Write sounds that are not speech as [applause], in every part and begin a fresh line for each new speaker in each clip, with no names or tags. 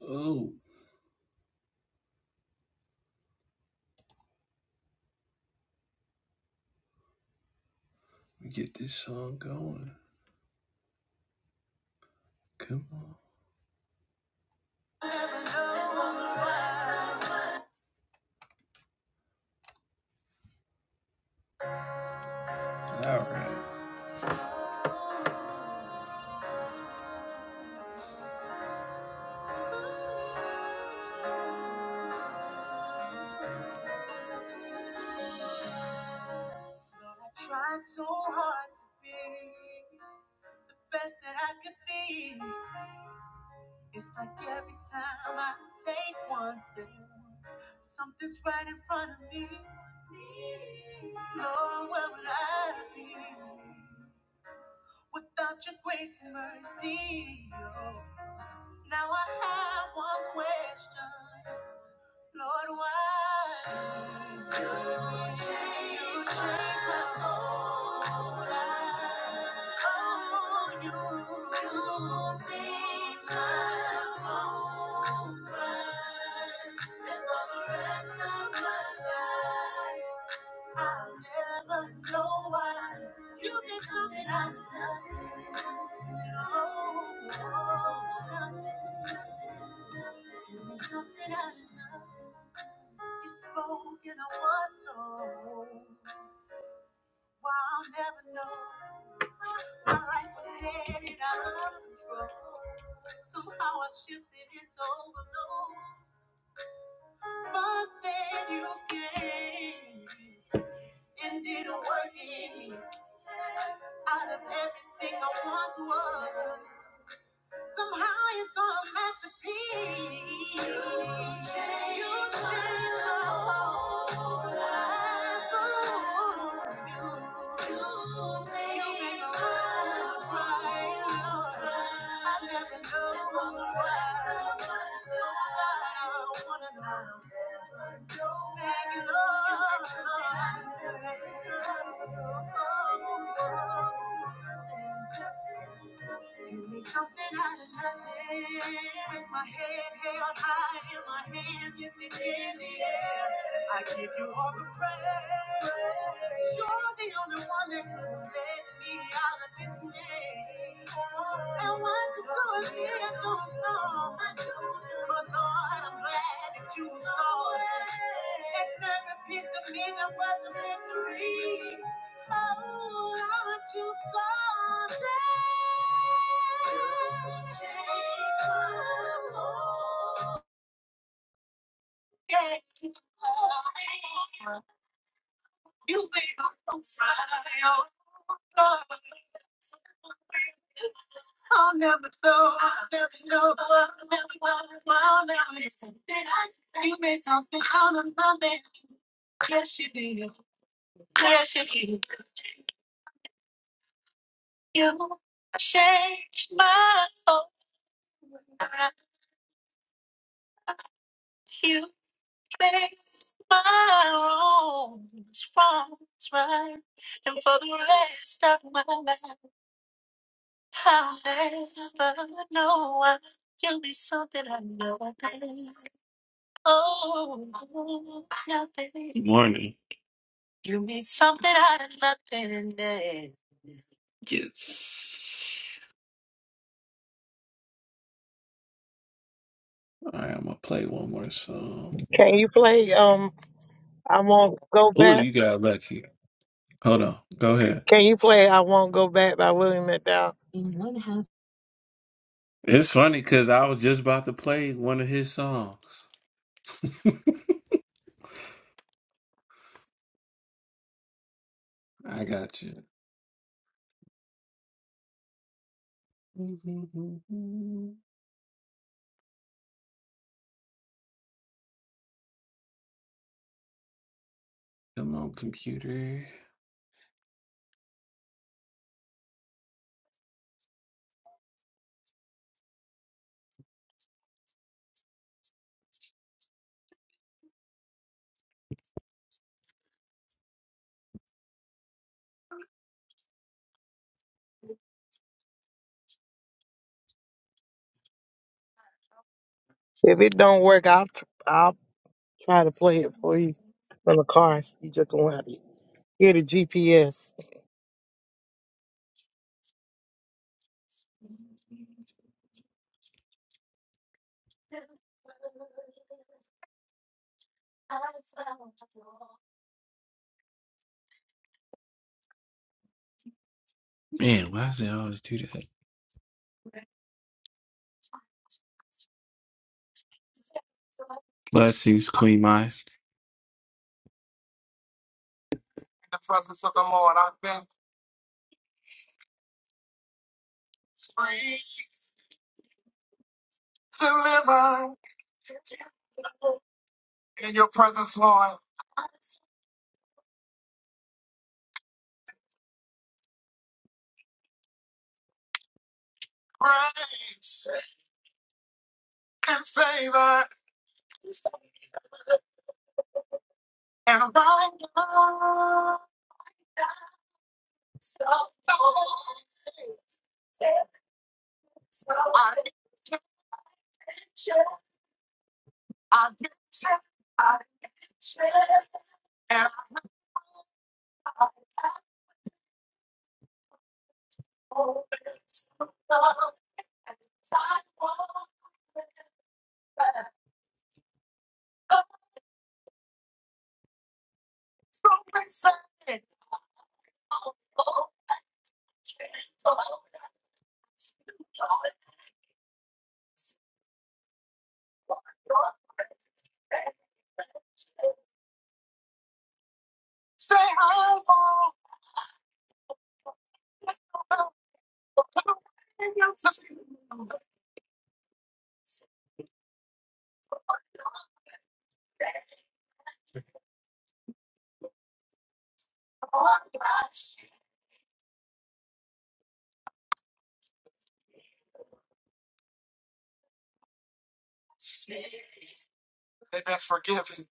Oh, get this song going. Come on. All right. I try so hard to be the best that I could be. It's like every time I take one step, something's right in front of me. Lord, where would I be? without your grace and mercy. oh. Now I have one question, Lord, why do you change, you change my whole life? Oh, you, you made my whole. Somehow I shifted into overload. But then you came and did a work in me. Out of everything I once was, some higher, some masterpiece. You changed You change my whole life. Ooh, You, you make you made my world right. I never know why. Oh, God, I wanna know. Thank you, Lord clapping, clapping. Give me something out of nothing. With my head held high and my hands lifted in the air, I give you all the praise. You're the only one that could let me out of this maze. And what you saw in me, I don't know. But Lord, I'm glad that you saw it. And every piece of me that was a mystery. Oh, aren't you something? Change my mind. Yes, you are. You made my soul fly. Oh, I'll never know, I'll never know, I'll never know, I'll never know. Did I- You made something out of nothing. Yes, you did. Yes, you did. You changed my All right, I'm gonna play one more song.
Can you play um I won't go
Oh,
back?
you got lucky. Hold on, go ahead.
Can you play I won't go back by William McDowell?
It's funny because I was just about to play one of his songs. [laughs] I got you. Come on, computer.
If it don't work, I'll tr- I'll try to play it for you from the car. You just don't have to get a GPS.
Man, why does it always do that? Let's use clean minds. In the presence of the Lord, I've been free, delivered in your presence, Lord. Grace and favor, and I've been forgiven.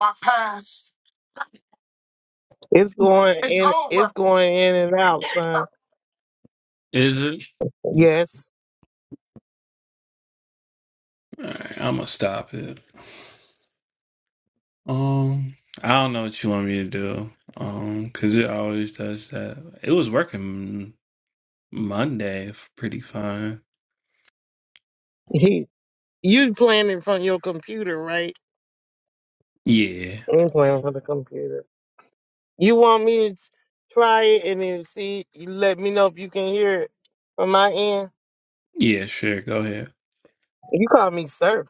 My past
It's going
is
in.
over.
It's going in and out, son.
Is it?
Yes. [laughs]
All right, I'm gonna stop it. Um, I don't know what you want me to do. Um, cause it always does that. It was working Monday f- pretty fine.
He, you playing it from your computer, right?
Yeah,
I'm playing from the computer. You want me to try it and then see? You let me know if you can hear it from my end.
yeah, sure. Go ahead.
You call me sir.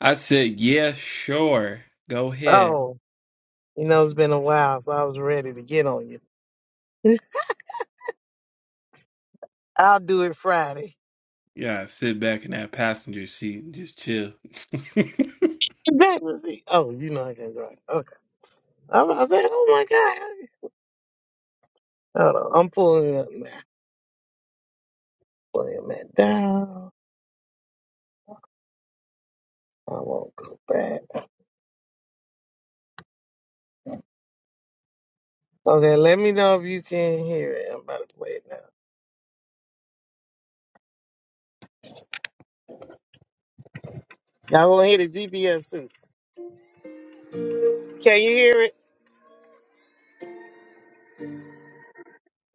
I said, yeah, sure. Go ahead.
Oh. You know, it's been a while, so I was ready to get on you. I'll do it Friday.
Yeah, sit back in that passenger seat and just chill. [laughs]
[laughs] Today was he? Oh, you know I can't drive. Okay. I, I said, oh my God. Hold on. I'm pulling it up now. Pulling that down. I won't go back. Okay, let me know if you can hear it. I'm about to play it now. Y'all gonna hear the GPS soon. Can you hear it?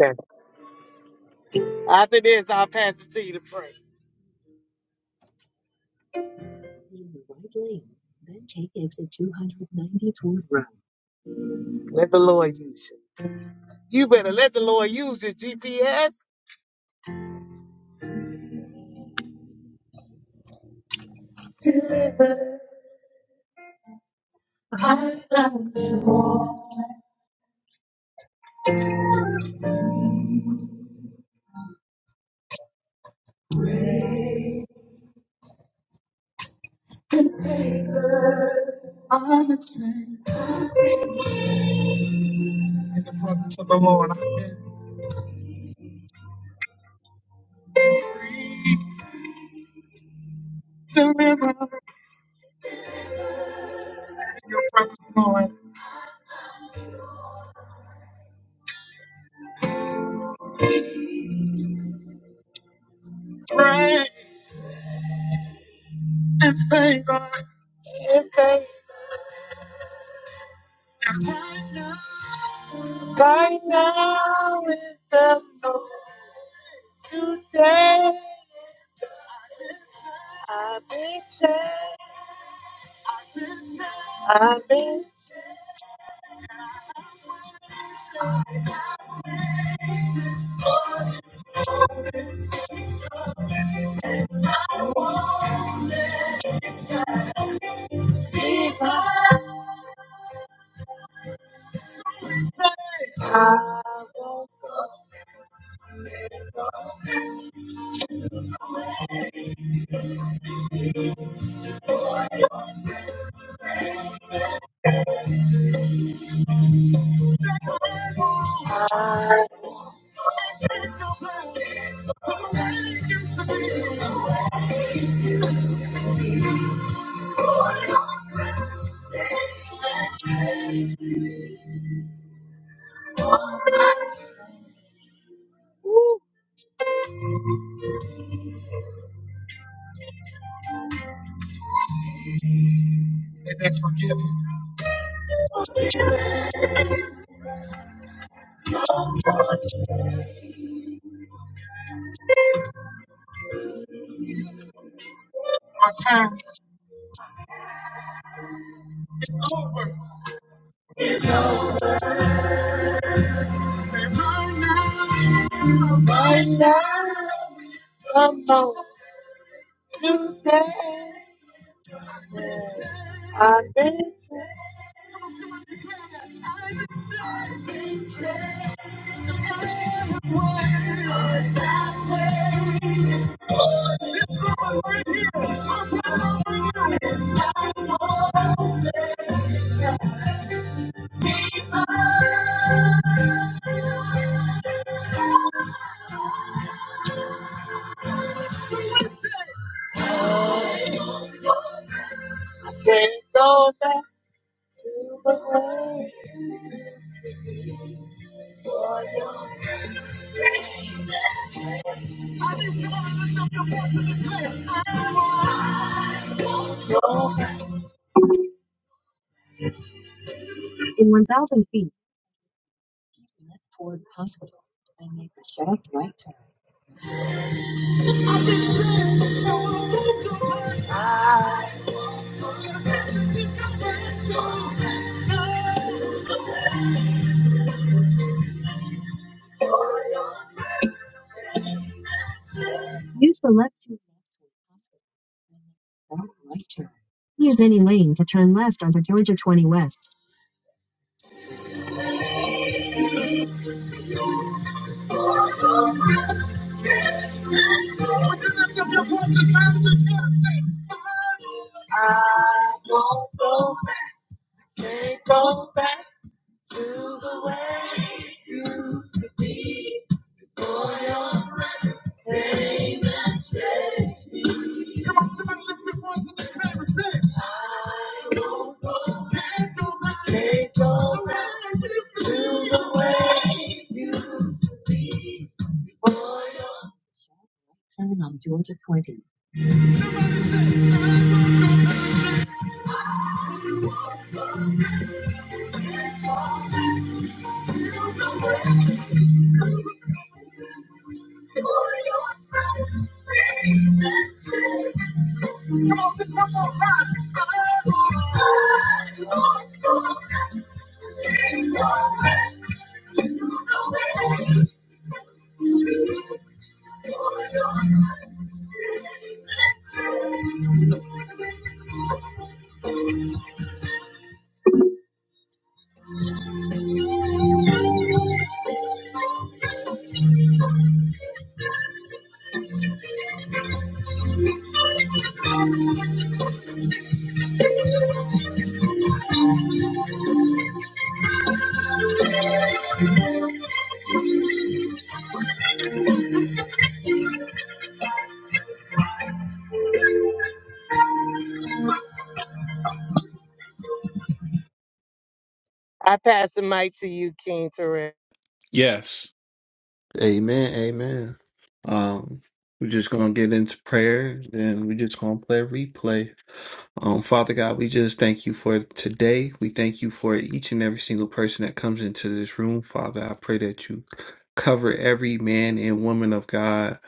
Okay. After this, I'll pass it to you to pray. Right. Let the Lord use you. You better let the Lord use your GPS. In the presence of the Lord. I've been to live in the presence of the Lord. Right and favor. if faith. Right now is the Lord. Today I've been changed. I've been changed. I won't go. I- Right now is the Lord. Today I've been changed. I can't go back to the way. I need somebody to lift up your voice and declare, I won't. I've been saved, so I won't go back. I won't. There's nothing to go back to. No. For your mercy. I won't go back, can't go back to the way it used to be. For your presence came and changed me. Come on, somebody lift your voice in the air and say, I won't go back, can't go back, can't go back to the way it used to be. Come on, just one more time. I pass the mic to you, King Terrell.
yes. Amen. Amen. Um, we're just gonna get into prayer, and we're just gonna play a replay. Um, Father God, we just thank you for today. We thank you for each and every single person that comes into this room, Father. I pray that you cover every man and woman of God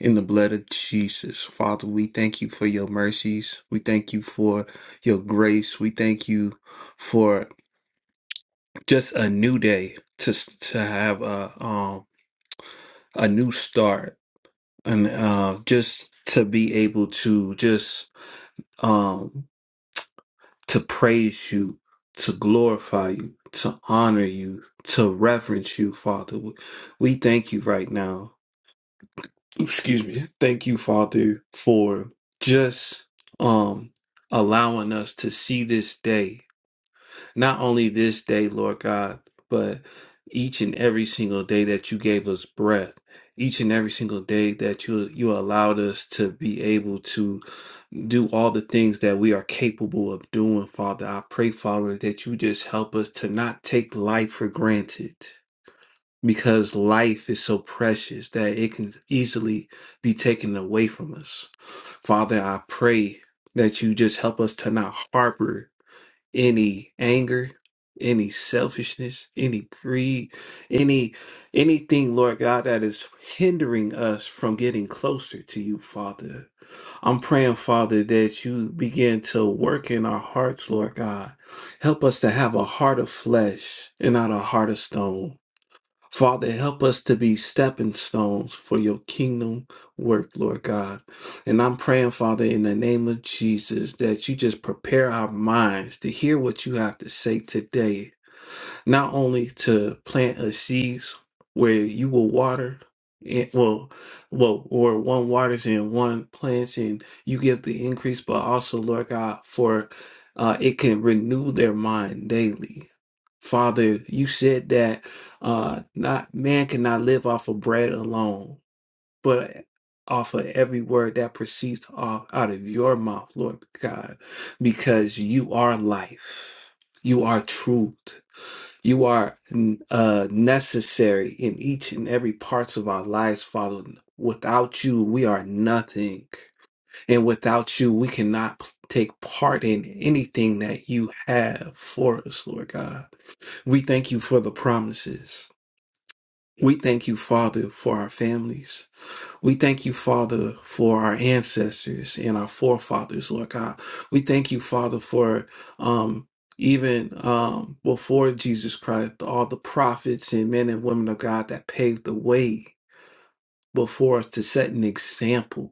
in the blood of Jesus. Father, we thank you for your mercies. We thank you for your grace. We thank you for just a new day to to have a um a new start and uh, just to be able to just um, to praise you, to glorify you, to honor you, to reverence you, Father. We we thank you right now. Excuse me. Thank you, Father, for just um, allowing us to see this day not only this day, Lord God, but each and every single day that you gave us breath, each and every single day that you you allowed us to be able to do all the things that we are capable of doing, Father. I pray, Father, that you just help us to not take life for granted. Because life is so precious that it can easily be taken away from us. Father, I pray that you just help us to not harbor any anger, any selfishness, any greed, any anything, Lord God, that is hindering us from getting closer to you, Father. I'm praying, Father, that you begin to work in our hearts, Lord God. Help us to have a heart of flesh and not a heart of stone. Father, help us to be stepping stones for your kingdom work, Lord God. And I'm praying, Father, in the name of Jesus, that you just prepare our minds to hear what you have to say today, not only to plant a seeds where you will water. It, well, well, or one waters and one plants, and you give the increase, but also, Lord God, for uh, it can renew their mind daily. Father, you said that uh not man cannot live off of bread alone but off of every word that proceeds off out of your mouth lord god because you are life you are truth you are n- uh necessary in each and every parts of our lives father without you we are nothing and without you we cannot p- take part in anything that you have for us lord god we thank you for the promises we thank you, Father, for our families. We thank you, Father, for our ancestors and our forefathers, Lord God. We thank you, Father, for um, even um, before Jesus Christ, all the prophets and men and women of God that paved the way before us to set an example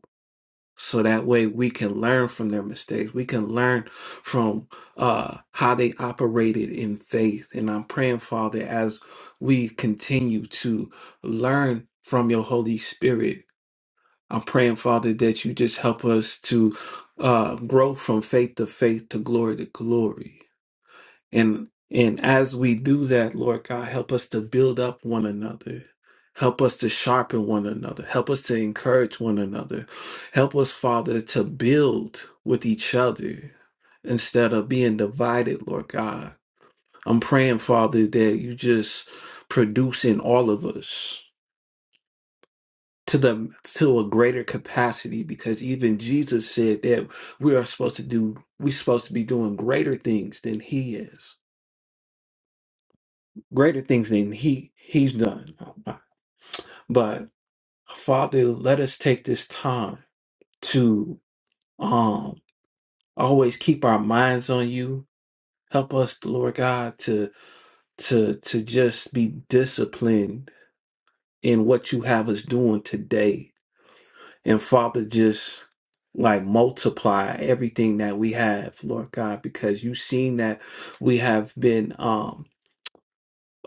so that way we can learn from their mistakes we can learn from uh how they operated in faith and i'm praying father as we continue to learn from your holy spirit i'm praying father that you just help us to uh grow from faith to faith to glory to glory and and as we do that, Lord God, help us to build up one another. Help us to sharpen one another. Help us to encourage one another. Help us, Father, to build with each other instead of being divided, Lord God. I'm praying, Father, that you just produce in all of us to the to a greater capacity because even Jesus said that we are supposed to do we're supposed to be doing greater things than he is. greater things than he he's done. But Father, let us take this time to um always keep our minds on you. Help us, Lord God, to to to just be disciplined in what you have us doing today. And Father, just like multiply everything that we have, Lord God, because you've seen that we have been um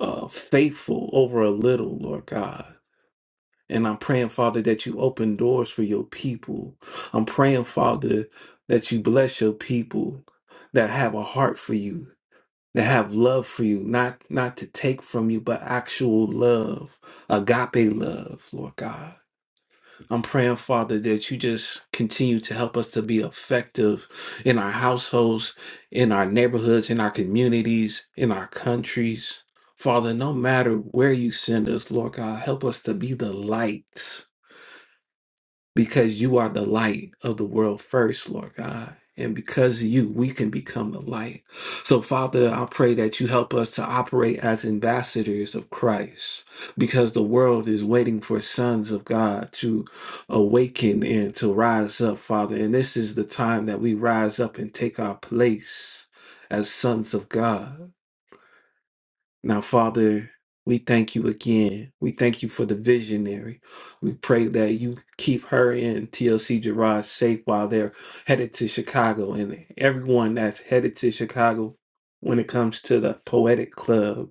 uh faithful over a little, Lord God. And I'm praying, Father, that you open doors for your people. I'm praying, Father, that you bless your people that have a heart for you, that have love for you, not not to take from you, but actual love, agape love, Lord God. I'm praying, Father, that you just continue to help us to be effective in our households, in our neighborhoods, in our communities, in our countries. Father, no matter where you send us, Lord God, help us to be the light because you are the light of the world first, Lord God. And because of you, we can become the light. So, Father, I pray that you help us to operate as ambassadors of Christ because the world is waiting for sons of God to awaken and to rise up, Father. And this is the time that we rise up and take our place as sons of God. Now, Father, we thank you again. We thank you for the visionary. We pray that you keep her and TLC Gerard safe while they're headed to Chicago and everyone that's headed to Chicago when it comes to the poetic club,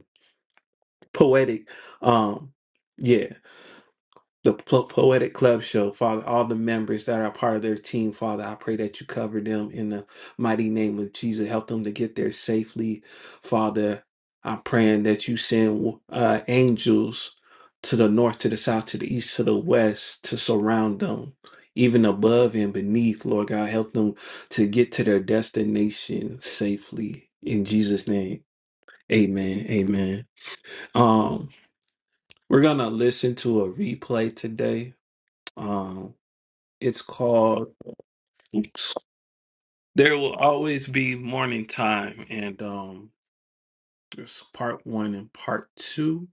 poetic, um, yeah the Po- Poetic Club show, Father, all the members that are part of their team, Father, I pray that you cover them in the mighty name of Jesus. Help them to get there safely, Father. I'm praying that you send uh, angels to the north, to the south, to the east, to the west to surround them, even above and beneath, Lord God. Help them to get to their destination safely. In Jesus' name, amen. Amen. Um, we're going to listen to a replay today. Um. It's called There Will Always Be Morning Time. And um it's part one and part two.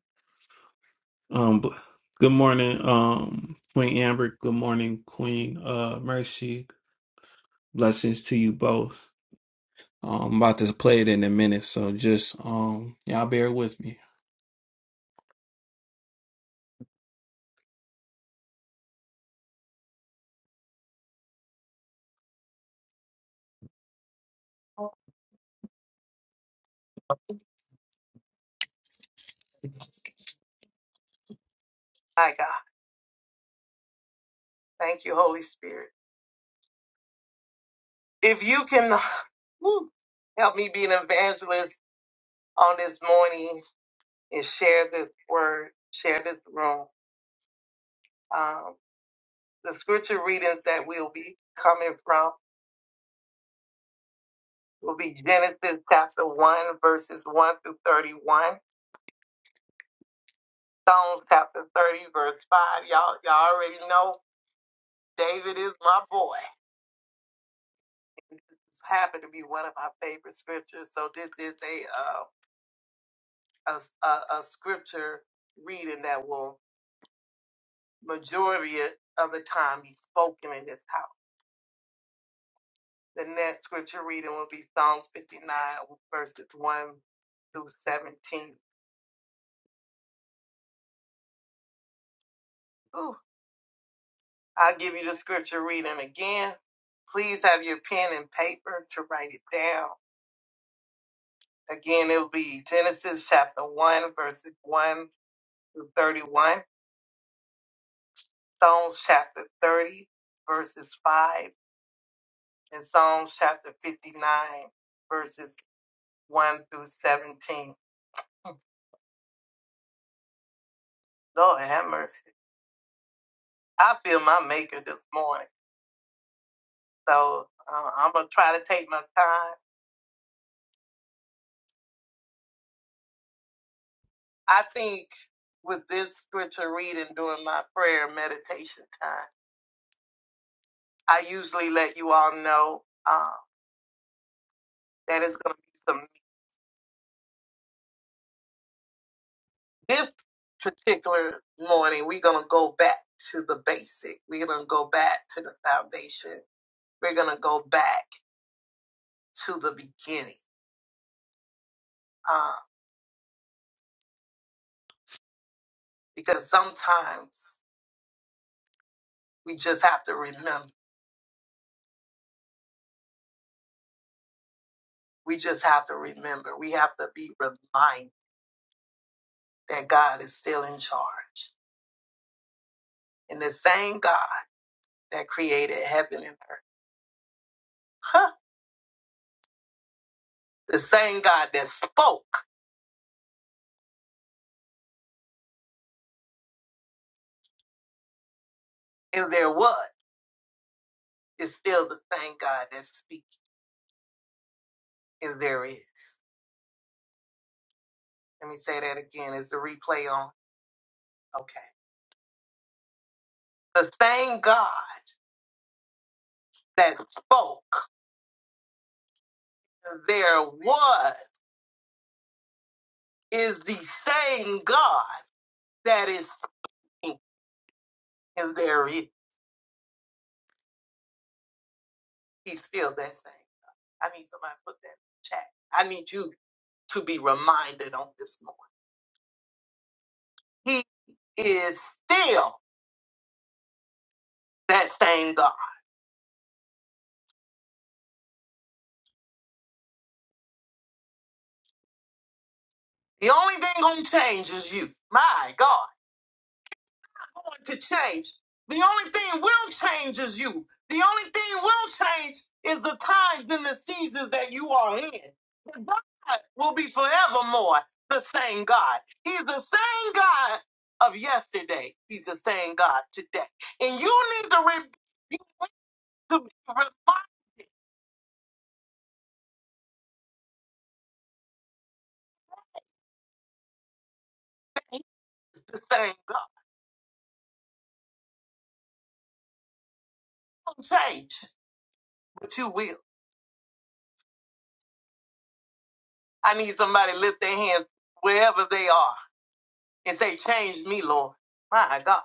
Um b- good morning, um, Queen Amber. Good morning, Queen uh Mercy. Blessings to you both. Um, I'm about to play it in a minute, so just um y'all bear with me. My God. Thank you, Holy Spirit. If you can woo, help me be an evangelist on this morning and share this word, share this room. The scripture readings that we'll be coming from will be Genesis chapter 1, verses 1 through 31, Psalms chapter 30, verse 5. Y'all, y'all already know David is my boy. It's happened to be one of my favorite scriptures. So this is a, uh, a a, a scripture reading that will majority of the time be spoken in this house. The next scripture reading will be Psalms 59, verses 1 through 17. Ooh, I'll give you the scripture reading again. Please have your pen and paper to write it down. Again, it will be Genesis chapter 1, verses 1 through 31, Psalms chapter 30, verses 5, and Psalms chapter 59, verses 1 through 17. Lord have mercy. I feel my maker this morning, so uh, I'm going to try to take my time. I think with this scripture reading during my prayer meditation time, I usually let you all know uh, that it's going to be some. This particular morning, we're going to go back to the basic. We're going to go back to the foundation. We're going to go back to the beginning uh, because sometimes we just have to remember. We just have to remember. We have to be reminded that God is still in charge. And the same God that created heaven and earth, huh, the same God that spoke and there was. It's still the same God that speaks and there is. Let me say that again. Is the replay on? Okay. The same God that spoke there was is the same God that is speaking and there is. He's still that same. I need somebody to put that in the chat. I need you to be reminded on this morning. He is still that same God. The only thing gonna change is you. My God. going to change. The only thing will change is you. The only thing will change is the times and the seasons that you are in. But God will be forevermore the same God. He's the same God of yesterday. He's the same God today. And you need to, re- you need to be reminded the same God. Don't change, but you will. I need somebody to lift their hands wherever they are and say, change me, Lord. My God.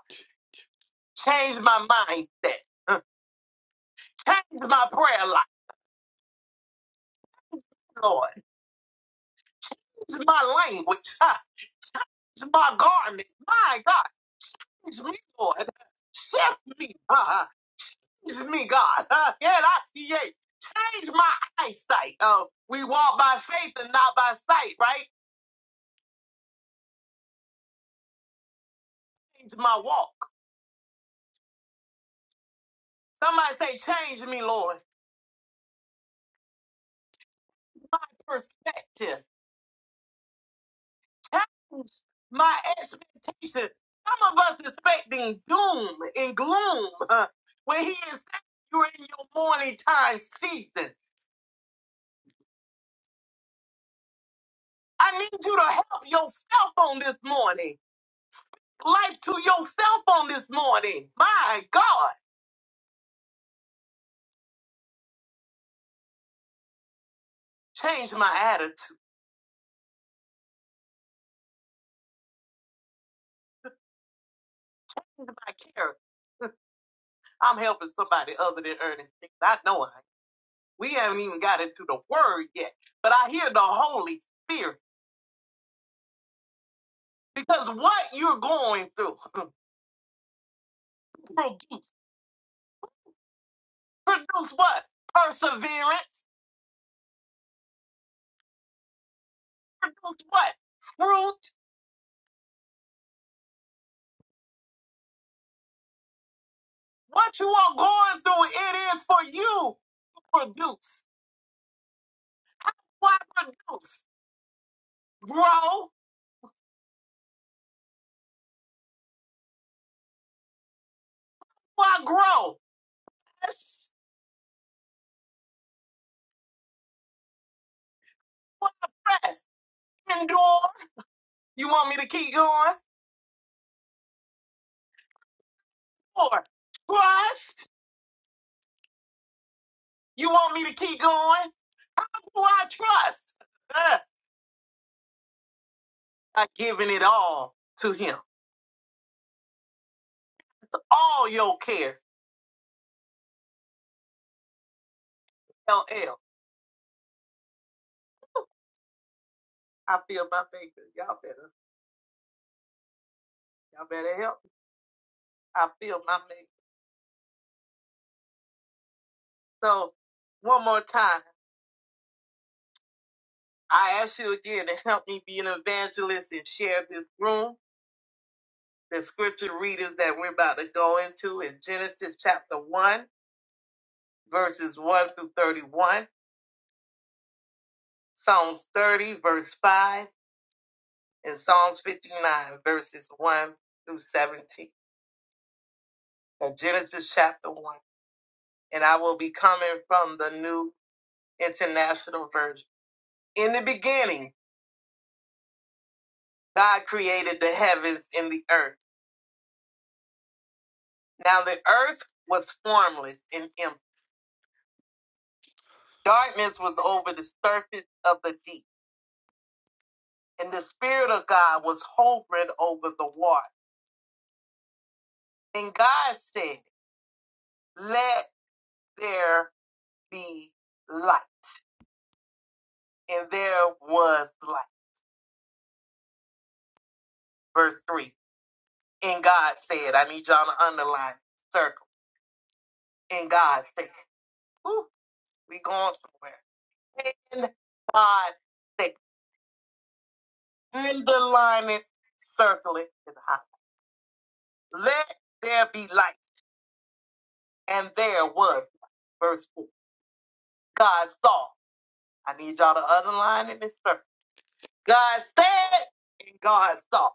Change my mindset. Change my prayer life, Lord. Change my language. [laughs] Ha. Change my garment. My God. Change me, Lord. Shift me. [laughs] Uh, change me, God. [laughs] Uh, yeah, I see it. Change my eyesight. Uh, we walk by faith and not by sight, right? Change my walk. Somebody say, change me, Lord. My perspective. challenged my expectations. Some of us expecting doom and gloom uh, when he is saying you're in your morning time season. I need you to help yourself on this morning. Life to yourself on this morning. My God, change my attitude, change my character. I'm helping somebody other than Ernest. I know I. We haven't even got into the word yet, but I hear the Holy Spirit because what you're going through [laughs] produces. Produce what? Perseverance. Produce what? Fruit. What you are going through, it is for you to produce. Why produce? Grow. Why grow? Press. Why press? Endure. You want me to keep going? Or trust. You want me to keep going? Why trust? Uh, I've given it all to him. It's all your care. LL. I feel my maker. Y'all better, y'all better help. me. I feel my maker. So, one more time, I ask you again to help me be an evangelist and share this room, the scripture readings that we're about to go into in Genesis chapter 1, verses 1 through 31, Psalms 30, verse 5, and Psalms 59, verses 1 through 17. And Genesis chapter 1. And I will be coming from the New International Version. In the beginning, God created the heavens and the earth Now the earth was formless and empty. Darkness was over the surface of the deep, and the Spirit of God was hovering over the water. And God said, Let there be light. And there was light. Verse 3. And God said, I need y'all to underline, circle. And God said, Whew, we going somewhere. And God said, underline it, circle it, and highlight. Let there be light And there was, verse 4, God saw. I need y'all to underline in this verse. God said, and God saw.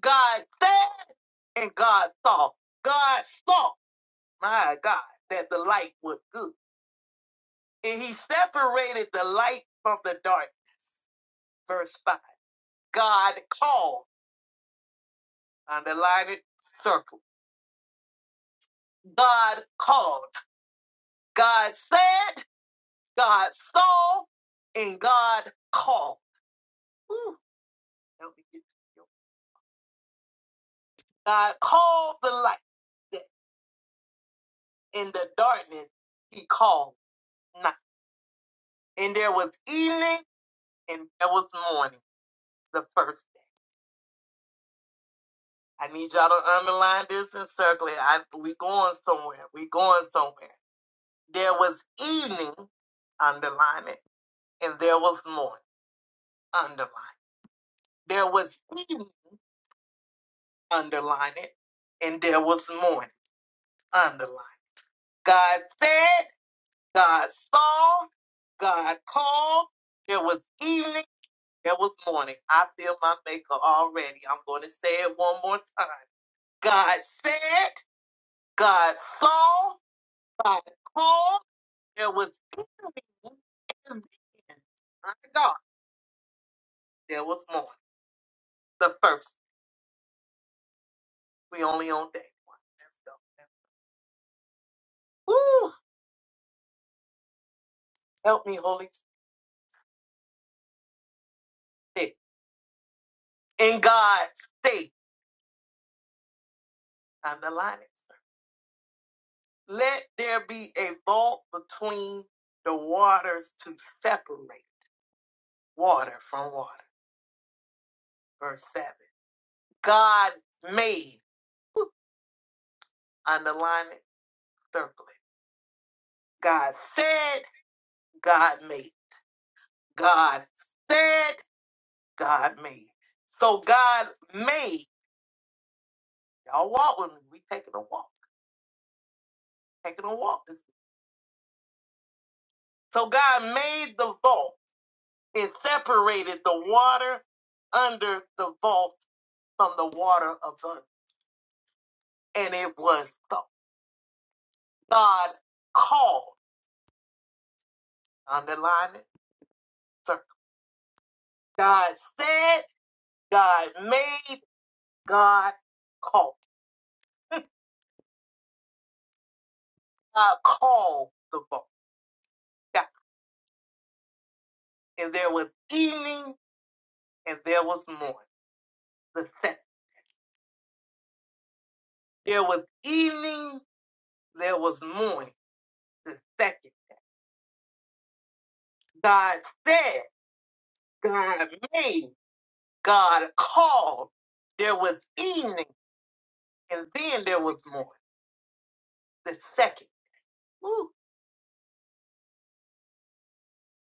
God said, and God saw. God saw, my God, that the light was good. And he separated the light from the dark. Verse 5. God called. Underline it, circle. God called. God said, God saw, and God called. Ooh, help me get God called the light day, and the darkness he called night. And there was evening and there was morning, the first day. I need y'all to underline this and circle it. I, we going somewhere. We going somewhere. There was evening, underline it. And there was morning, underline. There was evening, underline it. And there was morning, underline. God said, God saw, God called. There was evening That was morning. I feel my maker already. I'm going to say it one more time. God said, God saw, God called. There was healing and then, my God, there was morning. The first. We only on day one. Let's go. Woo! Help me, Holy Spirit. In God's state, I'm the lion. Let there be a vault between the waters to separate water from water. Verse 7. God made. Underline it, circle it. God said, God made. God said, God made. So God made. Y'all walk with me. We taking a walk. Taking a walk. So God made the vault and separated the water under the vault from the water above. And it was so. God called. Underline it. Circle. God said, God made, God called. God called the boat. Yeah. And there was evening and there was morning. The second. There was evening, there was morning. The second. God said, God made, God called. There was evening and then there was morning. The second. Woo,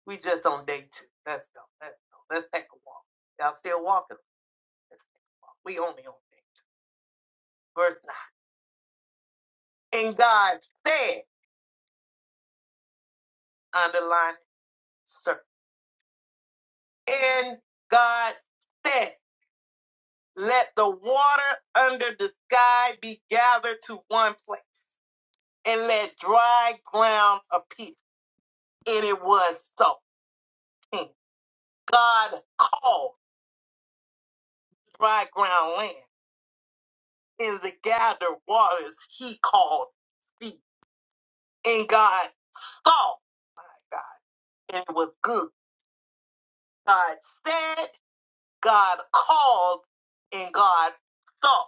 we just on day two. Let's go. Let's go. Let's take a walk. Y'all still walking? Let's take a walk. We only on day two. Verse 9. And God said, underline, circle. And God said, Let the water under the sky be gathered to one place, and let dry ground appear. And it was so. Hmm. God called dry ground land, and the gathered waters he called sea. And God saw, my God, and it was good. God said, God called, and God saw.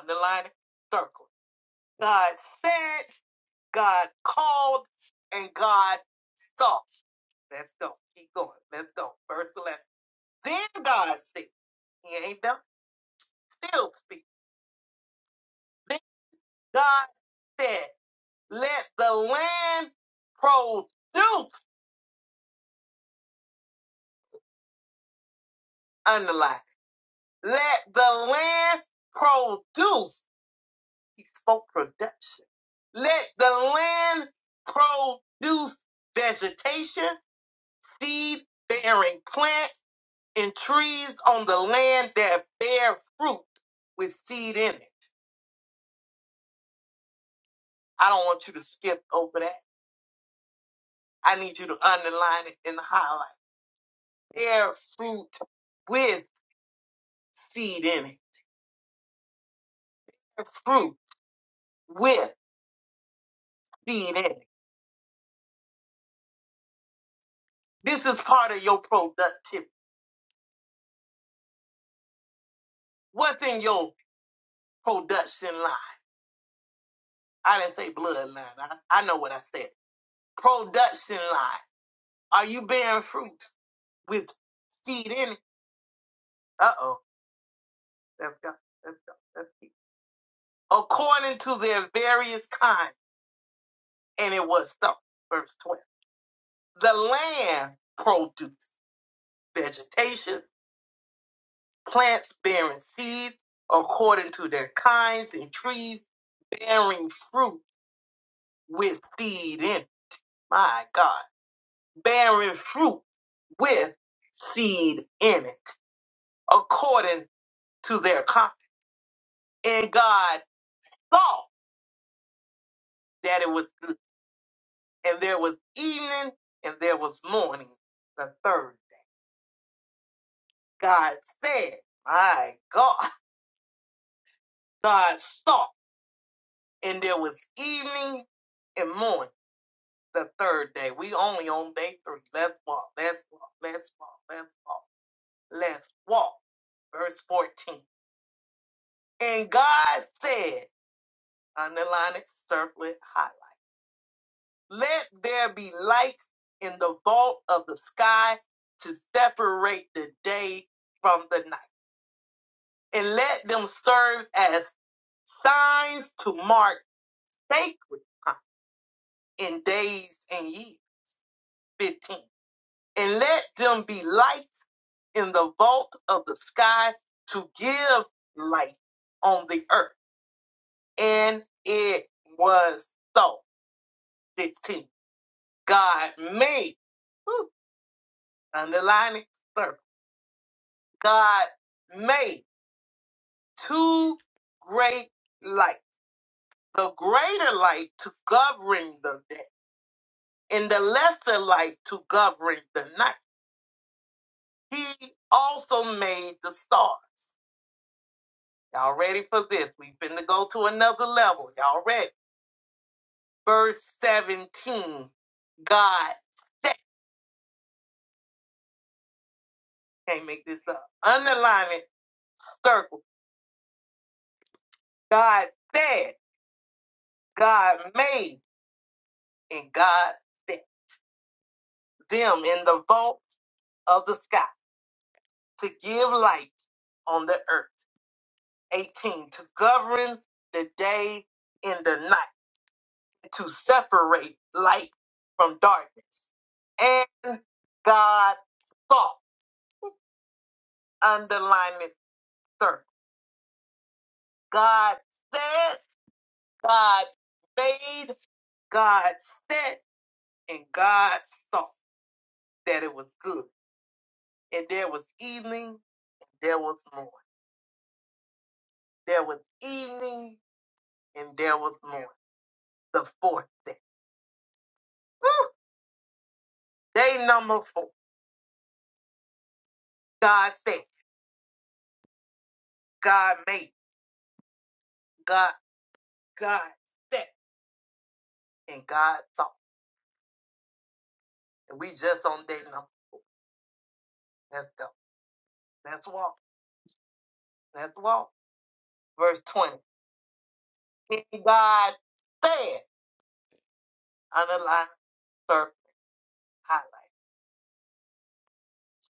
Underline it, circle. God said, God called and God saw. Let's go. Keep going. Let's go. Verse 11. Then God said, He ain't done, still speak. Then God said, Let the land produce, underline, let the land produce. He spoke production. Let the land produce vegetation, seed bearing plants and trees on the land that bear fruit with seed in it. I don't want you to skip over that. I need you to underline it and highlight. Bear fruit with seed in it. Bear fruit with seed in it. This is part of your productivity. What's in your production line? I didn't say bloodline. I, I know what I said. Production line. Are you bearing fruit with seed in it? Uh oh. Let's go. Let's go. Let's go. according to their various kinds. And it was so. Verse 12. The land produced vegetation, plants bearing seed according to their kinds, and trees bearing fruit with seed in it. My God. Bearing fruit with seed in it according to their kind. And God saw that it was good. And there was evening and there was morning the third. God said, My God, [laughs] God saw, and there was evening and morning the third day. We only on day three. Let's walk, let's walk, let's walk, let's walk, let's walk. Verse 14. And God said, underline it, circle it, highlight, let there be lights in the vault of the sky to separate the day from the night, and let them serve as signs to mark sacred uh, in days and years. 15. And let them be lights in the vault of the sky to give light on the earth. And it was so. 16. God made, whew, underlining circle, God made two great lights. The greater light to govern the day and the lesser light to govern the night He also made the stars. Y'all ready for this? We've been to go to another level. Y'all ready? Verse 17. God said, can't make this up. Underline it, circle. God said, God made, and God set them in the vault of the sky to give light on the earth. 18. To govern the day and the night to separate light from darkness. And God saw, underline it, sir. God said, God made, God said, and God saw that it was good. And there was evening, there was morning. There was evening, and there was morning. The fourth day. Woo! Day number four. God said, God made, God, God said, and God saw. And we just on day number. Let's go. Let's walk. Let's walk. Verse 20. And God said, underline, circle, highlight.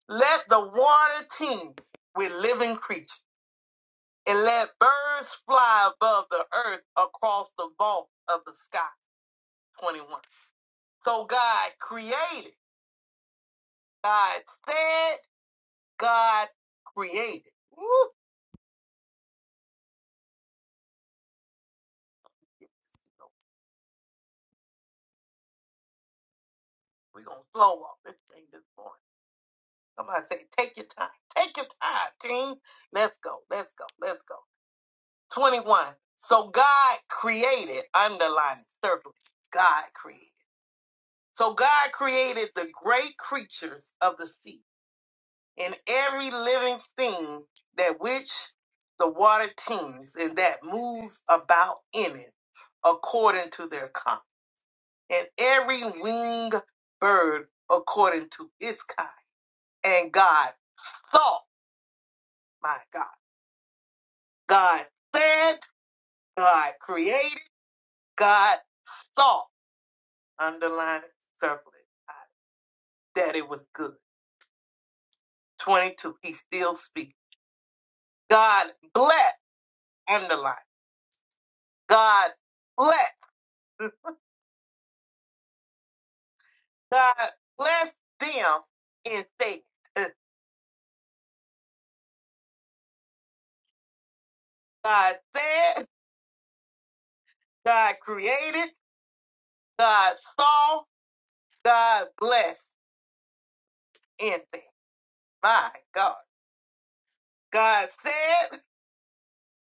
Let the water teem with living creatures, and let birds fly above the earth across the vault of the sky. 21. So God created. God said, God created. Woo. We're going to slow off this thing this morning. Somebody say, take your time. Take your time, team. Let's go. Let's go. Let's go. 21. So God created, underline it, circle it, God created. So God created the great creatures of the sea and every living thing that which the water teems and that moves about in it according to their kind, and every winged bird according to its kind. And God thought, my God, God said, God created, God thought. underline it, circle it. Daddy was good. 22, he still speaks. God bless, underline. God bless. [laughs] God bless them and say, uh, God said, God created, God saw, God blessed and said, my God. God said,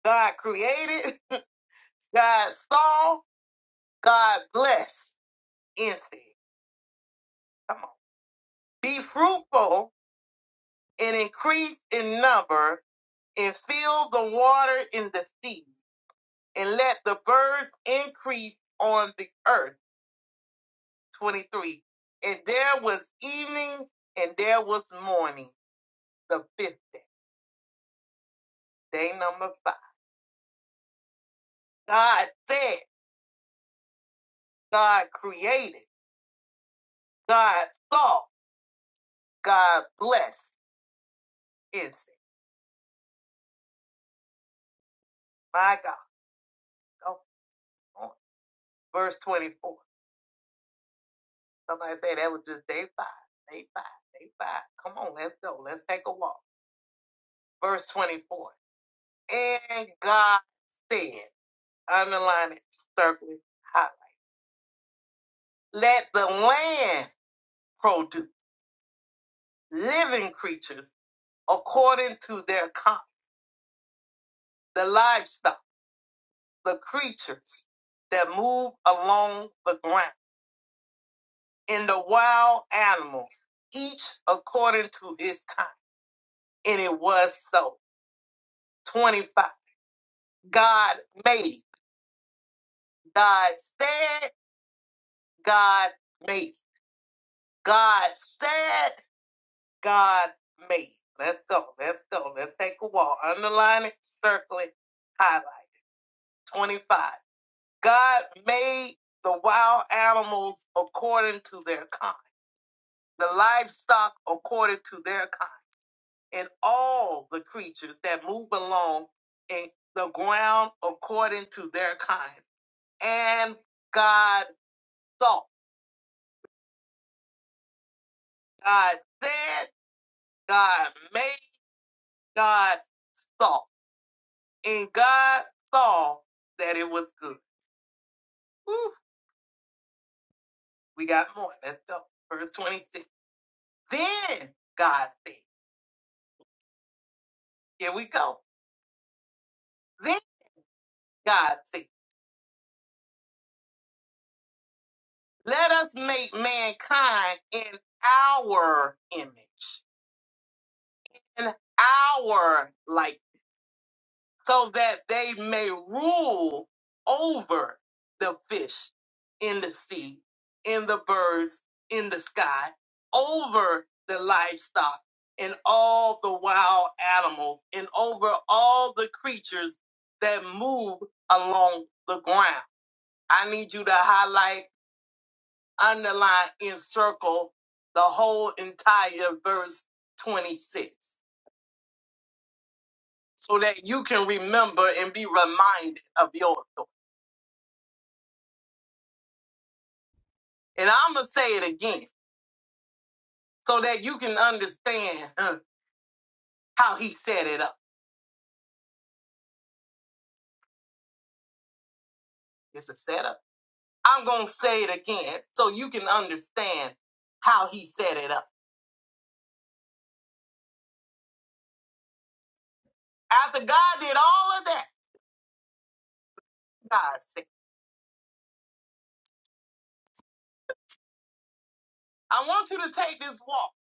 God created, [laughs] God saw, God blessed and said, come on. Be fruitful and increase in number, and fill the water in the sea, and let the birds increase on the earth. 23. And there was evening, and there was morning, the fifth day, day number five. God said, God created, God saw, God blessed. Insect. My God. Come on. Verse 24. Somebody say that was just day five, day five, day five. Come on, let's go. Let's take a walk verse 24. And God said, underline it, circle it, highlight. Let the land produce living creatures according to their kind, the livestock, the creatures that move along the ground, and the wild animals, each according to its kind. And it was so. 25. God made. God said, God made. God said, God made. Let's go. Let's go. Let's take a walk. Underline it, circle it, highlight it. 25. God made the wild animals according to their kind, the livestock according to their kind, and all the creatures that move along in the ground according to their kind. And God saw. God said, God made, God saw. And God saw that it was good. Whew, we got more. Let's go. Verse 26. Then God said, Here we go. Then God said, Let us make mankind in our image, in our likeness so that they may rule over the fish in the sea, in the birds in the sky, over the livestock and all the wild animals, and over all the creatures that move along the ground. I need you to highlight, underline, encircle the whole entire verse 26 so that you can remember and be reminded of yours. And I'm going to say it again so that you can understand uh, how he set it up. It's a setup. I'm going to say it again so you can understand how he set it up. After God did all of that, God said, I want you to take this walk.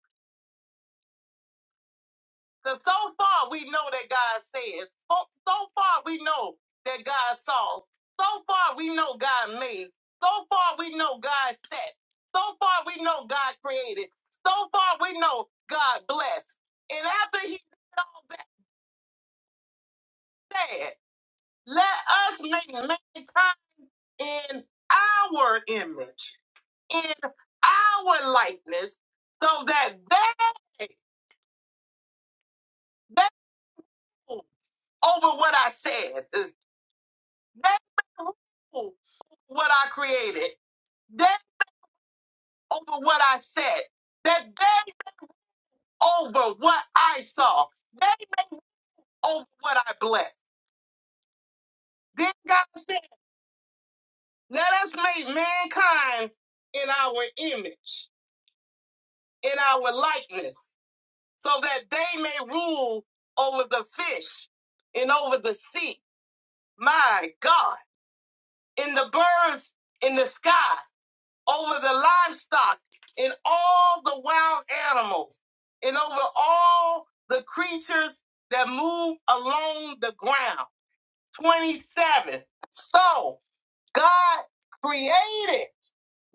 Because so far we know that God says. So, so far we know that God saw. So far we know God made. So far we know God set. So far we know God created. So far we know God blessed. And after he did all that said, let us make mankind in our image, in our likeness, so that they, they rule over what I said. They rule. what I created, then over what I said, that then over what I saw, then over what I blessed. Then God said, Let us make mankind in our image, in our likeness, so that they may rule over the fish and over the sea. My God, in the birds in the sky, over the livestock and all the wild animals and over all the creatures that move along the ground. 27. So God created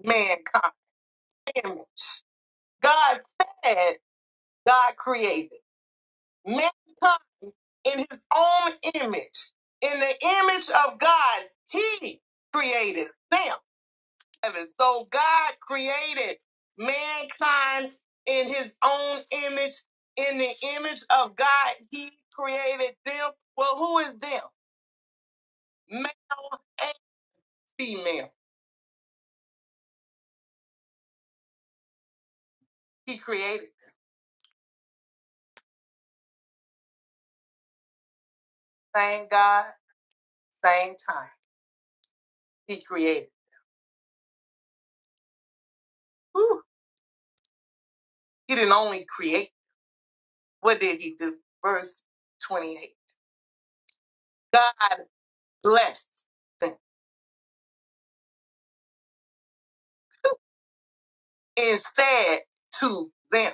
mankind. God said God created mankind in his own image. In the image of God, he created them. heaven. So God created mankind in his own image. In the image of God, he created them. Well, who is them? Male and female. He created the same God, same time. He created. Whew. He didn't only create. What did he do? Verse 28. God blessed them and said to them.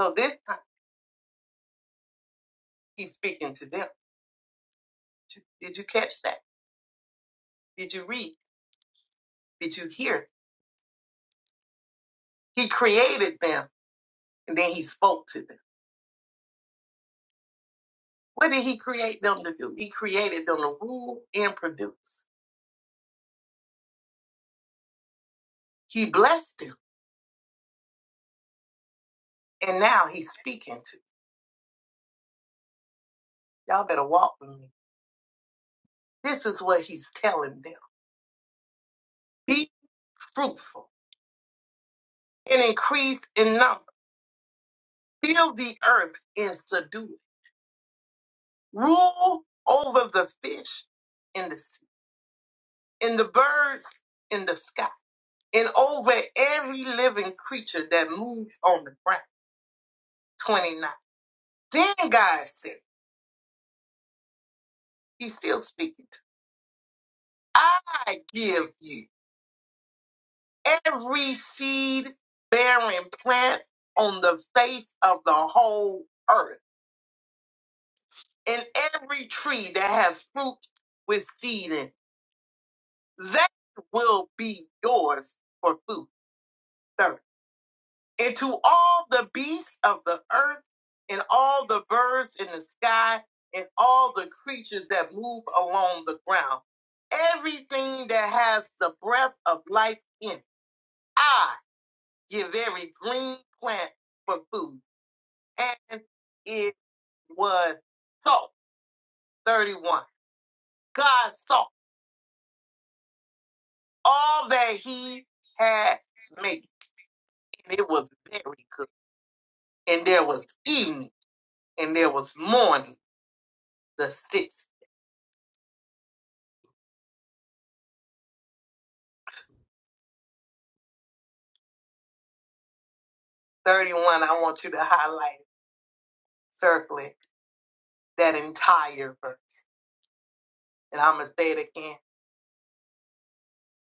So this time he's speaking to them. Did you catch that? Did you read? Did you hear? He created them and then he spoke to them. What did he create them to do? He created them to rule and produce. He blessed them and now he's speaking to you. Y'all better walk with me. This is what he's telling them. Be fruitful and increase in number. Fill the earth and subdue it. Rule over the fish in the sea, in the birds in the sky, and over every living creature that moves on the ground. 29 Then God said, He's still speaking. I give you every seed bearing plant on the face of the whole earth, and every tree that has fruit with seed in it. That will be yours for food. and to all the beasts of the earth, and all the birds in the sky, and all the creatures that move along the ground. Everything that has the breath of life in it. I give every green plant for food. And it was so. 31. God saw all that he had made, and it was very good. And there was evening, and there was morning, the sixth. 31, I want you to highlight, circle it, that entire verse. And I'm going to say it again.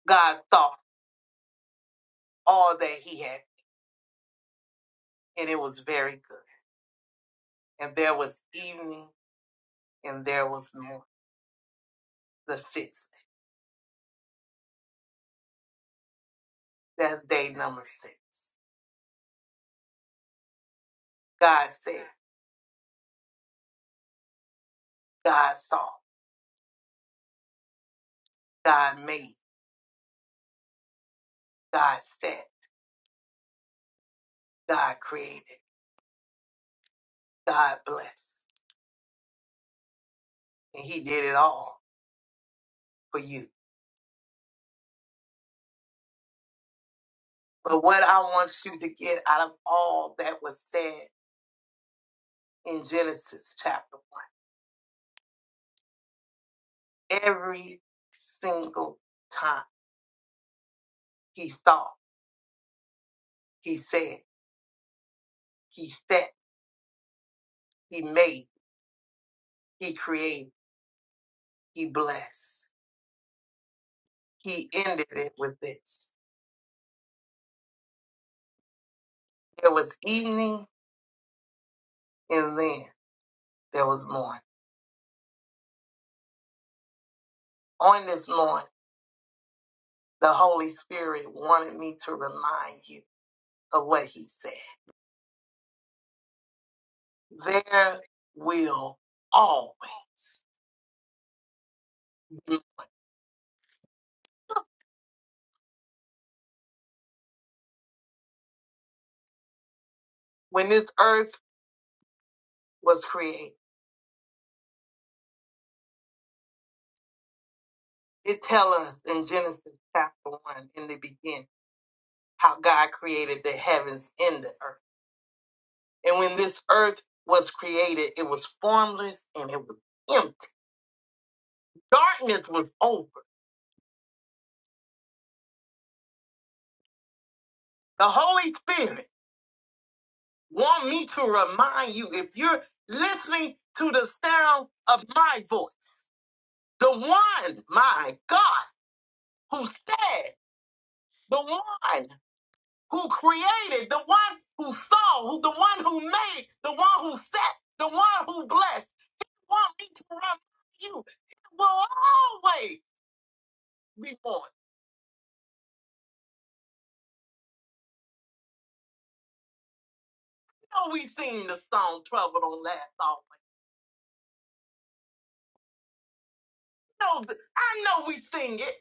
God saw all that he had, and it was very good. And there was evening, and there was morning. The sixth. That's day number six. God said, God saw, God made, God said, God created, God blessed. And he did it all for you. But what I want you to get out of all that was said in Genesis chapter 1 every single time he thought, he said, he fed, he made, he created, he blessed. He ended it with this. There was evening and then there was morning. On this morning, the Holy Spirit wanted me to remind you of what he said. There will always be. When this earth was created, it tells us in Genesis chapter 1 in the beginning how God created the heavens and the earth. And when this earth was created, it was formless and it was empty. Darkness was over. The Holy Spirit want me to remind you if you're listening to the sound of my voice, the one, my God, who said, the one who created, the one who saw, who the one who made, the one who set, the one who blessed want me to remember you. It will always be born. You know we sing the song Trouble Don't Last Always. You know, th- I know we sing it,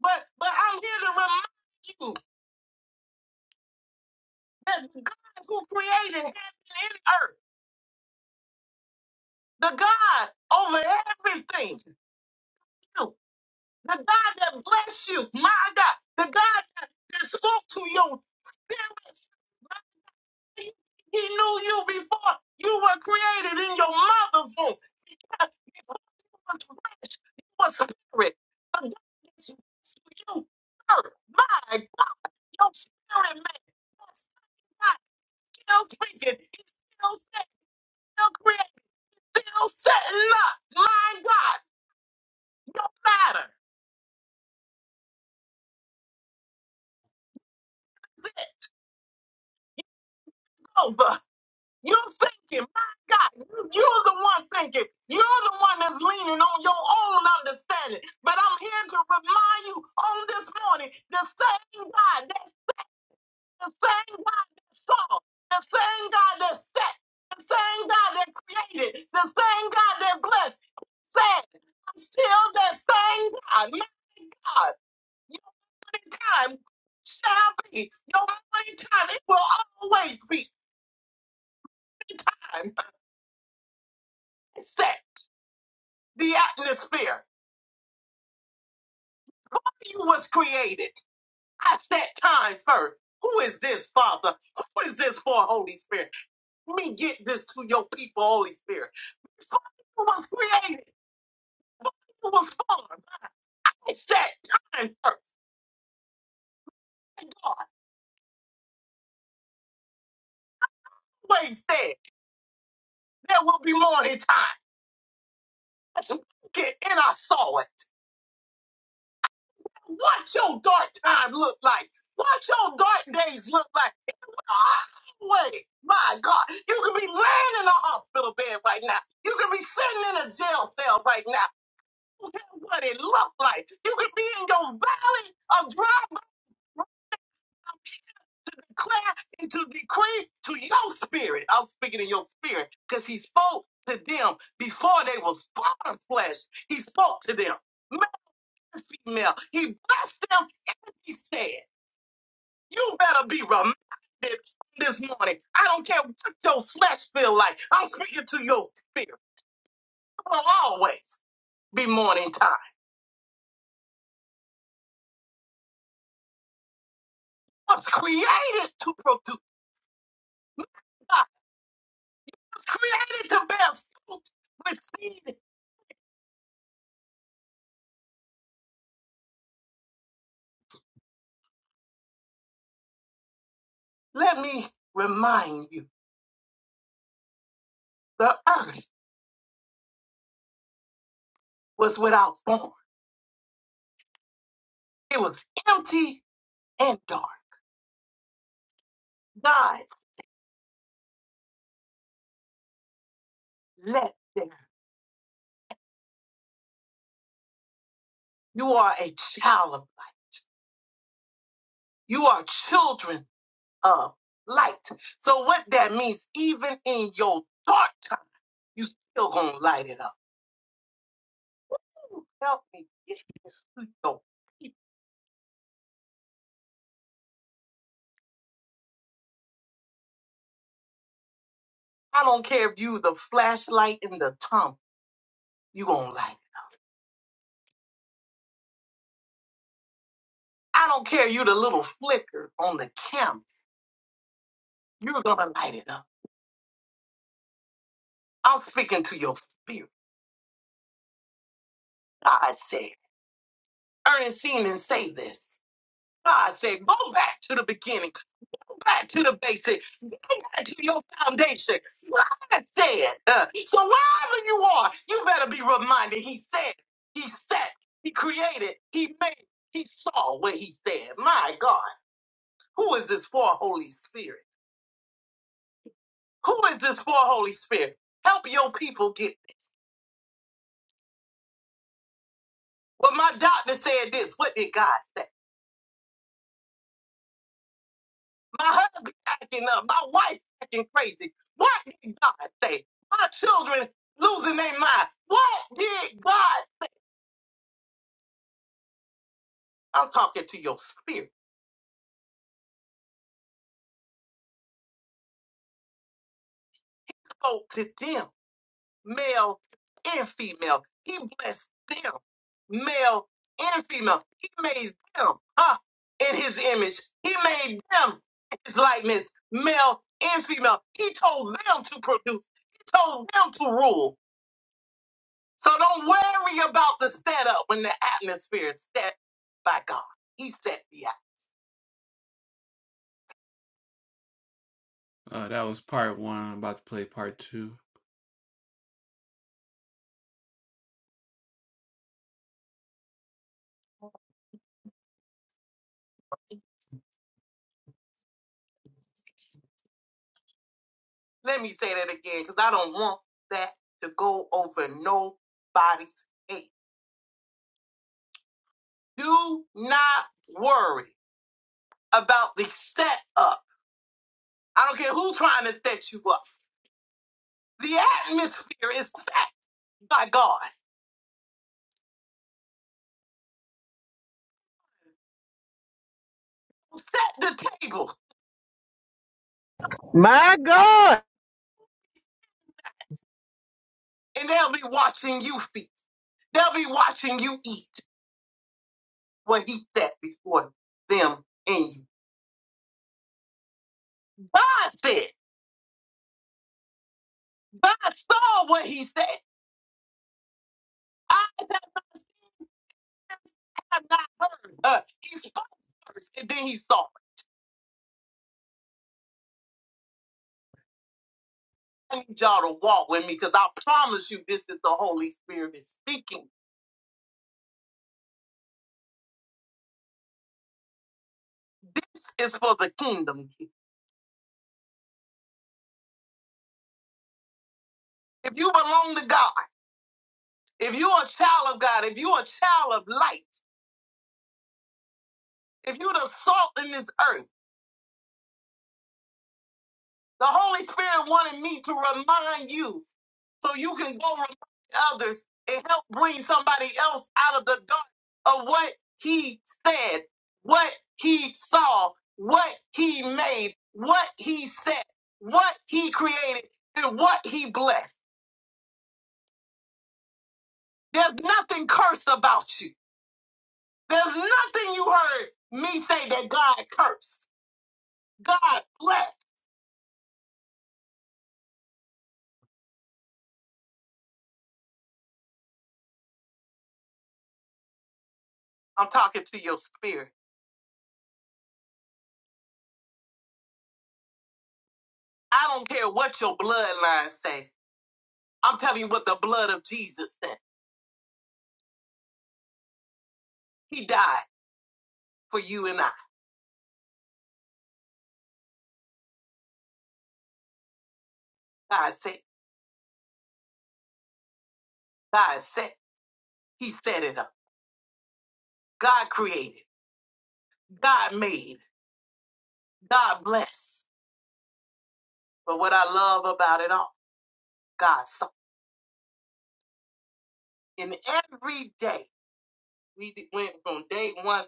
but but I'm here to remind you that the God who created heaven and earth, the God over everything, you, the God that blessed you, my God, the God that, that spoke to your spirit He knew you before you were created in your mother's womb. Because Before you was flesh, you was spirit. But God is you first. My God, your spirit man. That's not still speaking. He's still saying, still creating, still setting up. My God, your matter. It's over. You thinking, my God, you- you're the one thinking. You're the one that's leaning on your own understanding. But I'm here to remind you on this morning, the same God, that's the same God that saw, the same God that set, the same God that created, the same God that blessed, said, I'm still that same God. My God, your time shall be. Your morning time, it will always be time set. the atmosphere. You was created. I set time first. Who is this, Father? Who is this for, Holy Spirit? Let me get this to your people, Holy Spirit. Before you was created, you was formed. I set time first. And God always said there will be morning time. Let's walk it, and I saw it. What your dark time look like? What your dark days look like? God, Wait, my God, you could be laying in a hospital bed right now. You could be sitting in a jail cell right now. I don't care what it looked like. You could be in your valley of dry but declare and to decree to your spirit. I'm speaking in your spirit because he spoke to them before they was born flesh. He spoke to them, male and female. He blessed them and he said. You better be reminded this morning. I don't care what your flesh feel like. I'm speaking to your spirit. It will always be morning time. I was created to produce. I was created to bear fruit with seed. Let me remind you, the earth was without form. It was empty and dark. God let there. You are a child of light. You are children of light. So what that means, even in your dark time, you still gonna light it up. Ooh, Help me get this to your people. I don't care if you the flashlight in the tunnel, you gonna light it. I don't care you the little flicker on the camera, you're gonna light it up. I'm speaking to your spirit. God said, Ernestine didn't say this. God said, go back to the beginning back to the basics. Go back to your foundation. God said. Uh, so wherever you are, you better be reminded. He said. He set. He created. He made. He saw what he said. My God, who is this for, Holy Spirit? Who is this for, Holy Spirit? Help your people get it. Well, my doctor said this. What did God say? My husband acting up. My wife acting crazy. What did God say? My children losing their mind. What did God I'm talking to your spirit. Spoke to them, male and female. He blessed them, male and female. He made them, huh, in his image. He made them in his likeness, male and female. He told them to produce. He told them to rule. So don't worry about the setup when the atmosphere is set by God. He set the atmosphere. Uh, that was part one. I'm about to play part two. Let me say that again because I don't want that to go over nobody's head. Do not worry about the setup. I don't care who's trying to set you up. The atmosphere is set by God. Set the table
My God,
and they'll be watching you feast. They'll be watching you eat what he set before them and you. God said, God saw what he said. Eyes have not seen, have not heard. Uh, he spoke first and then he saw. I need y'all to walk with me because I promise you this is the Holy Spirit is speaking. This is for the kingdom. If you belong to God, if you're a child of God, if you're a child of light, if you're the salt in this earth, the Holy Spirit wanted me to remind you so you can go remind others and help bring somebody else out of the dark of what he said, what he saw, what he made, what he said, what he created, and what he blessed. There's nothing cursed about you. There's nothing you heard me say that God cursed. God blessed. I'm talking to your spirit. I don't care what your bloodline say. I'm telling you what the blood of Jesus said. He died for you and I. God said, God said, He set it up. God created, God made, God blessed. But what I love about it all, God saw. And every day, we d- went from day one,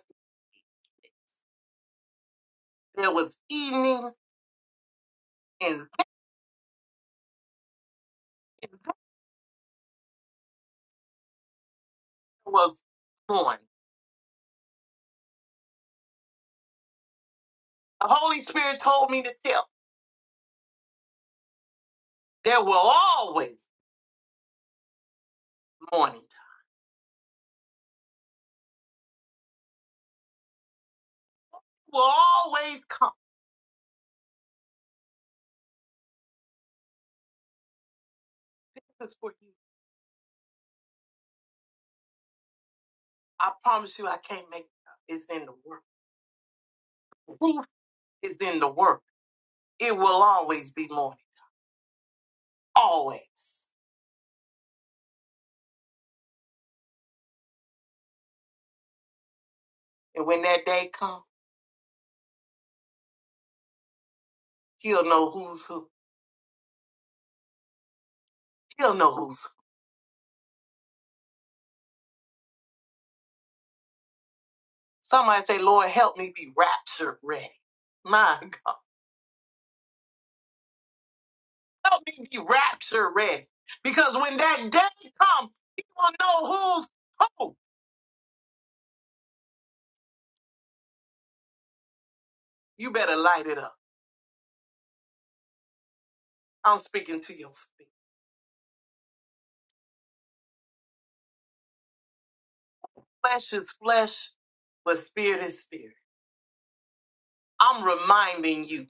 there was evening and then there was morning. The Holy Spirit told me to tell, there will always morning time. Will always come. This is for you. I promise you, I can't make it up. It's in the work. It's in the work. It will always be morning. Always. And when that day comes, he'll know who's who. He'll know who's who. Somebody say, Lord, help me be rapture ready. My [laughs] God, help me be rapture ready. Because when that day comes, he will know who's who. You better light it up. I'm speaking to your spirit. Flesh is flesh, but spirit is spirit. I'm reminding you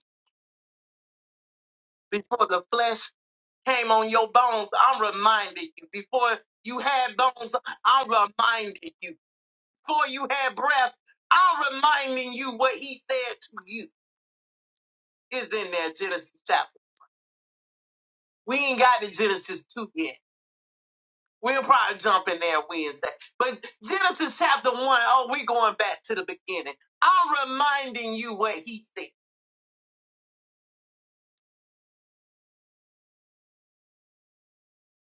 before the flesh came on your bones, I'm reminding you. Before you had bones, I'm reminding you. before you had breath, I'm reminding you what he said to you is in there, Genesis chapter. We ain't got to Genesis 2 yet. We'll probably jump in there Wednesday. But Genesis chapter 1, oh, we going back to the beginning. I'm reminding you what he said.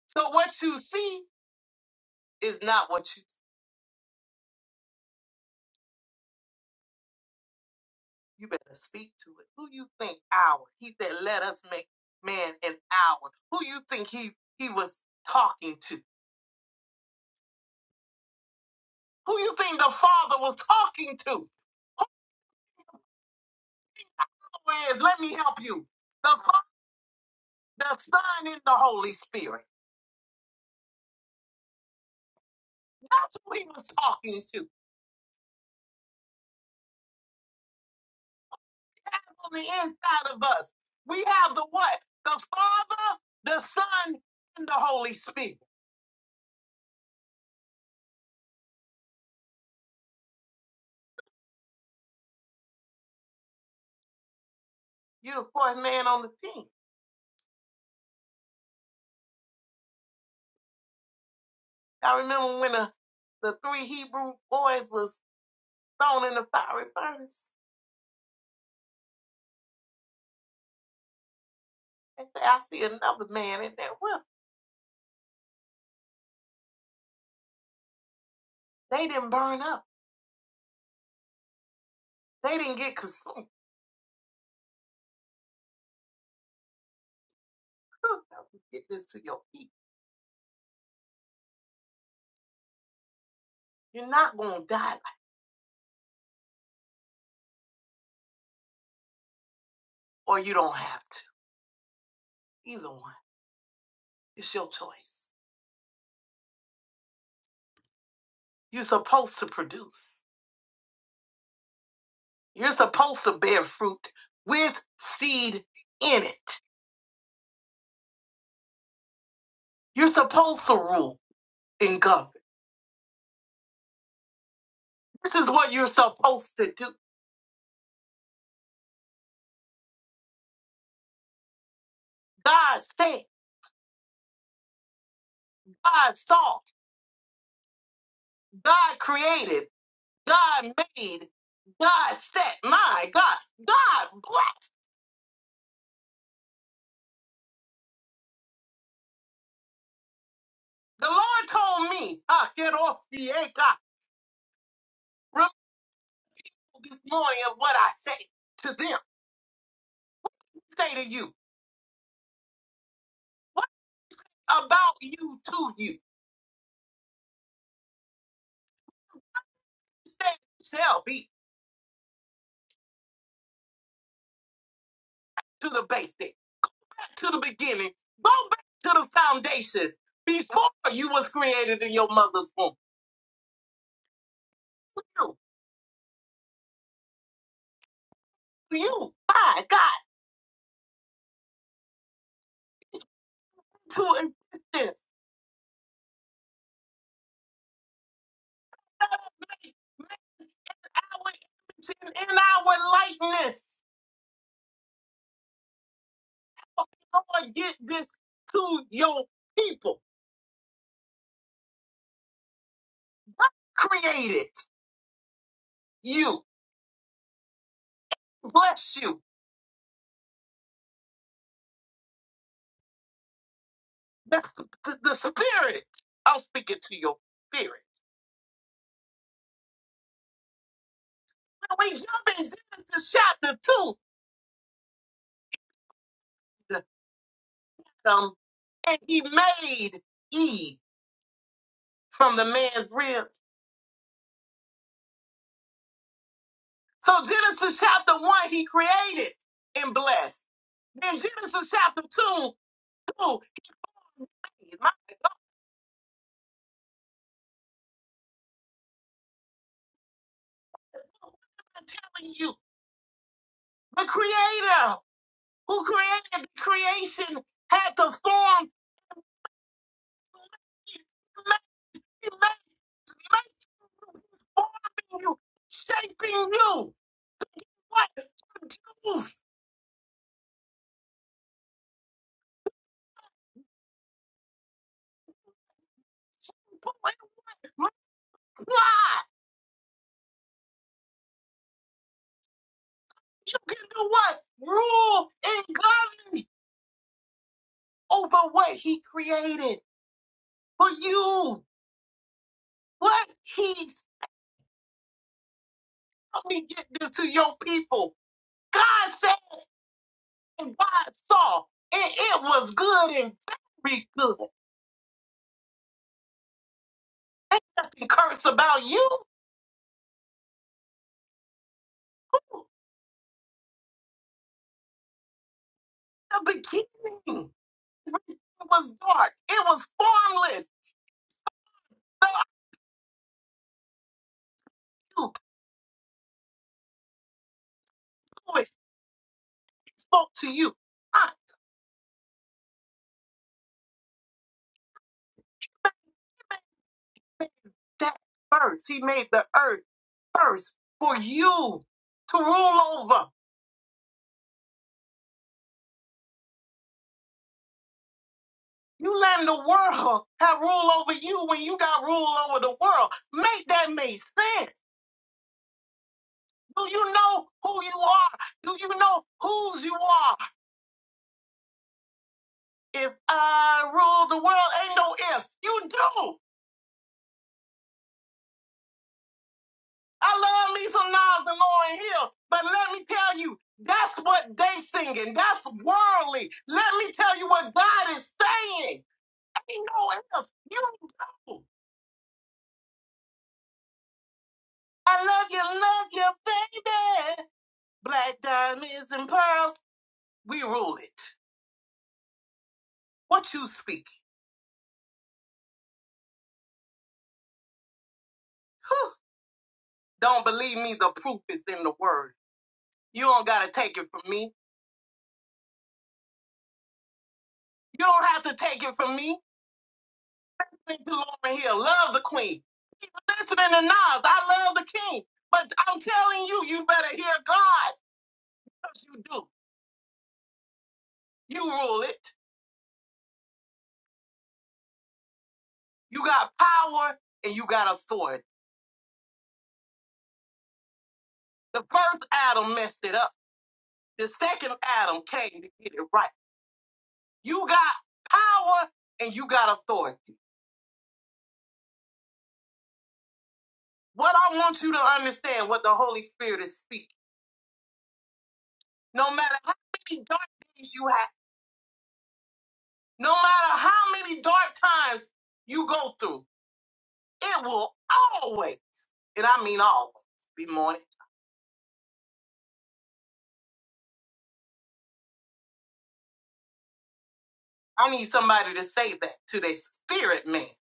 So what you see is not what you see. You better speak to it. Who you think our? He said, let us make man an hour. Who you think he, he was talking to? Who you think the father was talking to? is, let me help you. The Father, the Son, and the Holy Spirit. That's who he was talking to. That's on the inside of us. We have the what? The Father, the Son, and the Holy Spirit. You're the fourth man on the team. I remember when the, the three Hebrew boys was thrown in the fiery furnace. They said, I see another man in there. Well, they didn't burn up. They didn't get consumed. Good, help me Get this to your people. You're not going to die, like, or you don't have to. Either one. It's your choice. You're supposed to produce. You're supposed to bear fruit with seed in it. You're supposed to rule and govern. This is what you're supposed to do. God said, God saw, God created, God made, God set. My God, God blessed. The Lord told me, "Ah, get off the air, God. Remember this morning of what I said to them, say to you. What about you to you? said it shall be to the basic, to the beginning. Go back to the foundation before you was created in your mother's womb. You, you, my God, to existence. Our image and in our likeness. Oh, Lord, get this to your people. Created you. Bless you. That's the, the, the spirit. I'm speaking to your spirit. Now we jump in Genesis chapter 2. Adam and he made Eve from the man's rib. So Genesis chapter one, he created and blessed. Then Genesis chapter two, two hey, my, I'm telling you, the creator who created the creation had to form you, make, make, make you, he's forming you, shaping you. What? Produce, multiply. You can do what? Rule and govern over what he created for you. What he's, let me get this to your people. God said and God saw, and it was good and very good. Nothing curse about you. The beginning, it was dark, it was formless. So I knew always spoke to you. I made that first. He made the earth first for you to rule over. You letting the world have rule over you when you got rule over the world. Make that make sense. Do you know who you are? Do you know whose you are? If I rule the world, ain't no if. You do. I love me some Nas and Lauryn Hill, but let me tell you, that's what they singing. That's worldly. Let me tell you what God is saying. Ain't no if. You. do. I love you, love you, baby. Black diamonds and pearls. We rule it. What you speak? Whew. Don't believe me? The proof is in the word. You don't gotta take it from me. You don't have to take it from me. Listen to Lauren Hill. Love the queen. Keep listening to Nas. I love the king. But I'm telling you, you better hear God. Because you do. You rule it. You got power and you got authority. The first Adam messed it up. The second Adam came to get it right. You got power and you got authority. What I want you to understand, what the Holy Spirit is speaking, no matter how many dark days you have, no matter how many dark times you go through, it will always, and I mean always, be morning. I need somebody to say that to their spirit man. It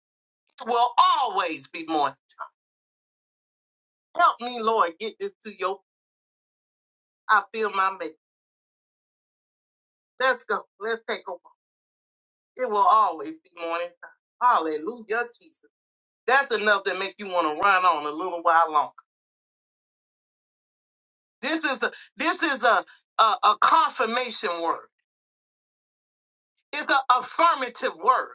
will always be morning. Help me, Lord, get this to your. I feel my mate. Let's go. Let's take a walk. It will always be morning. time. Hallelujah, Jesus. That's enough to make you want to run on a little while longer. This is a, this is a, a a confirmation word. It's an affirmative word.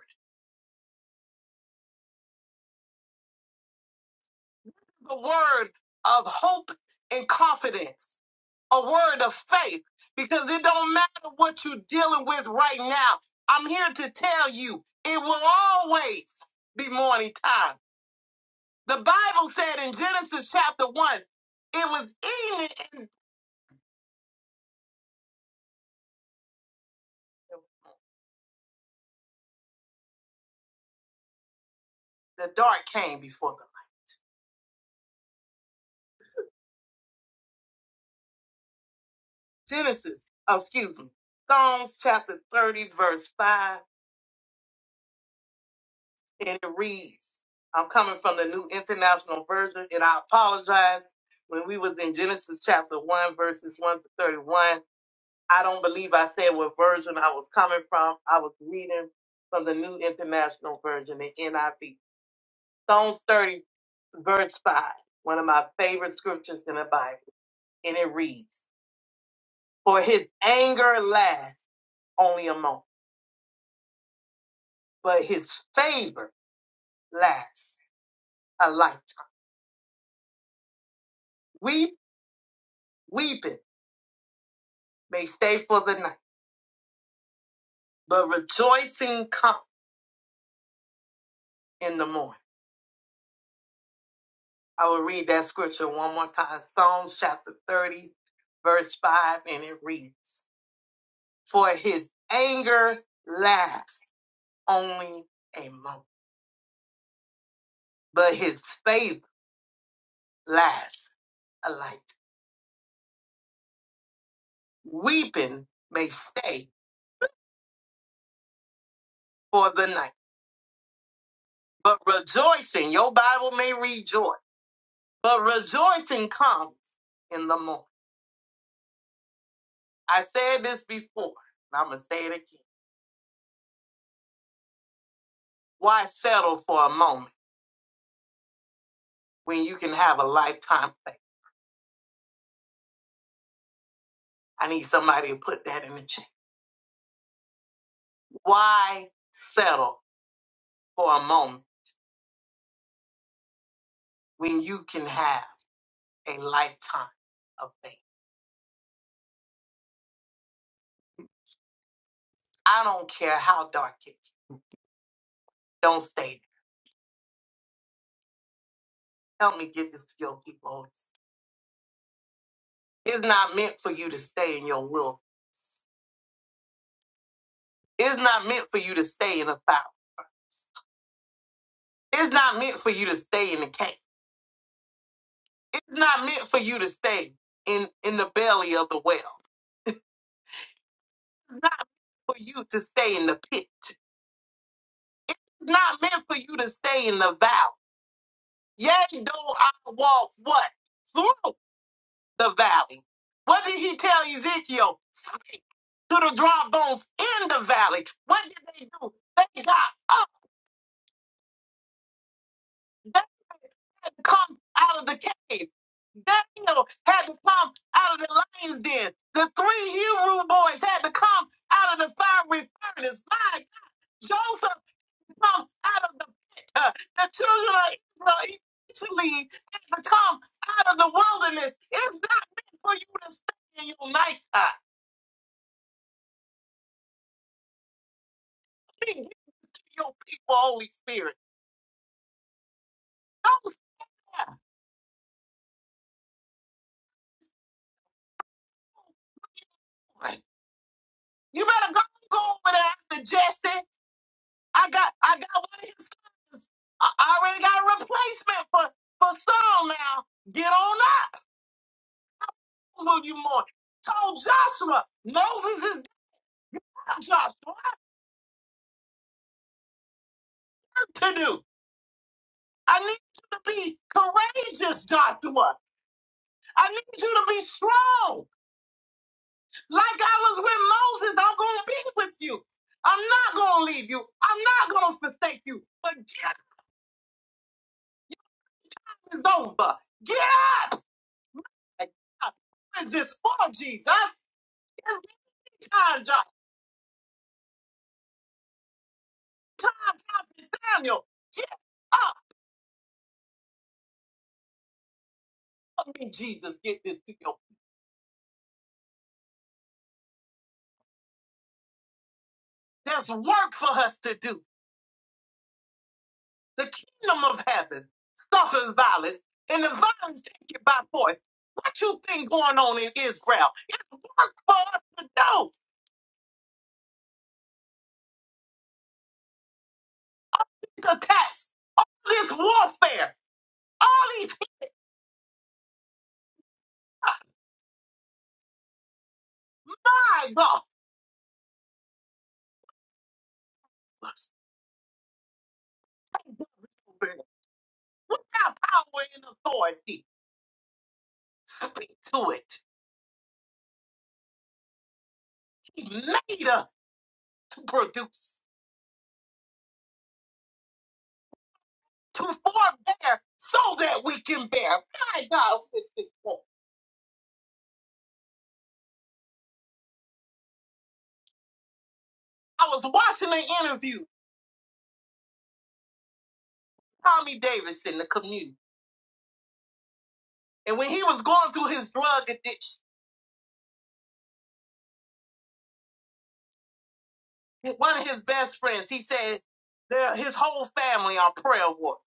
A word of hope and confidence. A word of faith because it don't matter what you're dealing with right now. I'm here to tell you it will always be morning time. The Bible said in Genesis chapter 1, it was evening and the dark came before the light. Genesis, oh, excuse me, Psalms chapter 30, verse 5 and it reads, I'm coming from the New International Version, and I apologize. When we was in Genesis chapter 1, verses 1 to 31, I don't believe I said what version I was coming from. I was reading from the New International Version, the NIV. Psalms 30, verse 5, one of my favorite scriptures in the Bible, and it reads, For his anger lasts only a moment, but his favor lasts a lifetime. Weep, weeping They stay for the night, but rejoicing come in the morning. I will read that scripture one more time. Psalms chapter 30, verse 5, and it reads, For his anger lasts only a moment, but his faith lasts a light. Weeping may stay for the night, but rejoicing, your Bible may rejoice, but rejoicing comes in the morning. I said this before, and I'm going to say it again Why settle for a moment when you can have a lifetime play? I need somebody to put that in the chat. Why settle for a moment when you can have a lifetime of faith? I don't care how dark it is. Don't stay there. Help me get this to your people. Holy Spirit. It's not meant for you to stay in your wilderness. It's not meant for you to stay in a fountain. It's not meant for you to stay in the cave. It's not meant for you to stay in, in the belly of the well. It's not for you to stay in the pit. It's not meant for you to stay in the valley. Yea, though I walk what? Through the valley. What did he tell Ezekiel? Speak to the dry bones in the valley. What did they do? They got up. They had to come out of the cave. Daniel had to come out of the lion's den. The three Hebrew boys had to come out of the fiery furnace. My God, Joseph come out of the pit. Uh, The children of Israel eventually had to come out of the wilderness. It's not meant for you to stay in your nighttime. Be with your people, Holy Spirit. Don't stay. away. You better go, go over there after Jesse. I got I got one of his sons. I I already got a replacement for, for Saul now. Get on up. Will you more? Told Joshua, Moses is down, Joshua. What to do? I need you to be courageous, Joshua. I need you to be strong. Like I was with Moses, I'm going to be with you. I'm not going to leave you. I'm not going to forsake you. But get up is over. Get up. What is this for, Jesus? Every time, Josh, time, time, Samuel, get up. Help me, Jesus, get this to you. There's work for us to do. The kingdom of heaven suffers violence, and the violence take it by force. What you think going on in Israel? It's work for us to do. It's a test. This warfare. All these, my God. We have power and authority. Speak to it. He made us to produce, to forbear, so that we can bear. My God. what is this for? I was watching an interview. Tommy Davis in the community. And when he was going through his drug addiction, one of his best friends, he said their- his whole family on prayer war.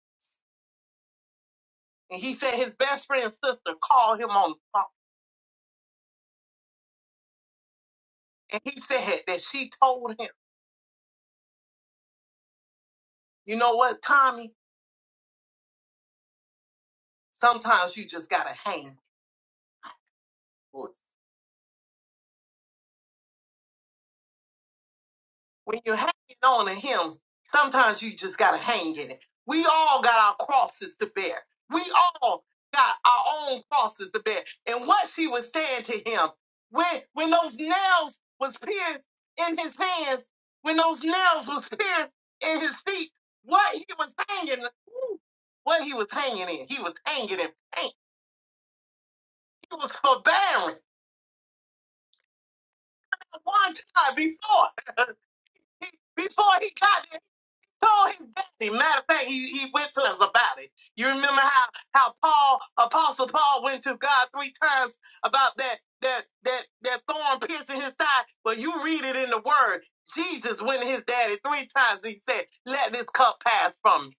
And he said his best friend's sister called him on the phone. And he said that she told him, you know what, Tommy, sometimes you just got to hang. when you're hanging on to him, sometimes you just gotta hang in it. We all got our crosses to bear. We all got our own crosses to bear. And what she was saying to him, when when those nails was pierced in his hands, when those nails was pierced in his feet, what he was hanging, ooh, what he was hanging in, he was hanging in pain. He was forbearing one time before, [laughs] before he got there. told his daddy. Matter of fact, he, he went to us about it. You remember how how Paul, Apostle Paul, went to God three times about that that that that thorn piercing his side. Well, you read it in the Word. Jesus went to his daddy three times. And He said, "Let this cup pass from me."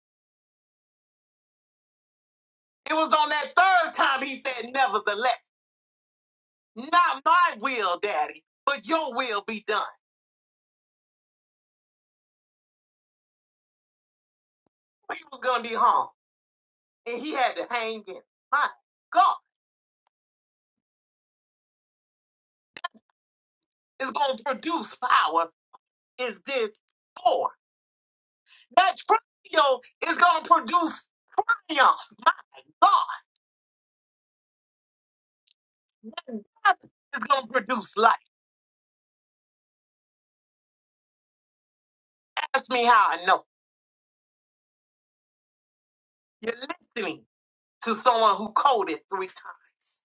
It was on that third time he said, "Nevertheless, not my will, Daddy, but your will be done." He was gonna be hung, and he had to hang in. My God, it's gonna produce power. Is this for? That trio is going to produce triumph. My God, that death is going to produce life. Ask me how I know. You're listening to someone who coded three times.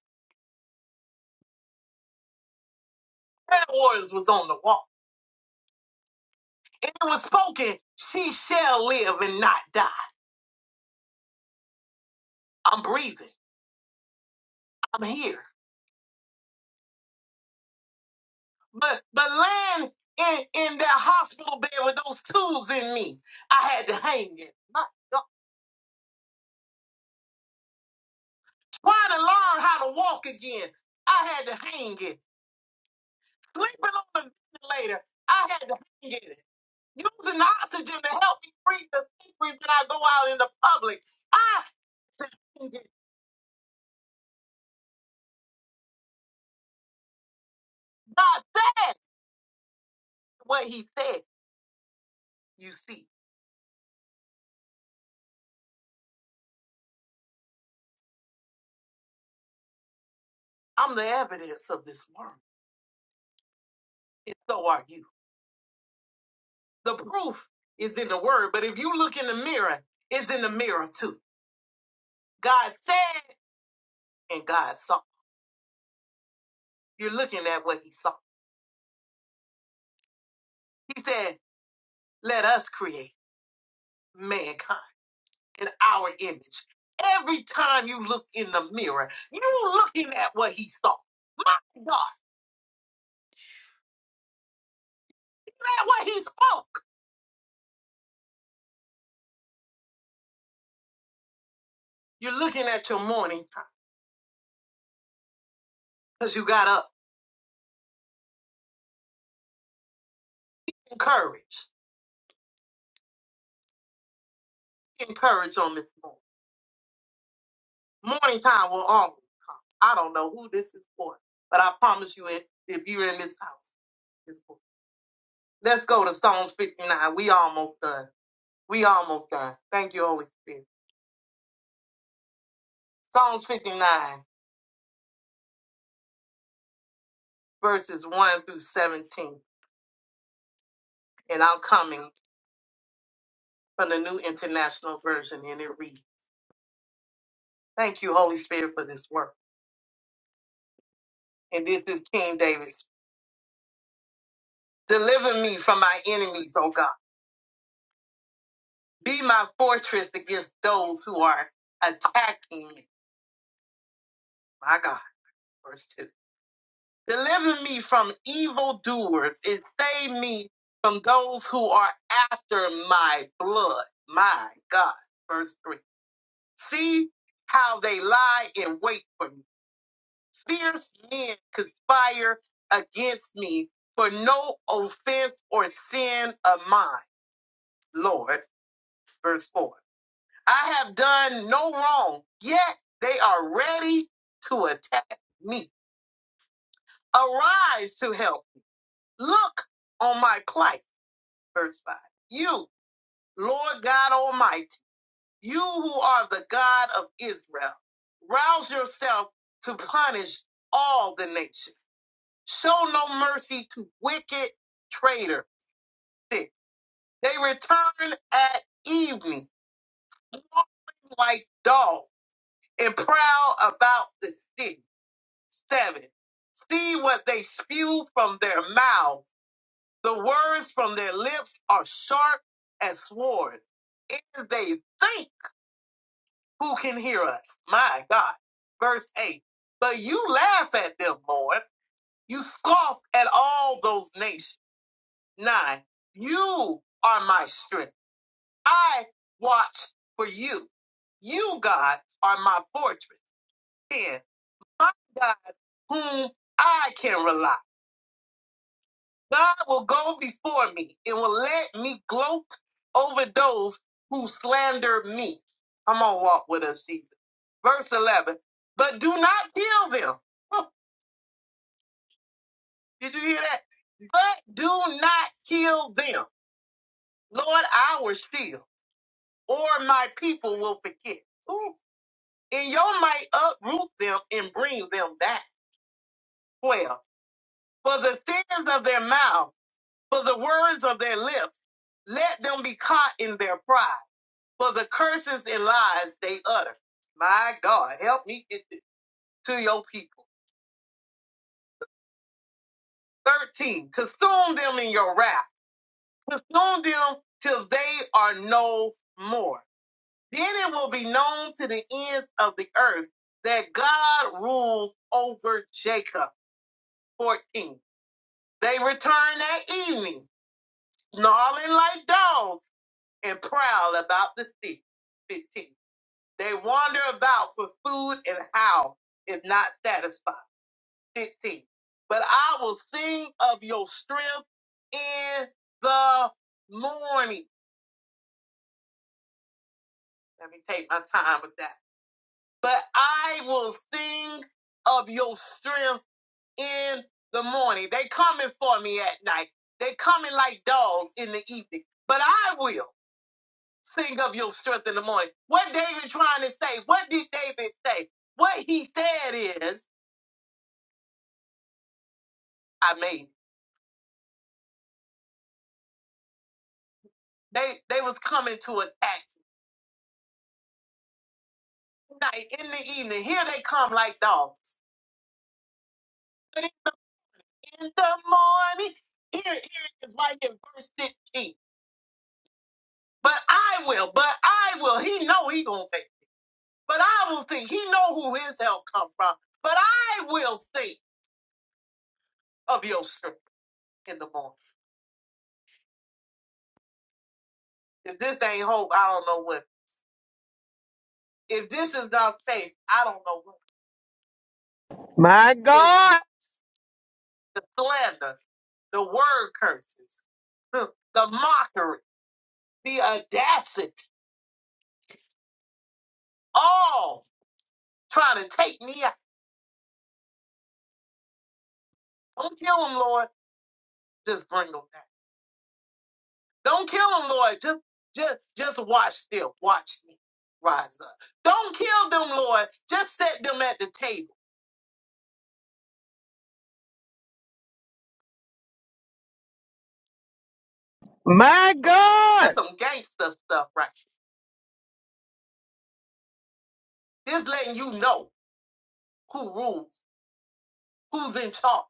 Prayer warriors was on the wall. And it was spoken, she shall live and not die. I'm breathing. I'm here. But but land in, in that hospital bed with those tools in me, I had to hang it. My God. Try to learn how to walk again. I had to hang it. sleeping on the ventilator. I had to hang in it. Using the oxygen to help me breathe the safely when I go out in the public. I had to hang in it. God said what he said. You see, I'm the evidence of this word. And so are you. The proof is in the word. But if you look in the mirror, it's in the mirror too. God said and God saw. You're looking at what he saw. He said, let us create mankind. in our image. Every time you look in the mirror, you're looking at what he saw. My God, look at what he spoke. You're looking at your morning time because you got up. Encourage. Encourage on this morning. Morning time will always come. I don't know who this is for, but I promise you, if if you're in this house, this book. Let's go to Psalms 59. We almost done. We almost done. Thank you, Holy Spirit. Psalms 59, verses 1 through 17. And I'm coming. from the New International Version, and it reads, Thank you, Holy Spirit, for this work. And this is King Davis. Deliver me from my enemies, O God. Be my fortress against those who are attacking me. My God, verse 2. Deliver me from evildoers and save me from those who are after my blood. My God, verse 3. See how they lie in wait for me fierce men conspire against me for no offense or sin of mine. Lord, verse 4. I have done no wrong, yet they are ready to attack me. Arise to help. Look on my plight. Verse 5. You, Lord God Almighty, you who are the God of Israel, rouse yourself to punish all the nations. Show no mercy to wicked traitor. Six. They return at evening, roaring like dogs, and prowl about the city. Seven. See what they spew from their mouths. The words from their lips are sharp as swords. If they think who can hear us, my God. Verse 8. But you laugh at them, Lord. You scoff at all those nations. 9. You are my strength. I watch for you. You, God, are my fortress. 10. My God, whom I can rely. God will go before me and will let me gloat over those who slander me. I'm going to walk with us, Jesus. Verse 11. But do not kill them. [laughs] Huh, Did you hear that? But do not kill them. Lord, our shield. or my people will forget. Ooh. And you might uproot them and bring them back. Well, for the sins of their mouth, for the words of their lips, let them be caught in their pride, for the curses and lies they utter. My God, help me get this to your people. 13. Consume them in your wrath. Consume them till they are no more. Then it will be known to the ends of the earth that God rules over Jacob. 14. They returned that evening, snarling like dogs and prowl about the sea. 15. They wander about for food and howl, if not satisfied. 15. But I will sing of your strength in the morning. Let me take my time with that. But I will sing of your strength in the morning. They coming for me at night. They coming like dogs in the evening. But I will sing of your strength in the morning. What David trying to say? What did David say? What he said is, I mean, They they was coming to attack in the evening. Here they come like dogs. But in the morning, here, here it is right here, verse 16. But I will, but I will. He know he gonna make but I will sing. He know who his help come from, but I will sing of your strength in the morning. If this ain't hope, I don't know what. If this is not faith, I don't know what.
my
The
God,
attacks, the slander, the word curses, huh, the mockery, the audacity, all trying to take me out. Don't kill them, Lord. Just bring them back. Don't kill them, Lord. Just, just, just watch still. Watch me rise up. Don't kill them, Lord. Just set them at the table.
my God.
This some gangster stuff, right? This letting you know who rules, who's in charge.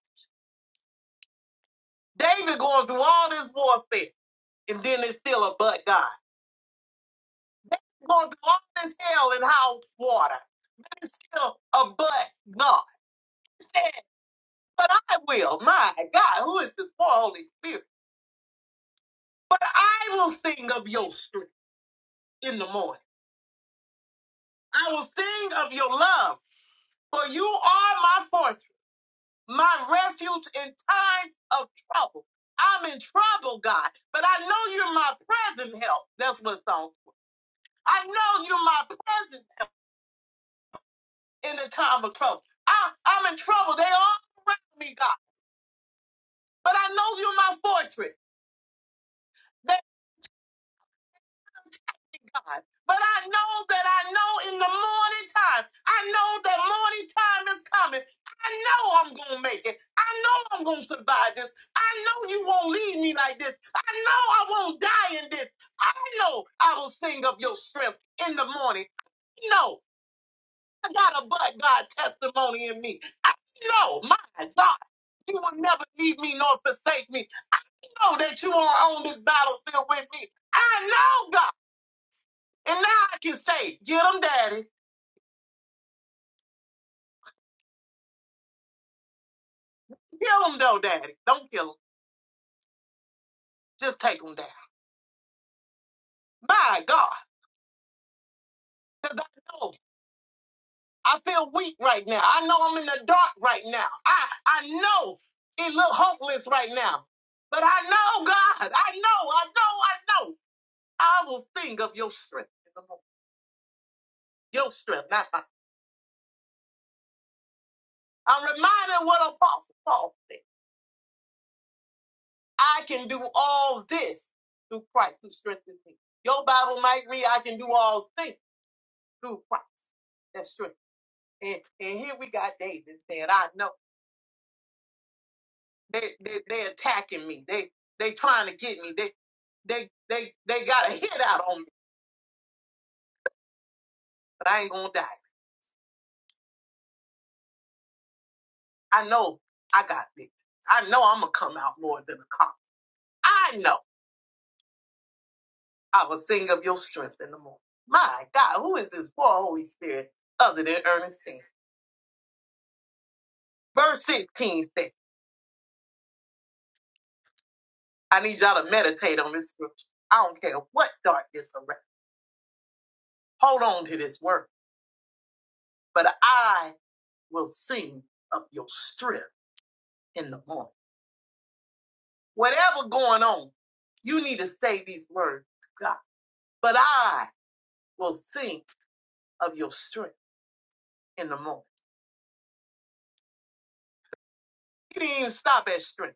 David going through all this warfare, and then it's still a but God. David going through all this hell and house water, and it's still a but God. He said, "But I will, my God, who is this poor Holy Spirit? But I will sing of your strength in the morning. I will sing of your love, for you are my fortress. my refuge in times of trouble. I'm in trouble, God, but I know you're my present help. That's what's on. I know you're my present help in the time of trouble. I, I'm in trouble. They all around me, God, but I know you're my fortress. They God. But I know that I know in the morning time, I know that morning time is coming. I know I'm going to make it. I know I'm going to survive this. I know you won't leave me like this. I know I won't die in this. I know I will sing of your strength in the morning. I know I got a but God testimony in me. I know, my God, you will never leave me nor forsake me. I know that you are on this battlefield with me. I know, God. And now I can say, get him, daddy. Kill him, though, daddy. Don't kill him. Just take him down. My God. 'Cause I know I feel weak right now. I know I'm in the dark right now. I, I know it look hopeless right now. But I know, God. I know, I know, I know. I will sing of your strength. in the morning. Your strength, not mine. I'm reminded what Apostle Paul said. I can do all this through Christ who strengthens me. Your Bible might read, I can do all things through Christ. That's true. And and here we got David saying, I know they they they attacking me. They they trying to get me. They they they they got a hit out on me, but I ain't gonna die. I know I got this. I know I'm gonna come out more than a cop. I know I will sing of your strength in the morning. My God, who is this poor Holy Spirit other than Ernestine? Verse 16 says, I need y'all to meditate on this scripture. I don't care what darkness around. Hold on to this word. But I will sing up your strength in the morning. Whatever going on, you need to say these words, God. But I will sing of your strength in the morning. He didn't even stop at strength.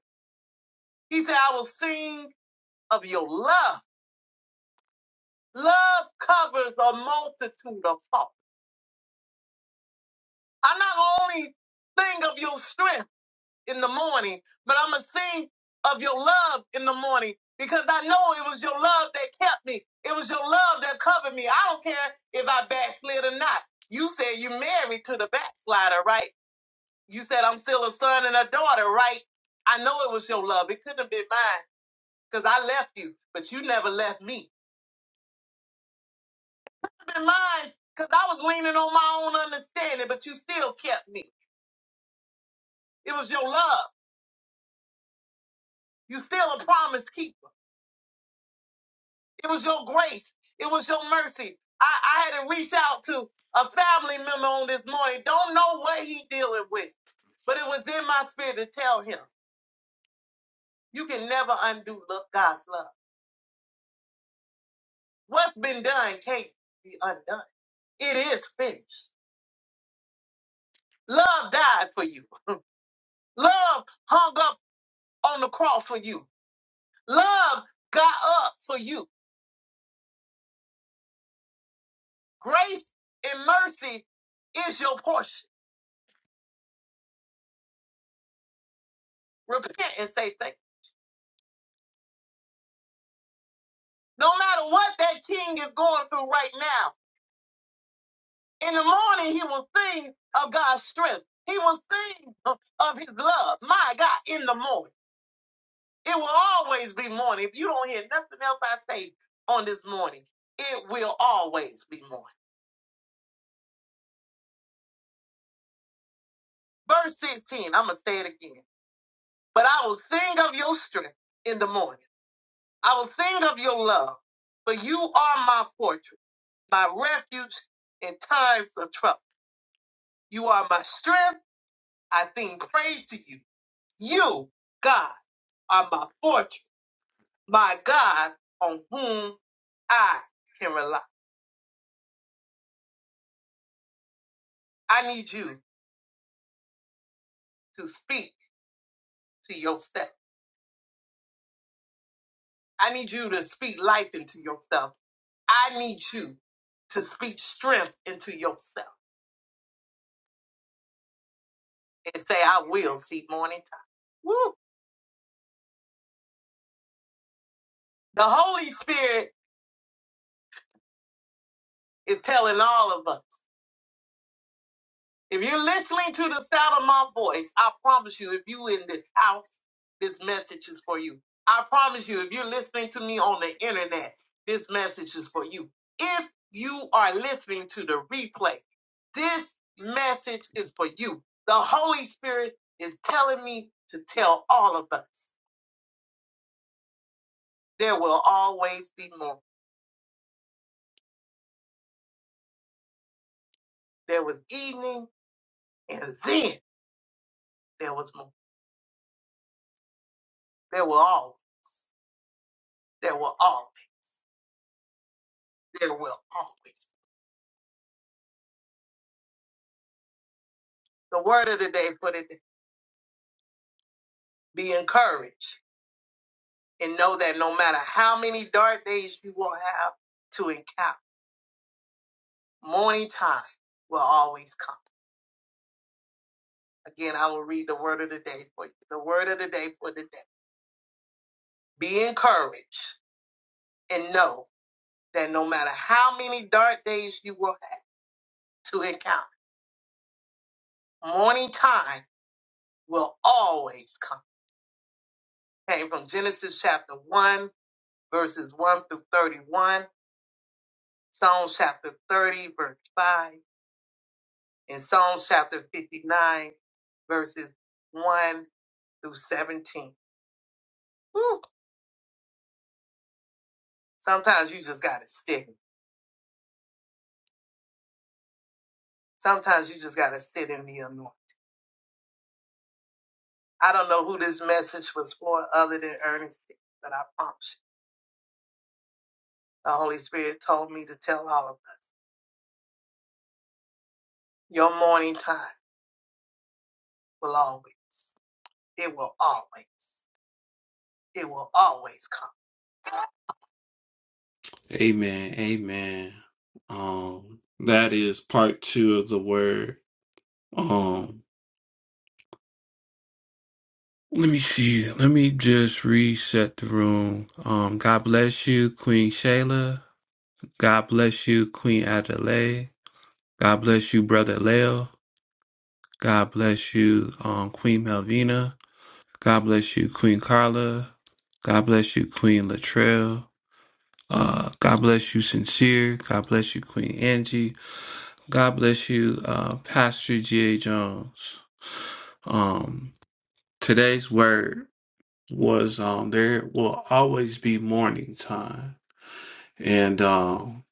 He said, I will sing of your love. Love covers a multitude of faults. I'm not only sing of your strength. in the morning, but I'm going to sing of your love in the morning because I know it was your love that kept me. It was your love that covered me. I don't care if I backslid or not. You said you married to the backslider, right? You said I'm still a son and a daughter, right? I know it was your love. It couldn't have been mine because I left you, but you never left me. It could have been mine because I was leaning on my own understanding, but you still kept me. It was your love. You still a promise keeper. It was your grace. It was your mercy. I, I had to reach out to a family member on this morning. Don't know what he dealing with, but it was in my spirit to tell him, you can never undo lo- God's love. What's been done can't be undone. It is finished. Love died for you. Love hung up on the cross for you. Love got up for you. Grace and mercy is your portion. Repent and say thank you. No matter what that king is going through right now, in the morning he will sing of God's strength. He will sing of of his love. My God, in the morning. It will always be morning. If you don't hear nothing else I say on this morning, it will always be morning. Verse 16, I'm going to say it again. But I will sing of your strength in the morning. I will sing of your love, for you are my fortress, my refuge in times of trouble. You are my strength. I sing praise to you. You, God, are my fortress, my God, on whom I can rely. I need you to speak to yourself. I need you to speak life into yourself. I need you to speak strength into yourself and say, I will see morning time. Woo! The Holy Spirit is telling all of us. If you're listening to the sound of my voice, I promise you, if you in this house, this message is for you. I promise you, if you're listening to me on the internet, this message is for you. If you are listening to the replay, this message is for you. The Holy Spirit is telling me to tell all of us there will always be more. There was evening and then there was more. There will always, there will always, there will always. The word of the day for the be encouraged and know that no matter how many dark days you will have to encounter, morning time will always come. Again, I will read the word of the day for you. The word of the day for the day. Be encouraged and know that no matter how many dark days you will have to encounter, morning time will always come. Came from Genesis chapter 1, verses 1 through 31, Psalms chapter 30, verse 5. in Psalms chapter 59, verses 1 through 17. Whew. Sometimes you just got to sit. Sometimes you just got to sit and be annoyed. I don't know who this message was for other than Ernest, but I promise you, the Holy Spirit told me to tell all of us your morning time will always, it will always, it will always come. Amen. Amen. Um, that is part two of the word. Um. Let me see. Let me just reset the room. Um, God bless you, Queen Shayla. God bless you, Queen Adelaide. God bless you, Brother Leo. God bless you, um, Queen Melvina. God bless you, Queen Carla. God bless you, Queen Latrell. Uh, God bless you, Sincere. God bless you, Queen Angie. God bless you, uh, Pastor G.A. Jones. Um, today's word. was um there will always be morning time and um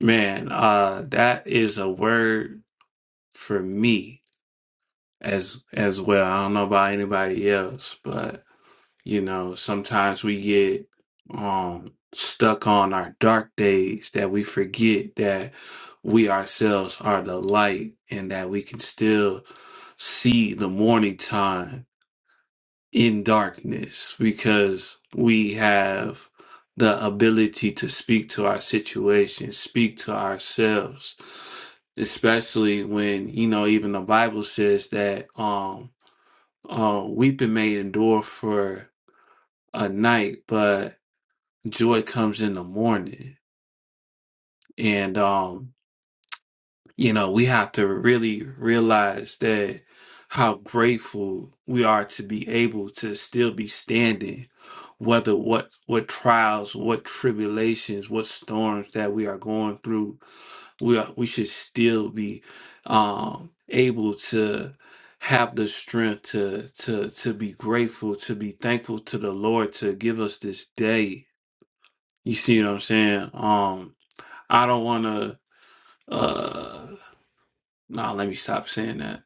man uh that is a word for me as as well i don't know about anybody else but you know sometimes we get um stuck on our dark days that we forget that we ourselves are the light and that we can still see the morning time in darkness because we have the ability to speak to our situation, speak to ourselves, especially when, you know, even the Bible says that um, uh, weeping may endure for a night, but joy comes in the morning. And um, you know, we have to really realize that how grateful we are to be able to still be standing, whether what what trials, what tribulations, what storms that we are going through, we are, we should still be um, able to have the strength to to to be grateful, to be thankful to the Lord to give us this day. You see what I'm saying? Um, I don't want to. Uh, no, let me stop saying that.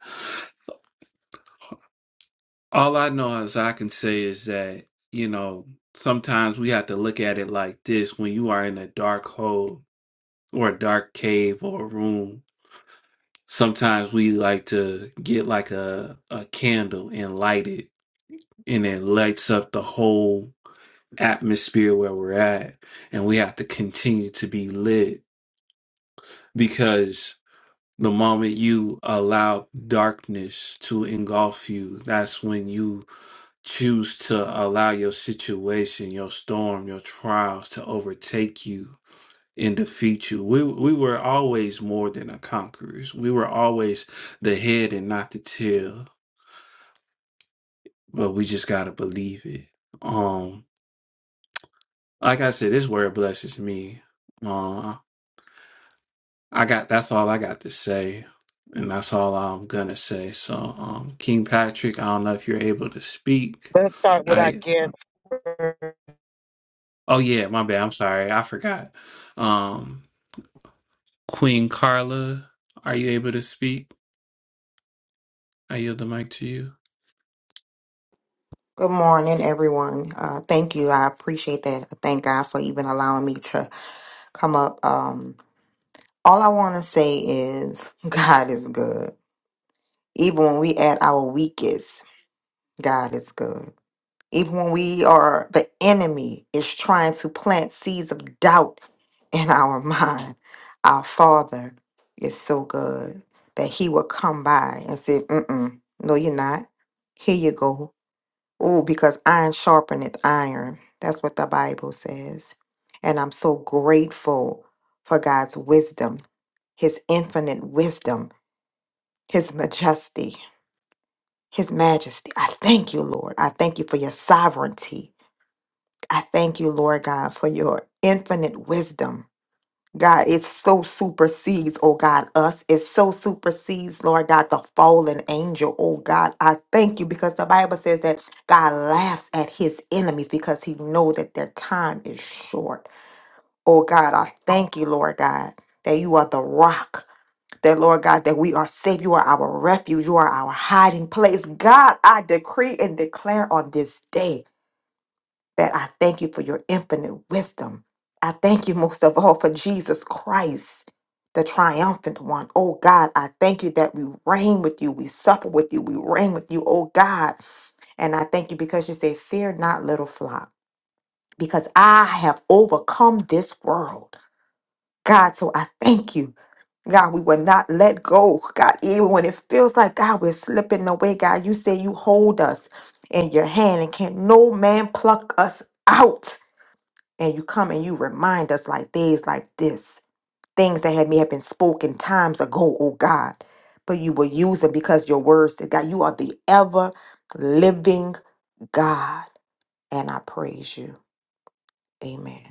All I know is I can say is that, you know, sometimes we have to look at it like this when you are in a dark hole or a dark cave or a room. Sometimes we like to get like a, a candle and light it, and it lights up the whole atmosphere where we're at. And we have to continue to be lit because The moment you allow darkness to engulf you, that's when you choose to allow your situation, your storm, your trials to overtake you and defeat you. We we were always more than a conquerors. We were always the head and not the tail. But we just gotta believe it. Um, like I said, this word blesses me. Uh, I got that's all I got to say, and that's all I'm gonna say. So, um, King Patrick, I don't know if you're able to speak.
Let's start with our
I
guest. first. [laughs]
oh yeah, my bad. I'm sorry, I forgot. Um, Queen Carla, are you able to speak? I yield the mic to you.
Good morning, everyone. Uh, thank you. I appreciate that. Thank God for even allowing me to come up. Um, all I want to say is [laughs] God is good. Even when we at our weakest, God is good. Even when we are, the enemy is trying to plant seeds of doubt in our [laughs] mind. Our Father is so good that He will come by and say, Mm-mm, No, you're not. Here you go. Oh, because iron sharpeneth iron. That's what the Bible says. And I'm so grateful for God's wisdom, his infinite wisdom, his majesty, his majesty. I thank you, Lord. I thank you for your sovereignty. I thank you, Lord God, for your infinite wisdom. God, it so supersedes, oh God, us. It so supersedes, Lord God, the fallen angel. Oh God, I thank you because the Bible says that God laughs at his enemies because he know that their time is short. Oh God, I thank you, Lord God, that you are the rock. That Lord God, that we are safe. You are our refuge. You are our hiding place. God, I decree and declare on this day that I thank you for your infinite wisdom. I thank you most of all for Jesus Christ, the triumphant one. Oh God, I thank you that we reign with you, we suffer with you, we reign with you, oh God. And I thank you because you say, Fear not, little flock, because I have overcome this world. God, so I thank you. God, we will not let go. God, even when it feels like God, we're slipping away. God, you say you hold us in your hand and can no man pluck us out and you come and you remind us like days like this, things that had may have been spoken times ago, oh God, but you will use them because your words said God, you are the ever living God, and I praise you. Amen.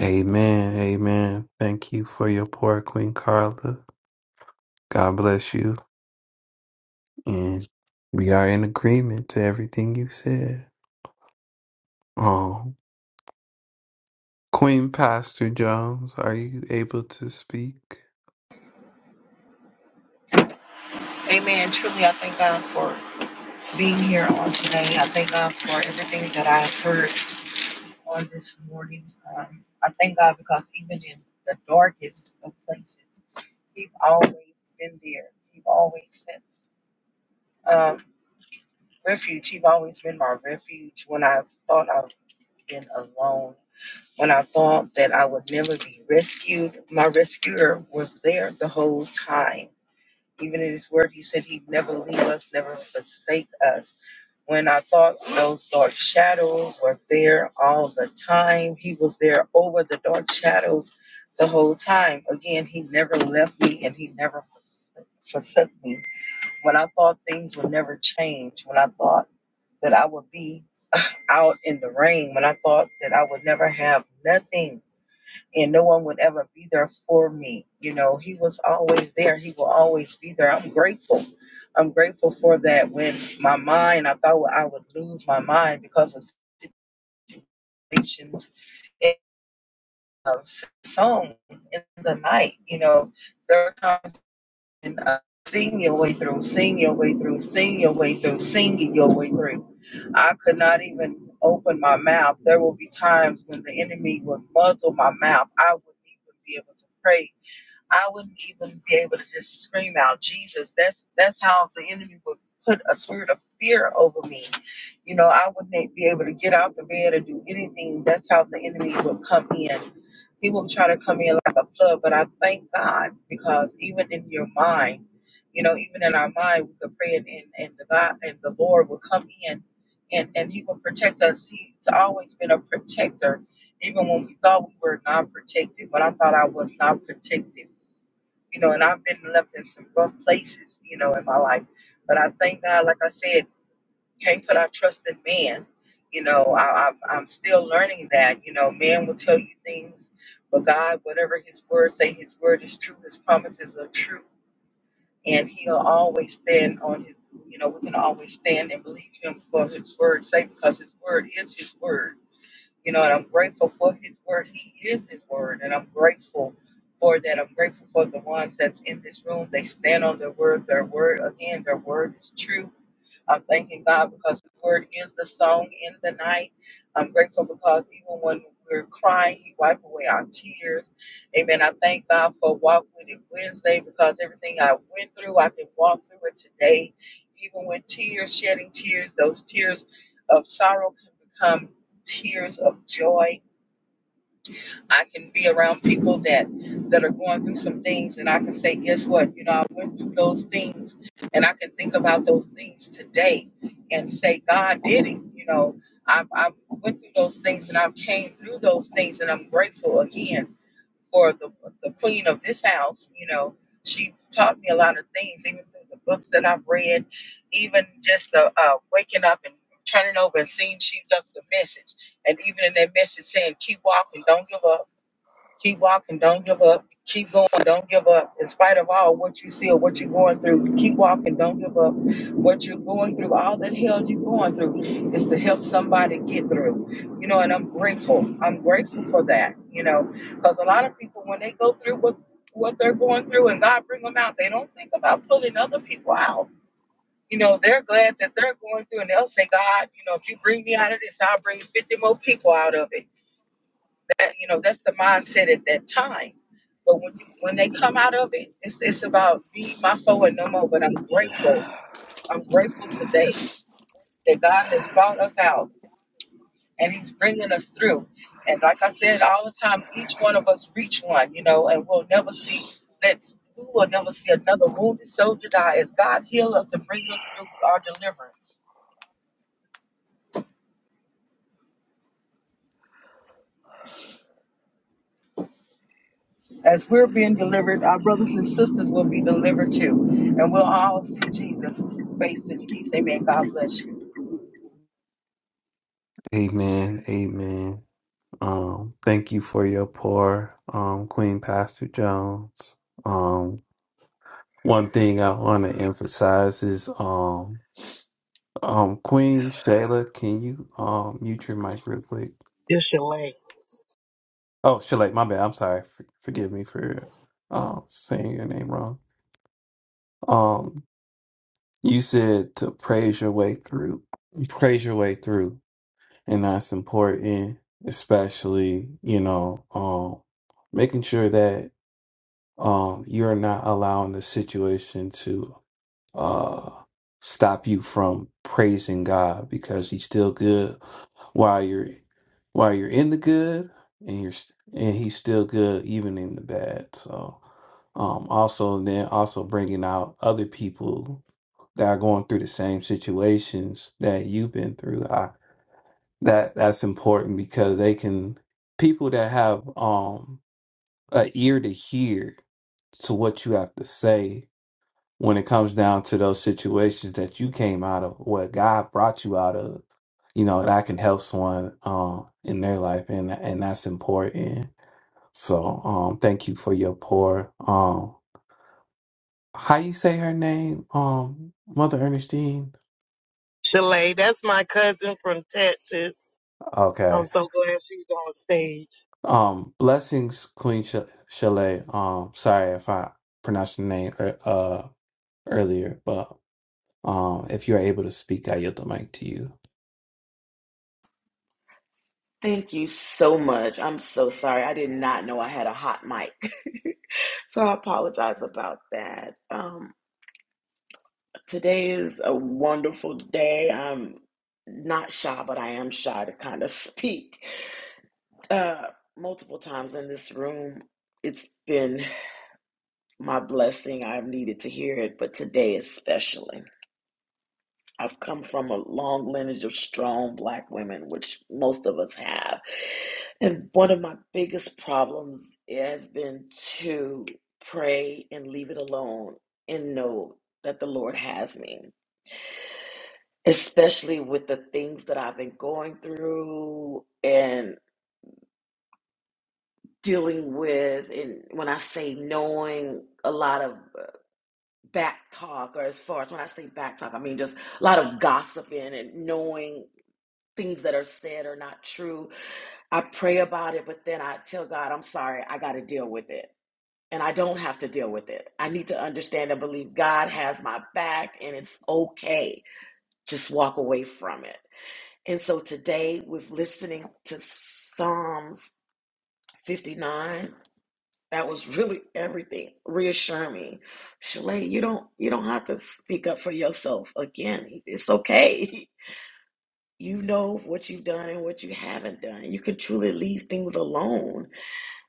Amen, amen. Thank you for your poor Queen Carla. God bless you. And we are in agreement to everything you said. Oh, Queen Pastor Jones, are you able to speak?
Amen. Truly, I thank God for being here on today. I thank God for everything that I have heard on this morning. Um, I thank God because even in the darkest of places, He's always been there. He's always sent um, refuge. He's always been my refuge when I thought I've been alone. When I thought that I would never be rescued, my rescuer was there the whole time. Even in his word, he said he'd never leave us, never forsake us. When I thought those dark shadows were there all the time, he was there over the dark shadows the whole time. Again, he never left me and he never forsook forsook me. When I thought things would never change, when I thought that I would be [laughs] out in the rain, when I thought that I would never have nothing, and no one would ever be there for me. You know, he was always there. He will always be there. I'm grateful. I'm grateful for that. When my mind, I thought I would lose my mind because of situations and uh, song in the night. You know, there are times and uh, sing your way through, sing your way through, sing your way through, singing your way through. I could not even open my mouth. There will be times when the enemy would muzzle my mouth. I wouldn't even be able to pray I wouldn't even be able to just scream out Jesus. That's that's how the enemy would put a spirit of fear over me. You know, I wouldn't be able to get out the bed or do anything. That's how the enemy would come in. He will try to come in like a flood, but I thank God because even in your mind, you know, even in our mind, we could pray and, and, and the God and the Lord will come in and, and He will protect us. He's always been a protector, even when we thought we were not protected. When I thought I was not protected you know, and I've been left in some rough places, you know, in my life. But I thank God, like I said, can't put our trust in man. You know, I, I'm, I'm still learning that. You know, man will tell you things, but God, whatever His word say, His word is true. His promises are true, and He'll always stand on His. You know, we can always stand and believe Him for His word's sake because His word is His word you know, and I'm grateful for his word. He is his word, and I'm grateful for that. I'm grateful for the ones that's in this room. They stand on their word. Their word, again, their word is true. I'm thanking God because His word is the song in the night. I'm grateful because even when we're crying, He wipes away our tears. Amen. I thank God for Walk With It Wednesday because everything I went through, I can walk through it today. Even with tears, shedding tears, those tears of sorrow can become tears of joy. I can be around people that that are going through some things, and I can say, guess what? You know, I went through those things, and I can think about those things today, and say, God did it. You know, I, I went through those things, and I came through those things, and I'm grateful again for the the queen of this house. You know, she taught me a lot of things, even through the books that I've read, even just the uh, waking up and turning over and seeing she left the message, and even in that message saying, keep walking, don't give up Keep walking. Don't give up. Keep going. Don't give up. In spite of all what you see or what you're going through, keep walking. Don't give up. What you're going through, all that hell you're going through, is to help somebody get through. You know, and I'm grateful. I'm grateful for that. You know, because a lot of people, when they go through what what they're going through and God bring them out, they don't think about pulling other people out. You know, they're glad that they're going through, and they'll say, God, you know, if you bring me out of this, I'll bring 50 more people out of it that you know, that's the mindset at that time. But when you, when they come out of it, it's it's about me, my foe, and no more. But I'm
Yeah.
grateful. I'm grateful today that God has brought us out and He's bringing us through. And like I said all the time, each one of us reach one, you know, and we'll never see that we will never see another wounded soldier die as God heal us and bring us through our deliverance. As we're being delivered, our brothers and sisters will be delivered too. And we'll all see Jesus face in peace. Amen. God bless you.
Amen. Amen. Um, thank you for your pour, um, Queen Pastor Jones. Um, one thing I want to emphasize is, um, um, Queen Shayla, can you, um, mute your mic real quick?
It's Shalay.
Oh, Shayla, my bad. I'm sorry. For, forgive me for, um, saying your name wrong. Um, You said to praise your way through, praise your way through, and that's important, especially, you know, um, making sure that um, you're not allowing the situation to uh, stop you from praising God because He's still good while you're while you're in the good, and you're s- and He's still good even in the bad. So, um, also and then also bringing out other people that are going through the same situations that you've been through. I, that that's important because they can people that have um a ear to hear to what you have to say when it comes down to those situations that you came out of, what God brought you out of. You know that can help someone um in their life, and and that's important. So um, thank you for your pour. Um, how you say her name? Um, Mother Ernestine.
Shalay, that's my cousin from Texas.
Okay.
I'm so glad she's on stage.
Um, blessings, Queen Sh- Shelley. Um, sorry if I pronounced your name ear- uh earlier, but um, if you're able to speak, I yield the mic to you.
Thank you so much. I'm so sorry. I did not know I had a hot mic. [laughs] so I apologize about that. Um, today is a wonderful day. I'm not shy, but I am shy to kind of [laughs] speak. Uh, multiple times in this room, it's been my blessing. I've needed to hear it, but today especially. I've come from a long lineage of strong black women, which most of us have. And one of my biggest problems has been to pray and leave it alone and know that the Lord has me, especially with the things that I've been going through and dealing with. And when I say knowing a lot of back talk, or as far as when I say back talk, I mean just a lot of gossiping and knowing things that are said are not true. I pray about it, but then I tell God, I'm sorry, I got to deal with it. And I don't have to deal with it. I need to understand and believe God has my back and it's okay. Just walk away from it. And so today, with listening to Psalms 59, that was really everything. Reassure me, Shalay, you don't you don't have to speak up for yourself again. It's okay. [laughs] You know what you've done and what you haven't done. You can truly leave things alone.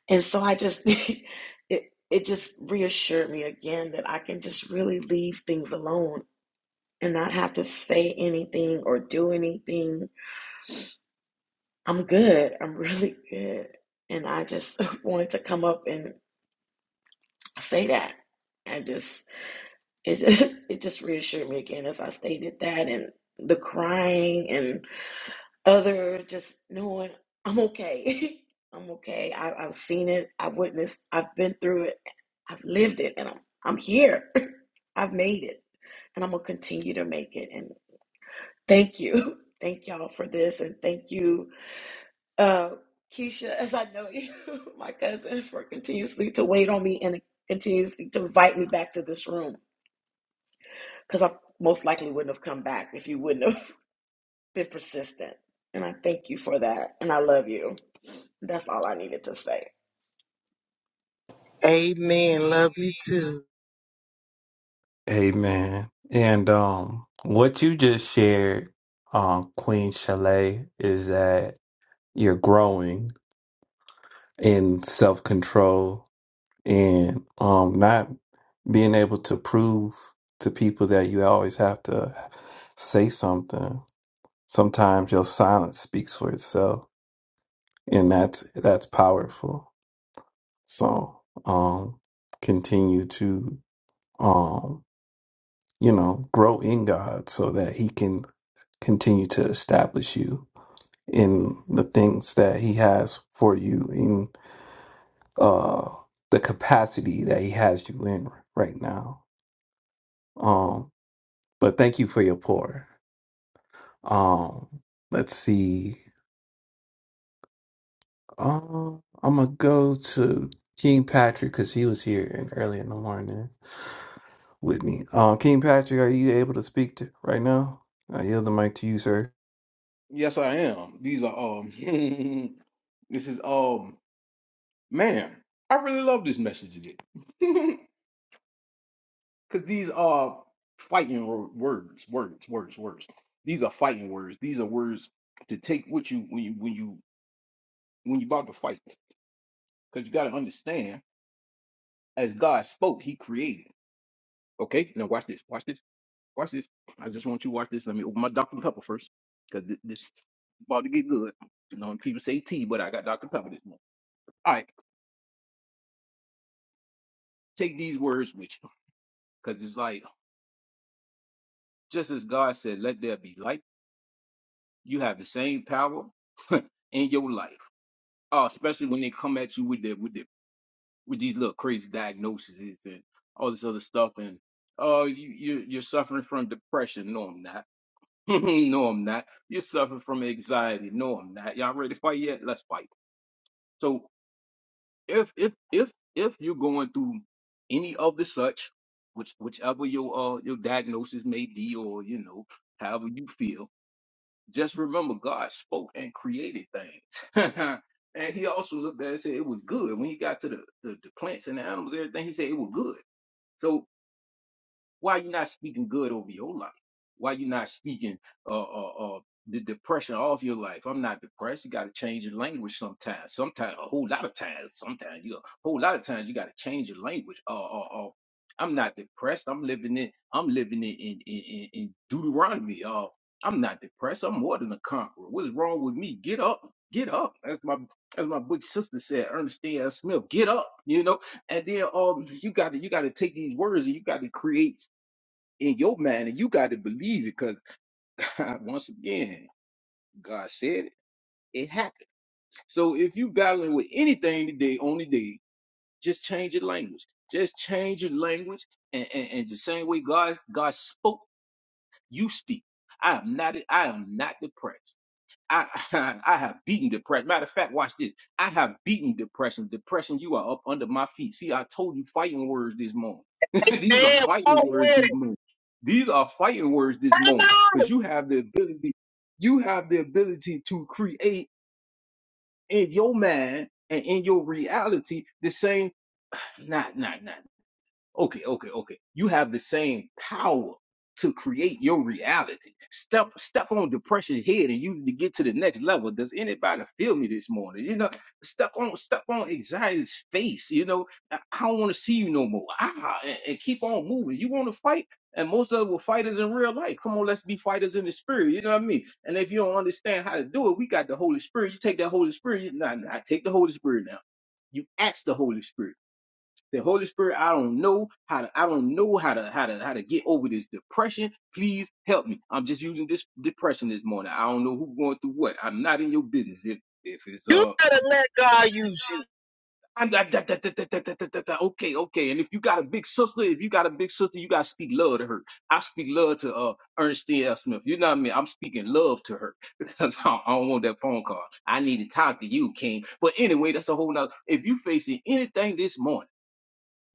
And so I just [laughs] it it just reassured me again that I can just really leave things alone and not have to say anything or do anything. I'm good. I'm [laughs] really good. And I just [laughs] wanted to come up and say that. I just it just [laughs] it just reassured me again as I stated that and the crying and. other just knowing I'm okay. [laughs] I'm okay. I, I've seen it. I've witnessed. I've been through it. I've lived it, and I'm I'm here. [laughs] I've made it, and I'm gonna continue to make it. And thank you, [laughs] thank y'all for this, and thank you, uh, Keisha, as I know you, [laughs] my cousin, for continuously to wait on me and continuously to invite me back to this room because I most likely wouldn't have come back if you wouldn't have. [laughs] been persistent. And I thank you for that. And I love you. That's all I needed to say.
Amen. Love you too.
Amen. And um, what you just shared, um, Queen Shelley, is that you're growing in self control and um, not being able to prove to people that you always have to say something. Sometimes your silence speaks for itself and that's that's powerful so um continue to um you know grow in god so that he can continue to establish you in the things that he has for you in uh the capacity that he has you in right now um but thank you for your pour um let's see Um, I'm gonna go to King Patrick because he was here and early in the morning with me. Um, King Patrick, are you able to speak to right now? I yield the mic to you, sir.
Yes, I am. These are um [laughs] this is um man, I really love this message today. [laughs] Cause these are fighting wo- words, words, words, words. These are fighting words. These are words to take with you when you when you when you about to fight. Because you gotta understand, as God spoke, He created. Okay? Now watch this, watch this, watch this. I just want you to watch this. Let me open my Dr. Pepper first. Cause this about to get good. You know, people say tea, but I got Dr. Pepper this morning. Take these words with you because it's like, just as God said, let there be light, you have the same power [laughs] in your life. Oh, especially when they come at you with the, with the, with these little crazy diagnoses and all this other stuff. And, oh, you, you, you're suffering from depression. No, I'm not. [laughs] no, I'm not. You're suffering from anxiety. No, I'm not. Y'all ready to fight yet? Let's fight. So if if if if you're going through any of the such, which whichever your uh your diagnosis may be, or you know however you feel, just remember God spoke and created things, [laughs] and He also looked at it and said it was good. When He got to the, the the plants and the animals, everything He said it was good. So why you not speaking good over your life? Why you not speaking uh, uh, uh, the depression off your life? I'm not depressed. You got to change your language sometimes. Sometimes, a whole lot of times. Sometimes, you a whole lot of times you got to change your language. Uh, uh, uh, I'm not depressed. I'm living in. I'm living in in in, in in Deuteronomy. Uh, I'm not depressed. I'm more than a conqueror. What's wrong with me? Get up. Get up. That's my as my big sister said, Ernestine L. Smith, get up, you know. And then um you gotta you gotta take these words and you gotta create in your mind, and you got to believe it because [laughs] once again, God said it, it happened. So if you battling with anything today, on the day, just change your language. Just change your language, and, and, and the same way God God spoke, you speak. I am not I am not depressed. I [laughs] I have beaten depression. Matter of fact, watch this. I have beaten depression. Depression, you are up under my feet. See, I told you fighting words this morning. [laughs] These are
Man, walk
fighting words
with
this
it.
morning. These are fighting words this
Come
morning.
on.
Because you have the ability, you have the ability to create in your mind and in your reality the same. Nah, nah, nah. Okay, okay, okay. You have the same power to create your reality. Step step on depression's head and use it to get to the next level. Does anybody feel me this morning? You know, step on step on anxiety's face. You know, I I don't want to see you no more. Ah, and, and keep on moving. You want to fight, and most of us were fighters in real life. Come on, let's be fighters in the spirit. You know what I mean? And if you don't understand how to do it, we got the Holy Spirit. You take that Holy Spirit. You, nah, nah, take the Holy Spirit now. You ask the Holy Spirit. The Holy Spirit, I don't know how to, I don't know how to, how to, how to get over this depression. Please help me. I'm just using this depression this morning. I don't know who's going through what. I'm not in your business. If, if it's,
You
uh,
gotta let God use
I'm da, da, da, da, da, da, da, da, da. okay, okay. And if you got a big sister, if you got a big sister, you got to speak love to her. I speak love to, uh, Ernestine L. Smith. You know what I mean? I'm speaking love to her [laughs] because I don't I don't want that phone call. I need to talk to you, King. But anyway, that's a whole nother. If you facing anything this morning,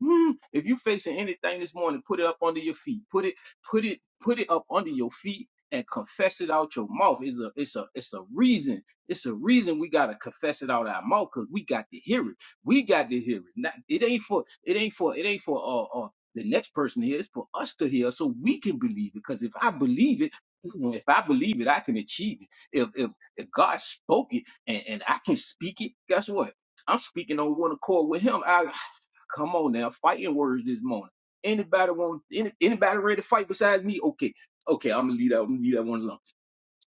Mm, If you're facing anything this morning, put it up under your feet. Put it, put it, put it up under your feet and confess it out your mouth. It's a it's a it's a reason. It's a reason we gotta confess it out our mouth because we got to hear it. We got to hear it. Not, it ain't for it ain't for it ain't for uh, uh the next person to hear. It's for us to hear so we can believe it. Because if I believe it, mm, if I believe it, I can achieve it. If if if God spoke it and, and I can speak it, guess what? I'm speaking on one accord with him. I Come on now, fighting words this morning. Anybody want any, anybody ready to fight besides me? Okay, okay, I'm gonna leave that. I'm gonna leave that one alone.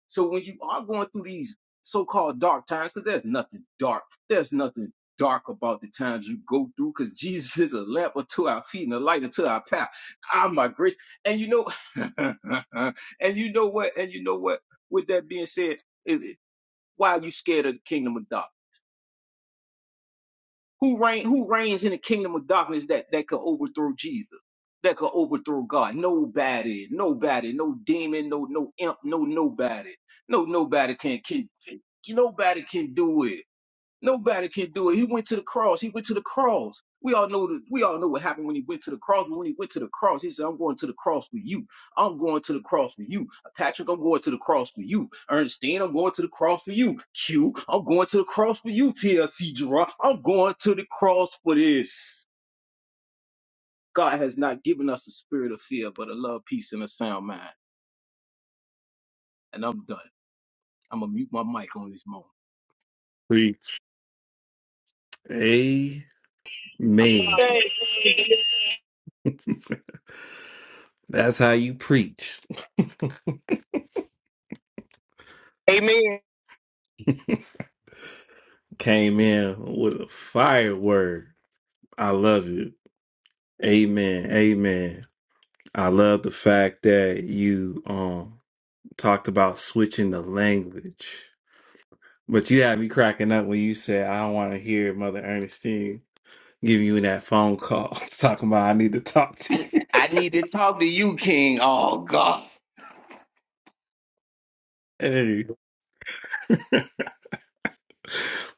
So when you are going through these so-called dark times, because there's nothing dark, there's nothing dark about the times you go through, because Jesus is a lamp unto our feet and a light unto our path. Ah, my grace. And you know, [laughs] and you know what? And you know what? With that being said, it- it- why are you scared of the kingdom of darkness? Who reign who reigns in the kingdom of darkness that, that could overthrow Jesus? That could overthrow God. Nobody, nobody, no demon, no no imp, no nobody. No nobody can can can- nobody can do it. Nobody can do it. He went to the cross. He went to the cross. We all know the, we all know what happened when he went to the cross. But when he went to the cross, he said, I'm going to the cross with you. I'm going to the cross with you. Patrick, I'm going to the cross with you. Ernestine, I'm going to the cross for you. Q, I'm going to the cross for you, TLC Gerard. I'm going to the cross for this. God has not given us a spirit of fear, but a love, peace, and a sound mind. And I'm done. I'm gonna mute my mic on this moment.
Preach. Amen. [laughs] That's how you preach.
you. Amen.
Came in with a fire word. I love it. Amen. Amen. I love the fact that you um talked about switching the language. But you had me cracking up when you said, I want to hear Mother Ernestine giving you that phone call [laughs] talking about I need to talk to you.
I,
[laughs]
I need to talk to you, King. Oh God.
Hey. [laughs]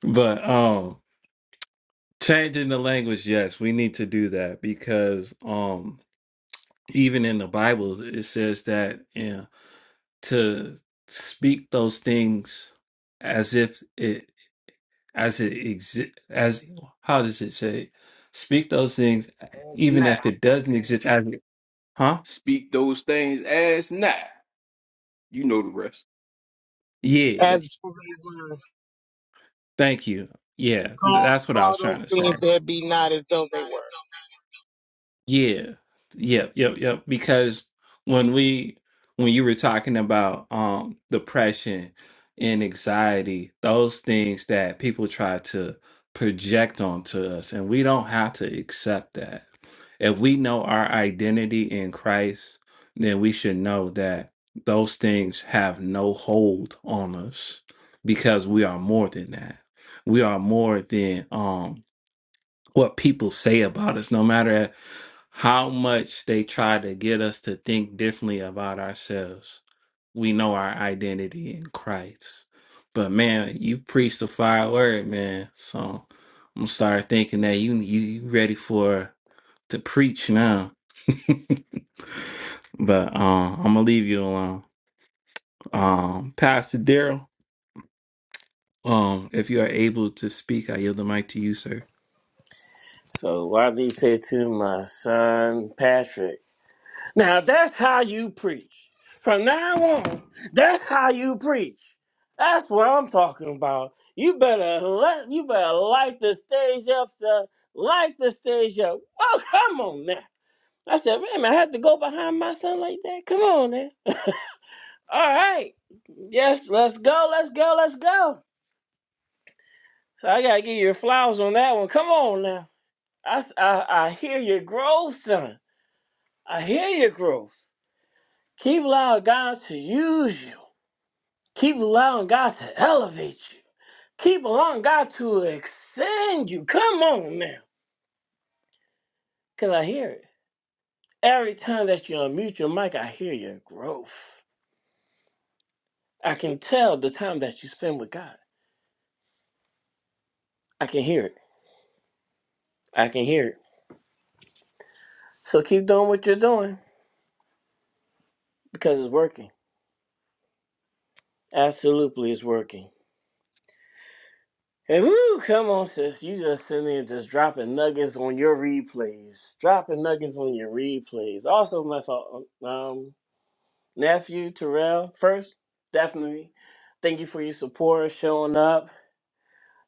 but um changing the language, yes, we need to do that because um even in the Bible it says that you to speak those things as if it as it exist as how does it say? Speak those things even
Nah.
if it doesn't exist as it, huh?
Speak those things as not. You know the rest.
Yeah.
As though they were.
Thank you. Yeah,
Call,
that's what I
call
was
those
trying to say.
things that be not as though they were.
Yeah. Yep, yep, yep. Because when we when you were talking about um depression and anxiety, those things that people try to project onto us, and we don't have to accept that. If we know our identity in Christ, then we should know that those things have no hold on us because we are more than that. We are more than um what people say about us, no matter how much they try to get us to think differently about ourselves. We know our identity in Christ. But man, you preach the fire word, man. So I'm gonna start thinking that you you, you ready for to preach now. [laughs] but um, I'm gonna leave you alone. Um, Pastor Daryl, um, if you are able to speak, I yield the mic to you, sir.
So Rodney said to my son Patrick, Now that's how you preach. From now on, that's how you preach. That's what I'm talking about. You better let you better light the stage up, sir. Light the stage up. Oh, come on now. I said, man, I had to go behind my son like that. Come on now. All right. Yes, let's go, let's go, let's go. So I gotta give you your flowers on that one. Come on now. I, s- I, I hear your growth, son. I hear your growth. Keep allowing God to use you. Keep allowing God to elevate you. Keep allowing God to extend you. Come on now. Because I hear it. Every time that you unmute your mic, I hear your growth. I can tell the time that you spend with God. I can hear it. I can hear it. So keep doing what you're doing because it's working. Absolutely, it's working. Hey, woo, come on, sis. You just sitting there just dropping nuggets on your replays. Dropping nuggets on your replays. Also, my fault, um, nephew, Terrell, first, definitely. Thank you for your support, showing up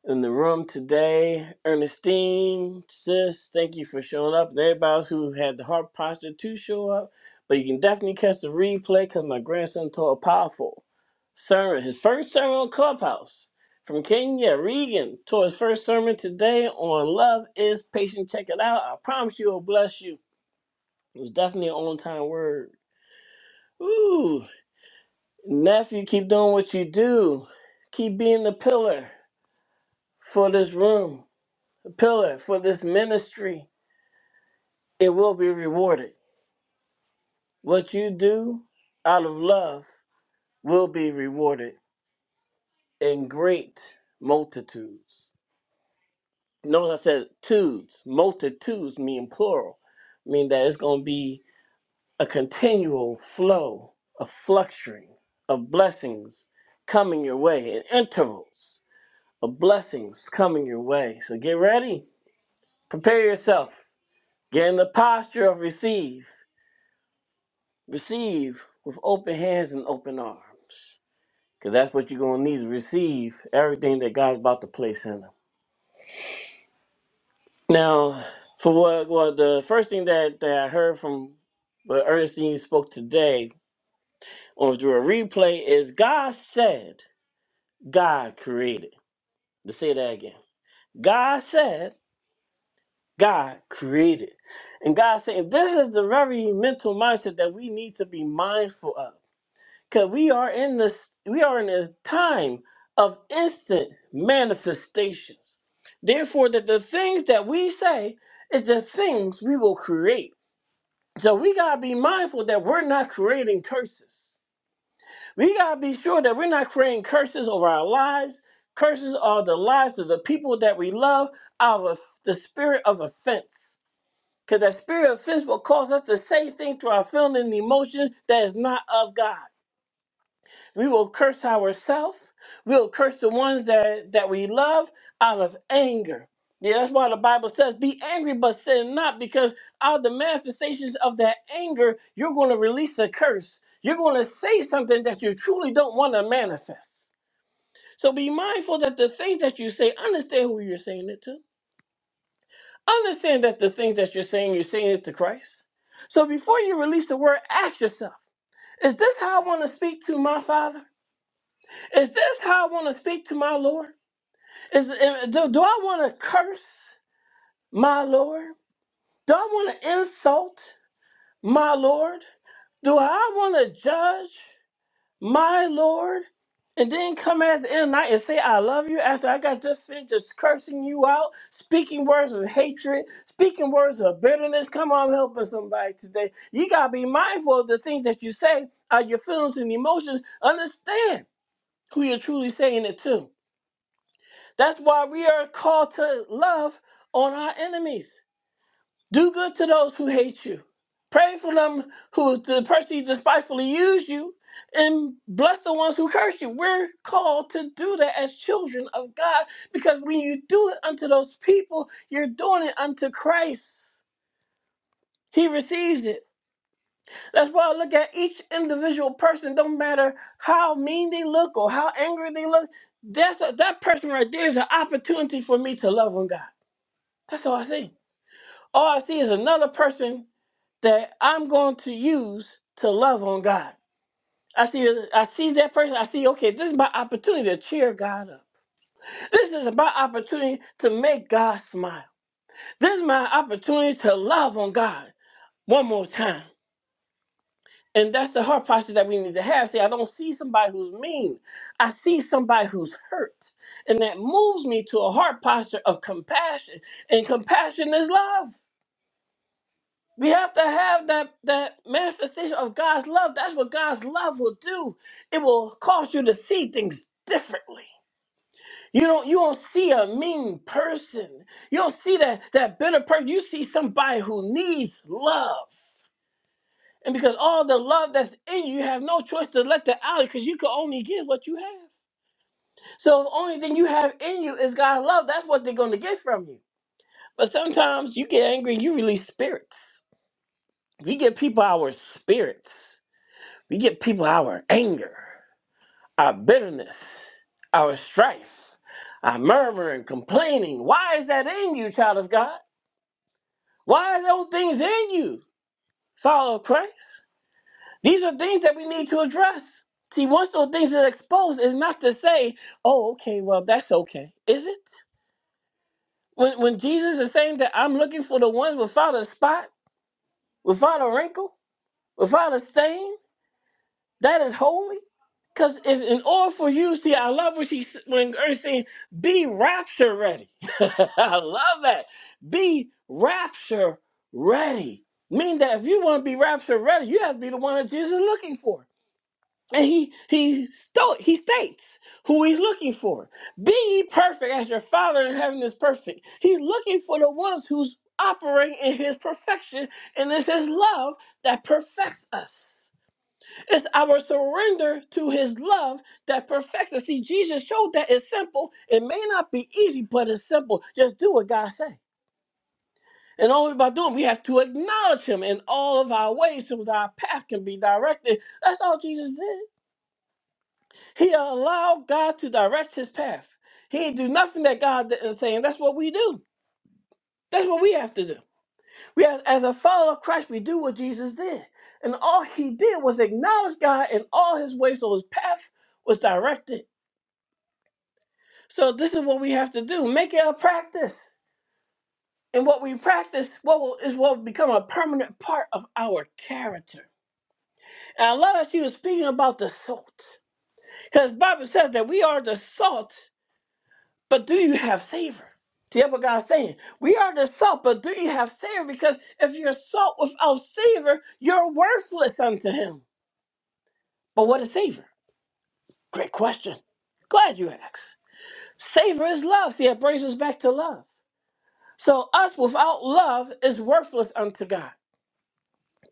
in the room today. Ernestine, sis, thank you for showing up. And everybody else who had the heart posture to show up. But you can definitely catch the replay because my grandson taught a powerful sermon, his first sermon on Clubhouse from Kenya. Regan taught his first sermon today on Love is Patient. Check it out. I promise you it'll bless you. It was definitely an on time word. Ooh, nephew, keep doing what you do. Keep being the pillar for this room the pillar for this ministry, it will be rewarded. What you do out of love will be rewarded in great multitudes. Notice I said tudes, multitudes mean plural, mean that it's going to be a continual flow of fluctuating of blessings coming your way in intervals of blessings coming your way. So get ready, prepare yourself, get in the posture of receive receive with open hands and open arms. Because that's what you're going to need to receive everything that God's about to place in them. Now, for what, what the first thing that, that I heard from what Ernestine spoke today on through a replay is God said, God created. Let's say that again. God said, God created. And God said, and this is the very mental mindset that we need to be mindful of. Cause we are in this we are in a time of instant manifestations. Therefore, that the things that we say is the things we will create. So we gotta be mindful that we're not creating curses. We gotta be sure that we're not creating curses over our lives, curses are the lives of the people that we love, out of the spirit of offense. Because that spirit of offense will cause us to say things to our feelings and emotions that is not of God. We will curse ourselves. We'll curse the ones that, that we love out of anger. Yeah, that's why the Bible says, be angry but sin not, because out of the manifestations of that anger, you're going to release a curse. You're going to say something that you truly don't want to manifest. So be mindful that the things that you say, understand who you're saying it to. Understand that the things that you're saying, you're saying it to Christ. So before you release the word, ask yourself, is this how I want to speak to my Father? Is this how I want to speak to my Lord? Is do, do I want to curse my Lord? Do I want to insult my Lord? Do I want to judge my Lord? And then come at the end of the night and say, I love you after I got just finished just cursing you out, speaking words of hatred, speaking words of bitterness. Come on, I'm helping somebody today. You got to be mindful of the things that you say, of your feelings and emotions. Understand who you're truly saying it to. That's why we are called to love on our enemies. Do good to those who hate you. Pray for them who the person who despitefully use you, and bless the ones who curse you. We're called to do that as children of God, because when you do it unto those people, you're doing it unto Christ. He receives it. That's why I look at each individual person. Don't matter how mean they look or how angry they look. That's a, that person right there is an opportunity for me to love on God. That's all I see. All I see is another person that I'm going to use to love on God. I see I see that person. I see, okay, this is my opportunity to cheer God up. This is my opportunity to make God smile. This is my opportunity to love on God one more time. And that's the heart posture that we need to have. See, I don't see somebody who's mean. I see somebody who's hurt. And that moves me to a heart posture of compassion. And compassion is love. We have to have that that manifestation of God's love. That's what God's love will do. It will cause you to see things differently. You don't you don't see a mean person. You don't see that that bitter person. You see somebody who needs love. And because all the love that's in you, you have no choice to let that out because you can only give what you have. So the only thing you have in you is God's love. That's what they're going to get from you. But sometimes you get angry and you release spirits. We give people our spirits. We get people our anger, our bitterness, our strife, our murmuring, complaining. Why is that in you, child of God? Why are those things in you, follow Christ? These are things that we need to address. See, once those things are exposed, it's not to say, oh, okay, well, that's okay. Is it? When, when Jesus is saying that I'm looking for the ones without a spot, without a wrinkle, without a stain, That is holy. Because if in order for you, see, I love what she when Gert's saying, be rapture ready. [laughs] I love that. Be rapture ready. Meaning that if you want to be rapture ready, you have to be the one that Jesus is looking for. And he he sto- he states who he's looking for. Be ye perfect as your father in heaven is perfect. He's looking for the ones who's operating in his perfection, and it's his love that perfects us. It's our surrender to his love that perfects us. See, Jesus showed that it's simple. It may not be easy, but it's simple. Just do what God says. And only by doing, we have to acknowledge him in all of our ways so that our path can be directed. That's all Jesus did. He allowed God to direct his path. He didn't do nothing that God didn't say, and that's what we do. That's what we have to do. We have, as a follower of Christ, we do what Jesus did. And all he did was acknowledge God in all his ways so his path was directed. So this is what we have to do: make it a practice, and what we practice, what will, is what will become a permanent part of our character. And I love that you were speaking about the salt, because Bible says that we are the salt, but do you have savor? See that's what God's saying. We are the salt, but do you have savor? Because if you're salt without savor, you're worthless unto Him. But what is savor? Great question. Glad you asked. Savor is love. See, that brings us back to love. So, us without love is worthless unto God.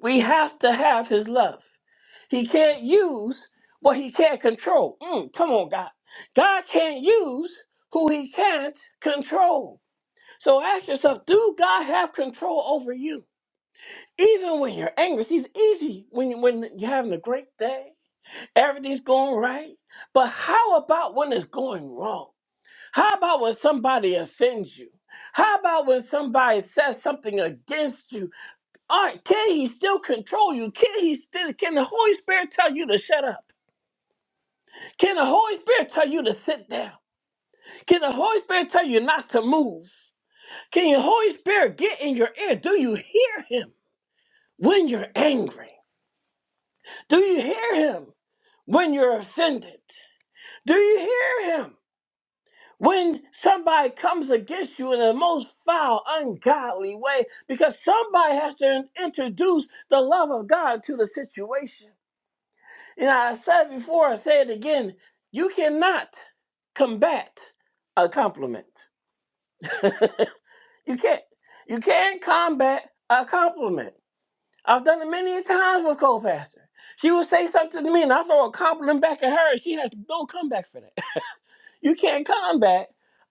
We have to have His love. He can't use what He can't control. Mm, come on, God. God can't use who He can't control. So, ask yourself do God have control over you? Even when you're angry, He's easy when, when you're having a great day, everything's going right. But how about when it's going wrong? How about when somebody offends you? How about when somebody says something against you? All right, can he still control you? Can he still can the Holy Spirit tell you to shut up? Can the Holy Spirit tell you to sit down? Can the Holy Spirit tell you not to move? Can your Holy Spirit get in your ear? Do you hear him when you're angry? Do you hear him when you're offended? Do you hear him when somebody comes against you in the most foul, ungodly way, because somebody has to introduce the love of God to the situation. And I said before, I say it again, you cannot combat a compliment. You can't. You can't combat a compliment. I've done it many times with co-pastor. She will say something to me and I throw a compliment back at her. and She has no comeback for that. You can't combat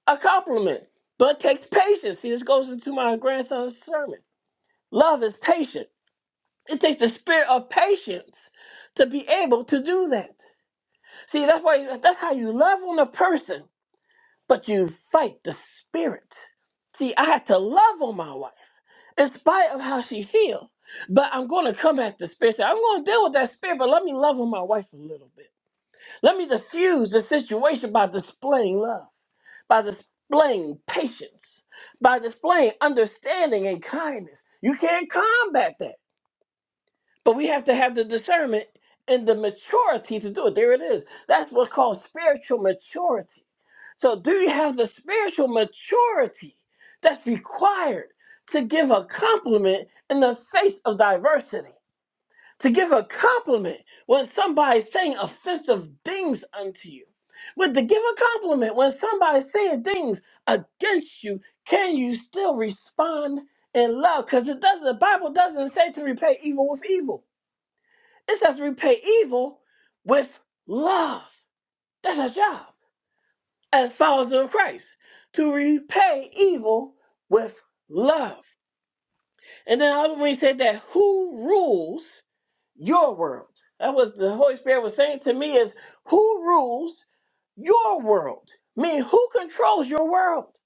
a compliment, but it takes patience. See, this goes into my grandson's sermon. Love is patient. It takes the spirit of patience to be able to do that. See, that's why that's how you love on a person, but you fight the spirit. See, I had to love on my wife in spite of how she feels. But I'm going to come at the spirit. Say, I'm going to deal with that spirit, but let me love on my wife a little bit. Let me diffuse the situation by displaying love, by displaying patience, by displaying understanding and kindness. You can't combat that, but we have to have the discernment and the maturity to do it. There it is. That's what's called spiritual maturity. So, do you have the spiritual maturity that's required to give a compliment in the face of diversity? to give a compliment when somebody's saying offensive things unto you. But to give a compliment when somebody's saying things against you, can you still respond in love? Because it doesn't the Bible doesn't say to repay evil with evil. It says repay evil with love. That's our job as followers of Christ. To repay evil with love. And then I- when he said that who rules your world. That's what the Holy Spirit was saying to me is who rules your world? I mean, who controls your world?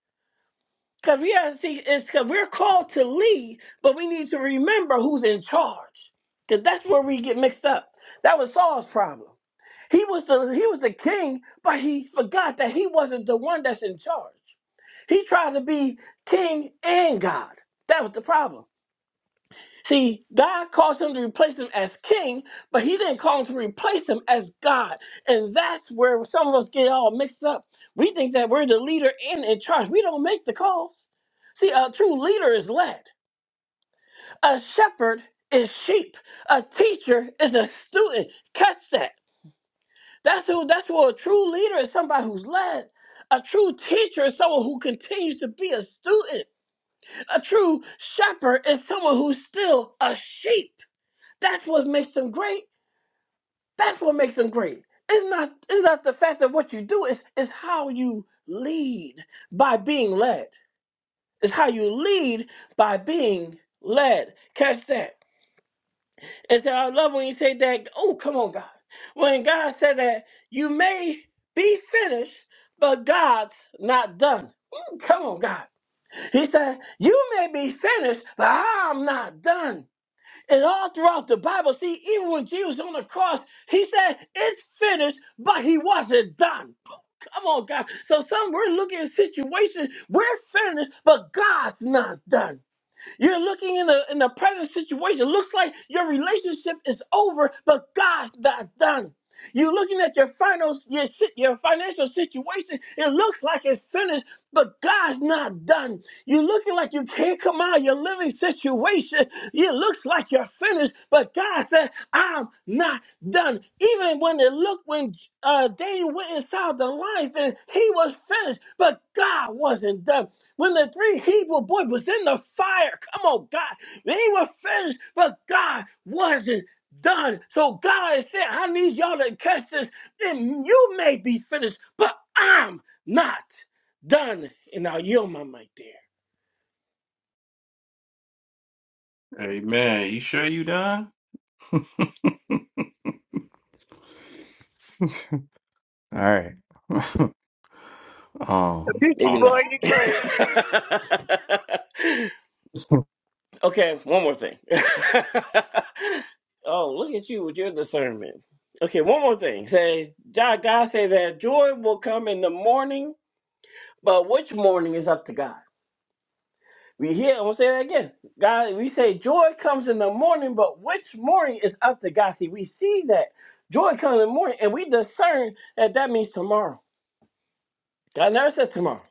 Because we have to see, it's because we're called to lead, but we need to remember who's in charge. Because that's where we get mixed up. That was Saul's problem. He was the he was the king, but he forgot that he wasn't the one that's in charge. He tried to be king and God. That was the problem. See, God calls him to replace him as king, but he didn't call him to replace him as God. And that's where some of us get all mixed up. We think that we're the leader and in charge. We don't make the calls. See, a true leader is led. A shepherd is sheep. A teacher is a student. Catch that. That's who that's who a true leader is somebody who's led. A true teacher is someone who continues to be a student. A true shepherd is someone who's still a sheep. That's what makes them great. That's what makes them great. It's not it's not the fact of what you do, it's, it's how you lead by being led. It's how you lead by being led. Catch that. And so I love when you say that, oh come on, God. When God said that you may be finished, but God's not done. Ooh, Come on, God. He said, You may be finished, but I'm not done. And all throughout the Bible, see, even when Jesus on the cross, he said, It's finished, but he wasn't done. Come on, God. So some we're looking at situations, we're finished, but God's not done. You're looking in the in the present situation. Looks like your relationship is over, but God's not done. You're looking at your final, your, si- your financial situation. It looks like it's finished, but God's not done. You're looking like you can't come out of your living situation. It looks like you're finished, but God said, "I'm not done." Even when it looked when uh, Daniel went inside the lion's den, he was finished, but God wasn't done. When the three Hebrew boys was in the fire, come on, God, they were finished, but God wasn't done. So God is saying, I need y'all to catch this. Then you may be finished, but I'm not done. And I'll are my mic there.
Amen. you sure you done? All right. Um,
Maybe
boy,
not.
you crazy.
[laughs] okay, one more thing. [laughs] oh, look at you with your discernment. Okay, one more thing. Say, God God say that joy will come in the morning, but which morning is up to God? We hear, I'm gonna say that again. God, we say joy comes in the morning, but which morning is up to God? See, we see that joy comes in the morning, and we discern that that means tomorrow. God never said tomorrow.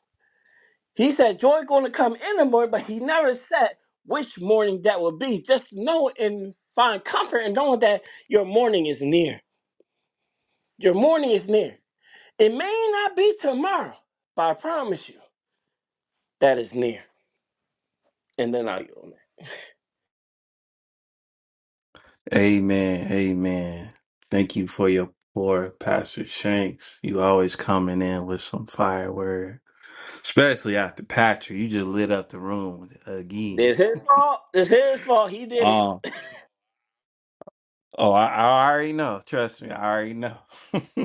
He said joy going to come in the morning, but He never said which morning that will be. Just know and find comfort in knowing that your morning is near. Your morning is near. It may not be tomorrow, but I promise you that is near. And then I'll yield.
amen, amen. Thank you for your pour, Pastor Shanks. You always coming in with some fire word, especially after Patrick. You just lit up the room again.
This his fault. It's his fault. He did it.
Um, oh, I, I already know. Trust me, I already know. [laughs]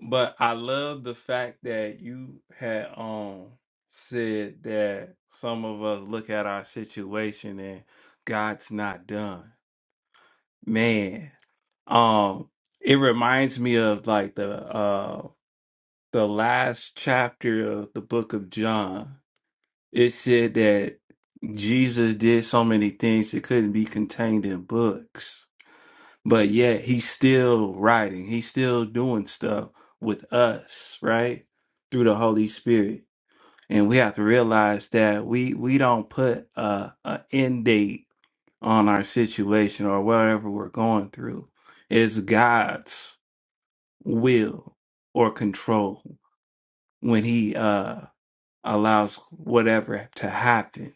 but I love the fact that you had um said that some of us look at our situation and God's not done. Man, um, it reminds me of like the uh the last chapter of the book of John. It said that Jesus did so many things that couldn't be contained in books, but yet he's still writing, he's still doing stuff with us, right? Through the Holy Spirit. And we have to realize that we we don't put a, a end date on our situation or whatever we're going through is God's will or control when he uh allows whatever to happen.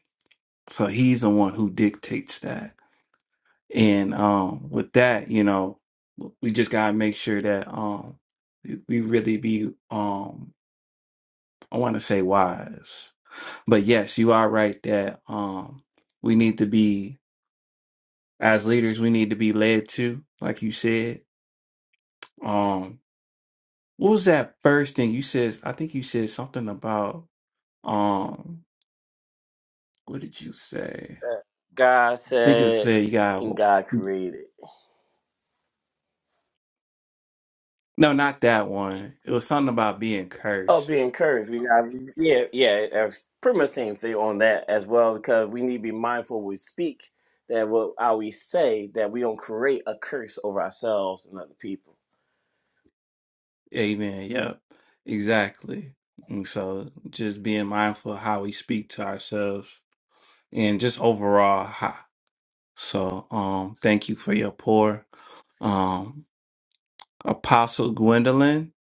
So he's the one who dictates that. And um with that, you know, we just got to make sure that um we, we really be um I want to say wise. But yes, you are right that um we need to be as leaders we need to be led to like you said. Um What was that first thing you said? I think you said something about um. What did you say? I
God
think it
said
said you got
and God created.
no, not that one. It was something about being
Oh, be
cursed.
encouraged. We got yeah, yeah. uh, Pretty much same thing on that as well because we need to be mindful we speak that what how we say that we don't create a curse over ourselves and other people.
Amen. Yep. Exactly. And so, just being mindful of how we speak to ourselves, and just overall. How, so, um, thank you for your pour, um, Apostle Gwendolyn.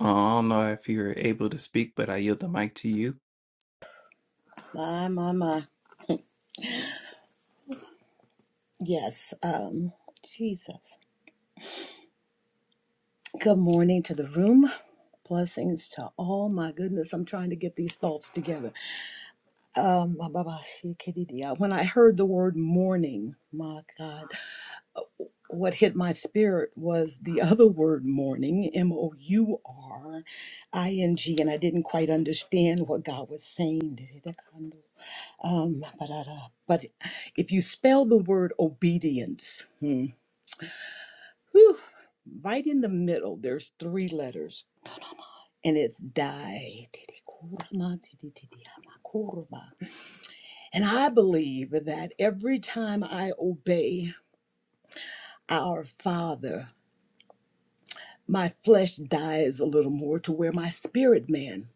Uh, I don't know if you're able to speak, but I yield the mic to you.
My, my, my. Yes. Um, Jesus. Good morning to the room. Blessings to all. My goodness, I'm trying to get these thoughts together. Um, ba, ba, ba, she, kitty, dee, ah. when I heard the word morning, my God, what hit my spirit was the other word morning, M O U R I N G, and I didn't quite understand what God was saying. Um, ba, da, da. but if you spell the word obedience, hmm, Right in the middle, there's three letters, and it's die. And I believe that every time I obey our Father, my flesh dies a little more to where my spirit man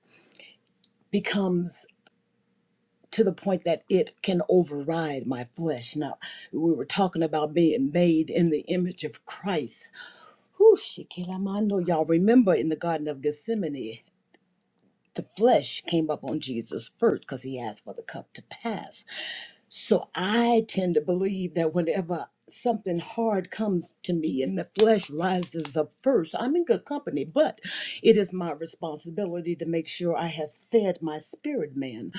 becomes to the point that it can override my flesh. Now, we were talking about being made in the image of Christ. Whew, Shekinah, I know y'all remember in the Garden of Gethsemane. the flesh came up on Jesus first because he asked for the cup to pass. So I tend to believe that whenever something hard comes to me and the flesh rises up first, I'm in good company, but it is my responsibility to make sure I have fed my spirit man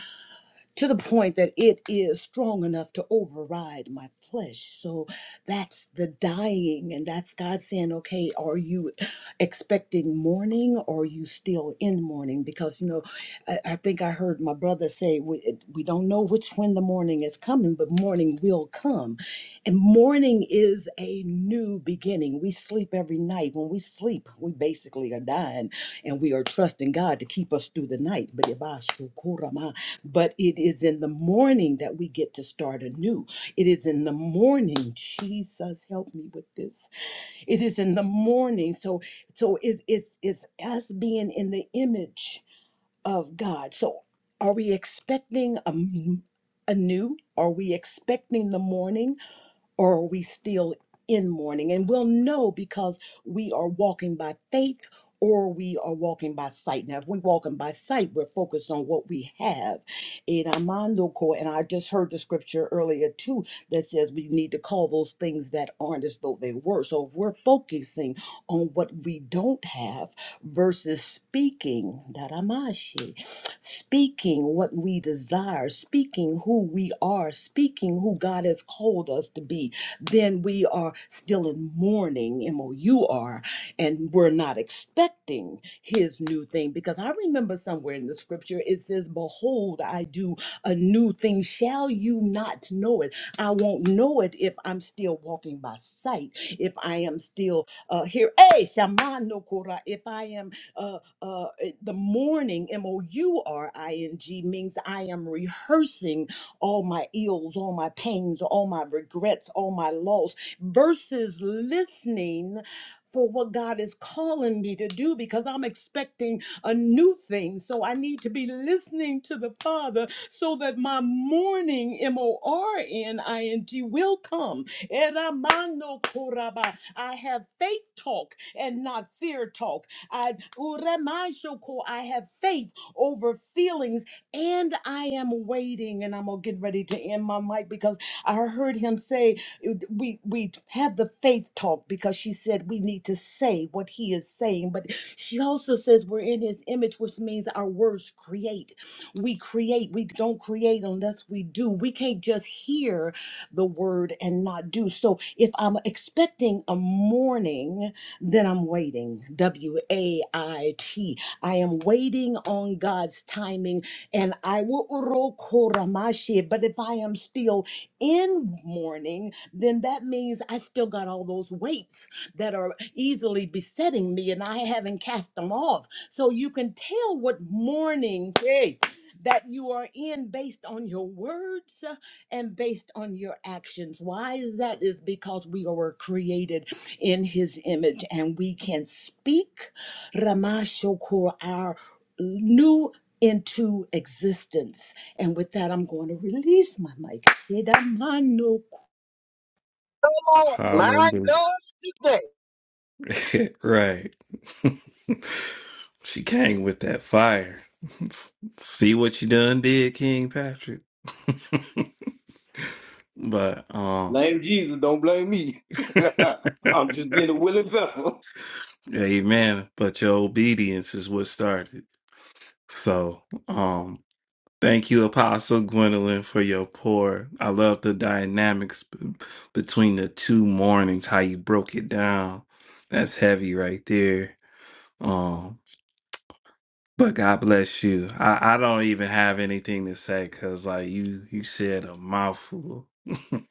to the point that it is strong enough to override my flesh. So that's the dying, and that's God saying, okay, are you expecting mourning or are you still in mourning? Because, you know, I, I think I heard my brother say, we, we don't know which when the morning is coming, but morning will come. And morning is a new beginning. We sleep every night. When we sleep, we basically are dying and we are trusting God to keep us through the night. But but it is in the morning that we get to start anew. It is in the morning. Jesus, help me with this. It is in the morning. So, so it, it's it's us being in the image of God. So, are we expecting a m- anew? Are we expecting the morning? or are we still in mourning? And we'll know because we are walking by faith or we are walking by sight. Now, if we're walking by sight, we're focused on what we have. In Amando Ko, And I just heard the scripture earlier too that says we need to call those things that aren't as though they were. So if we're focusing on what we don't have versus speaking, speaking what we desire, speaking who we are, speaking who God has called us to be, then we are still in mourning, M O U R, and we're not expecting His new thing. Because I remember somewhere in the scripture it says, Behold, I do a new thing. Shall you not know it? I won't know it if I'm still walking by sight, if I am still uh, here. Hey, Shamano Kora, if I am. uh, uh, the morning, M O U R I N G, means I am rehearsing all my ills, all my pains, all my regrets, all my loss, versus listening for what God is calling me to do because I'm expecting a new thing. So I need to be listening to the Father so that my morning, M O R N I N G, will come. Eramano koraba. I have faith talk and not fear talk. I, Uremanshoku, I have faith over feelings and I am waiting. And I'm going to get ready to end my mic because I heard him say, it- we, we had the faith talk because she said we need to say what he is saying. But she also says we're in his image, which means our words create. We create. We don't create unless we do. We can't just hear the word and not do. So if I'm expecting a morning, then I'm waiting. W A I T. I am waiting on God's timing, and I will. urokoramashi. But if I am still in mourning, then that means I still got all those weights that are easily besetting me, and I haven't cast them off. So you can tell what mourning. Hey that you are in based on your words uh, and based on your actions. Why is that? Is because we were created in his image and we can speak Ramashokur, our new into existence. And with that, I'm going to release my mic. Shedamano.
Come on. My
Hallelujah.
God. today.
[laughs] right. [laughs] she came with that fire. [laughs] See what you done did, King Patrick. [laughs] but um
Blame Jesus, don't blame me.
[laughs]
[laughs] I'm just being a willing vessel.
amen. But your obedience is what started. So um thank you, Apostle Gwendolyn, for your pour. I love the dynamics b- between the two mornings, how you broke it down. That's heavy right there. Um, But God bless you. I, I don't even have anything to say because like you you said a mouthful. [laughs]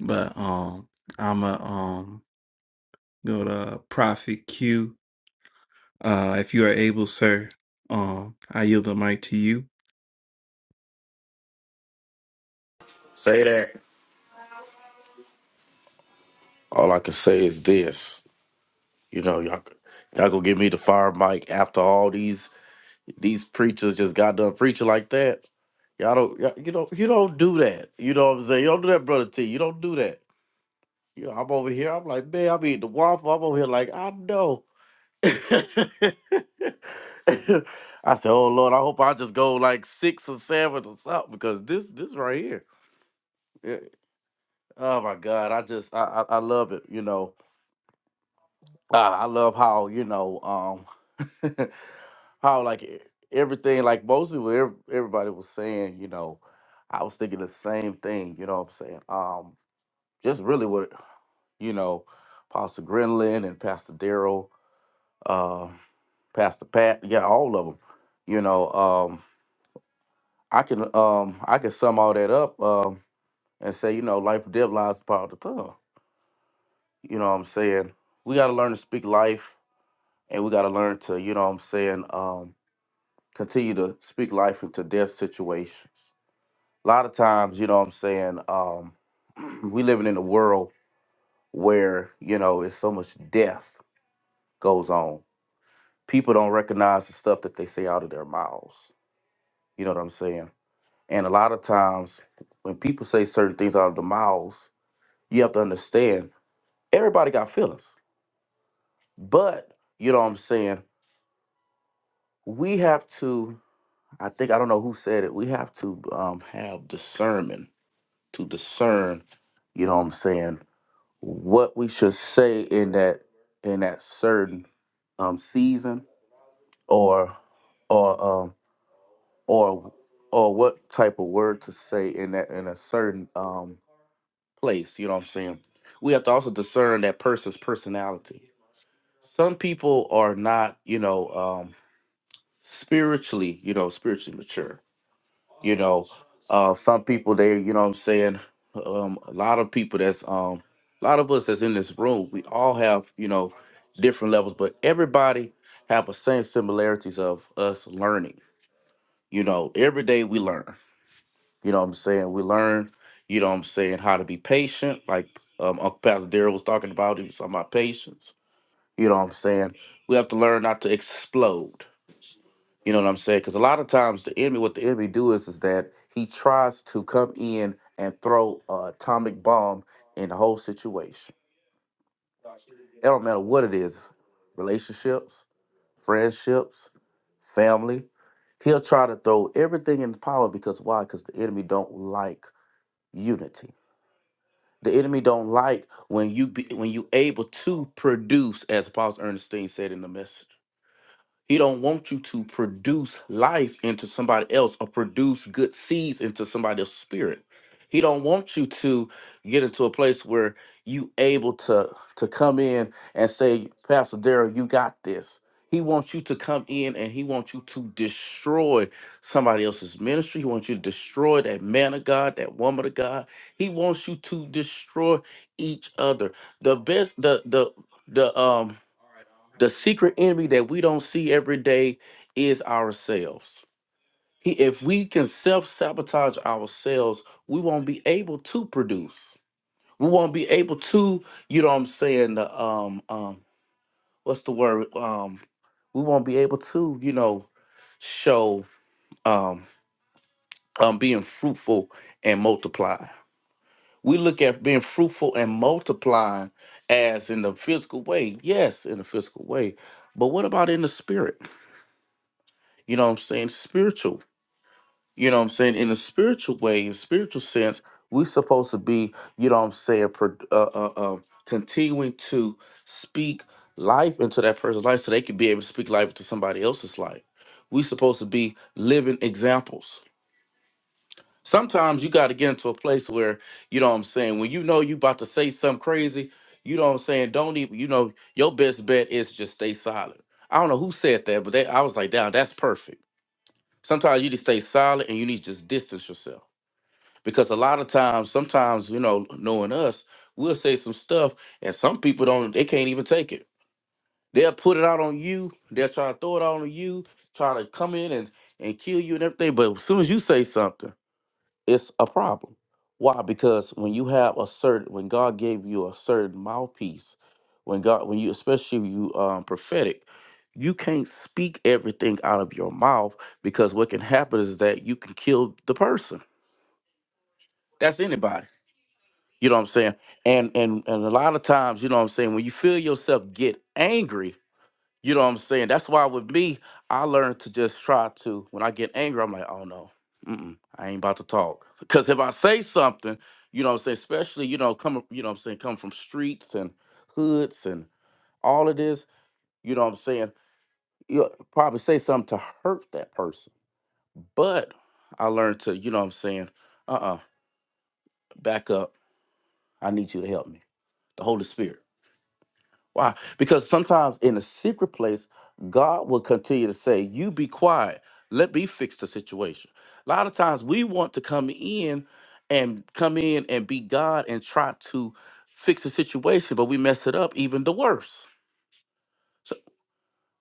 but um I'm a um go to Prophet Q. Uh if you are able, sir, um I yield the mic to you.
Say that. All I can say is this. You know, y'all y'all gonna give me the fire mic after all these these preachers just got done preaching like that. Y'all don't y'all, you know you don't do that. You know what I'm saying? You don't do that, brother T. You don't do that. You know, I'm over here, I'm like, man, I'm eating the waffle. I'm over here like, I know. [laughs] I said, oh Lord, I hope I just go like six or seven or something because this this right here. Yeah. Oh my God, I just I I, I love it, you know. Ah, I love how you know um [laughs] how like e- everything like mostly what ev- everybody was saying. You know, I was thinking the same thing. You know what I'm saying? Um, just really what you know, Pastor Grinlin and Pastor Daryl, uh, Pastor Pat, yeah, all of them. You know, um, I can um I can sum all that up um and say you know life and death lies in the power of the tongue. You know what I'm saying? We got to learn to speak life, and we got to learn to you know what I'm saying. Um, continue to speak life into their situations. A lot of times, you know what I'm saying, um, [clears throat] we living in a world where, you know, it's so much death goes on. People don't recognize the stuff that they say out of their mouths. You know what I'm saying? And a lot of times when people say certain things out of their mouths, you have to understand everybody got feelings. But, you know what I'm saying, we have to, I think, I don't know who said it, we have to um, have discernment to discern, you know what I'm saying, what we should say in that in that certain um season or or um or or what type of word to say in that in a certain um place, you know what I'm saying? We have to also discern that person's personality. Some people are not, you know, um spiritually, you know, spiritually mature You know, uh, some people they, you know what I'm saying, um, a lot of people that's um a lot of us that's in this room, we all have, you know, different levels, but everybody have the same similarities of us learning. You know, every day we learn. You know what I'm saying? We learn, you know what I'm saying, how to be patient, like um Uncle Pastor Darrell was talking about, he was talking about patience. You know what I'm saying? We have to learn not to explode. You know what I'm saying? Because a lot of times the enemy, what the enemy do is, is that he tries to come in and throw a atomic bomb in the whole situation. It don't matter what it is, relationships, friendships, family. He'll try to throw everything in power because why? Because the enemy don't like unity. The enemy don't like when you be, when you able to produce, as Apostle Ernestine said in the message. He don't want you to produce life into somebody else or produce good seeds into somebody else's spirit. He don't want you to get into a place where you able to to come in and say, Pastor Daryl, you got this. He wants you to come in and he wants you to destroy somebody else's ministry. He wants you to destroy that man of God, that woman of God. He wants you to destroy each other. The best, the the the um the secret enemy that we don't see every day is ourselves. He, if we can self sabotage ourselves, we won't be able to produce. We won't be able to, you know what I'm saying, the, um, um, what's the word? Um, we won't be able to, you know, show um, um, being fruitful and multiply. We look at being fruitful and multiplying as in the physical way, yes, in the physical way, but what about in the spirit? You know what I'm saying? Spiritual. You know what I'm saying? In a spiritual way, in spiritual sense, we supposed to be, you know what I'm saying, pro- uh, uh, uh, continuing to speak life into that person's life so they can be able to speak life into somebody else's life. We supposed to be living examples. Sometimes you got to get into a place where, you know what I'm saying, when you know you about to say something crazy, you know what I'm saying, don't even, you know, your best bet is just stay silent. I don't know who said that, but they, I was like, damn, that's perfect Sometimes you need to stay silent and you need to just distance yourself. Because a lot of times, sometimes, you know, knowing us, we'll say some stuff and some people don't, they can't even take it. They'll put it out on you. They'll try to throw it out on you, try to come in and, and kill you and everything. But as soon as you say something, it's a problem. Why? Because when you have a certain, when God gave you a certain mouthpiece, when God, when you, especially if you um, prophetic, you can't speak everything out of your mouth because what can happen is that you can kill the person. That's anybody. You know what I'm saying? And and and a lot of times, you know what I'm saying, when you feel yourself get angry, you know what I'm saying? That's why with me, I learned to just try to. When I get angry, I'm like, oh no, mm-mm, I ain't about to talk. Because if I say something, you know what I'm saying, especially you know coming, you know what I'm saying, come from streets and hoods and all of this, you know what I'm saying. You probably say something to hurt that person. But I learned to, you know what I'm saying, uh-uh, back up. I need you to help me. The Holy Spirit. Why? Because sometimes in a secret place, God will continue to say, You be quiet. Let me fix the situation. A lot of times we want to come in and come in and be God and try to fix the situation, but we mess it up even the worse.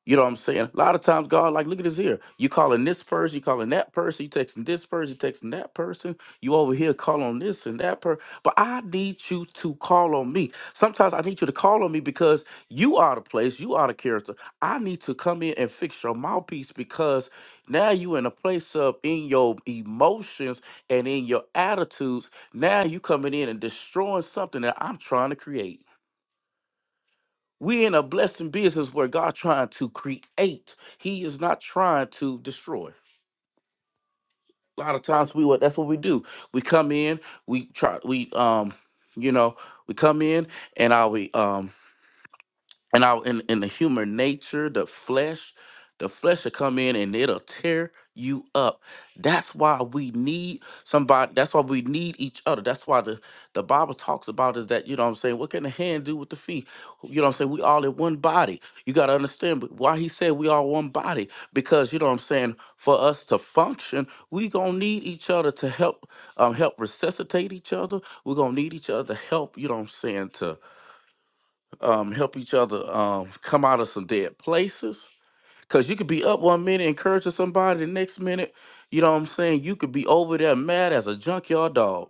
You know what I'm saying? A lot of times, God, like, look at this here. You calling this person, you calling that person, you texting this person, you texting that person. You over here calling on this and that person. But I need you to call on me. Sometimes I need you to call on me because you are the place, you are the character. I need to come in and fix your mouthpiece because now you in a place of in your emotions and in your attitudes. Now you coming in and destroying something that I'm trying to create. We in a blessing business where God trying to create. He is not trying to destroy. A lot of times we what that's what we do. We come in, we try we um, you know, we come in and I we um and our in, in the human nature, the flesh, the flesh will come in and it'll tear you up. That's why we need somebody. That's why we need each other. That's why the, the Bible talks about is that, you know what I'm saying? What can the hand do with the feet? You know what I'm saying? We all in one body. You got to understand but why he said we all one body. Because, you know what I'm saying? For us to function, we going to need each other to help um, help resuscitate each other. We're going to need each other to help, you know what I'm saying, um, help each other um, come out of some dead places. Cause you could be up one minute encouraging somebody, the next minute, you know what I'm saying? You could be over there mad as a junkyard dog.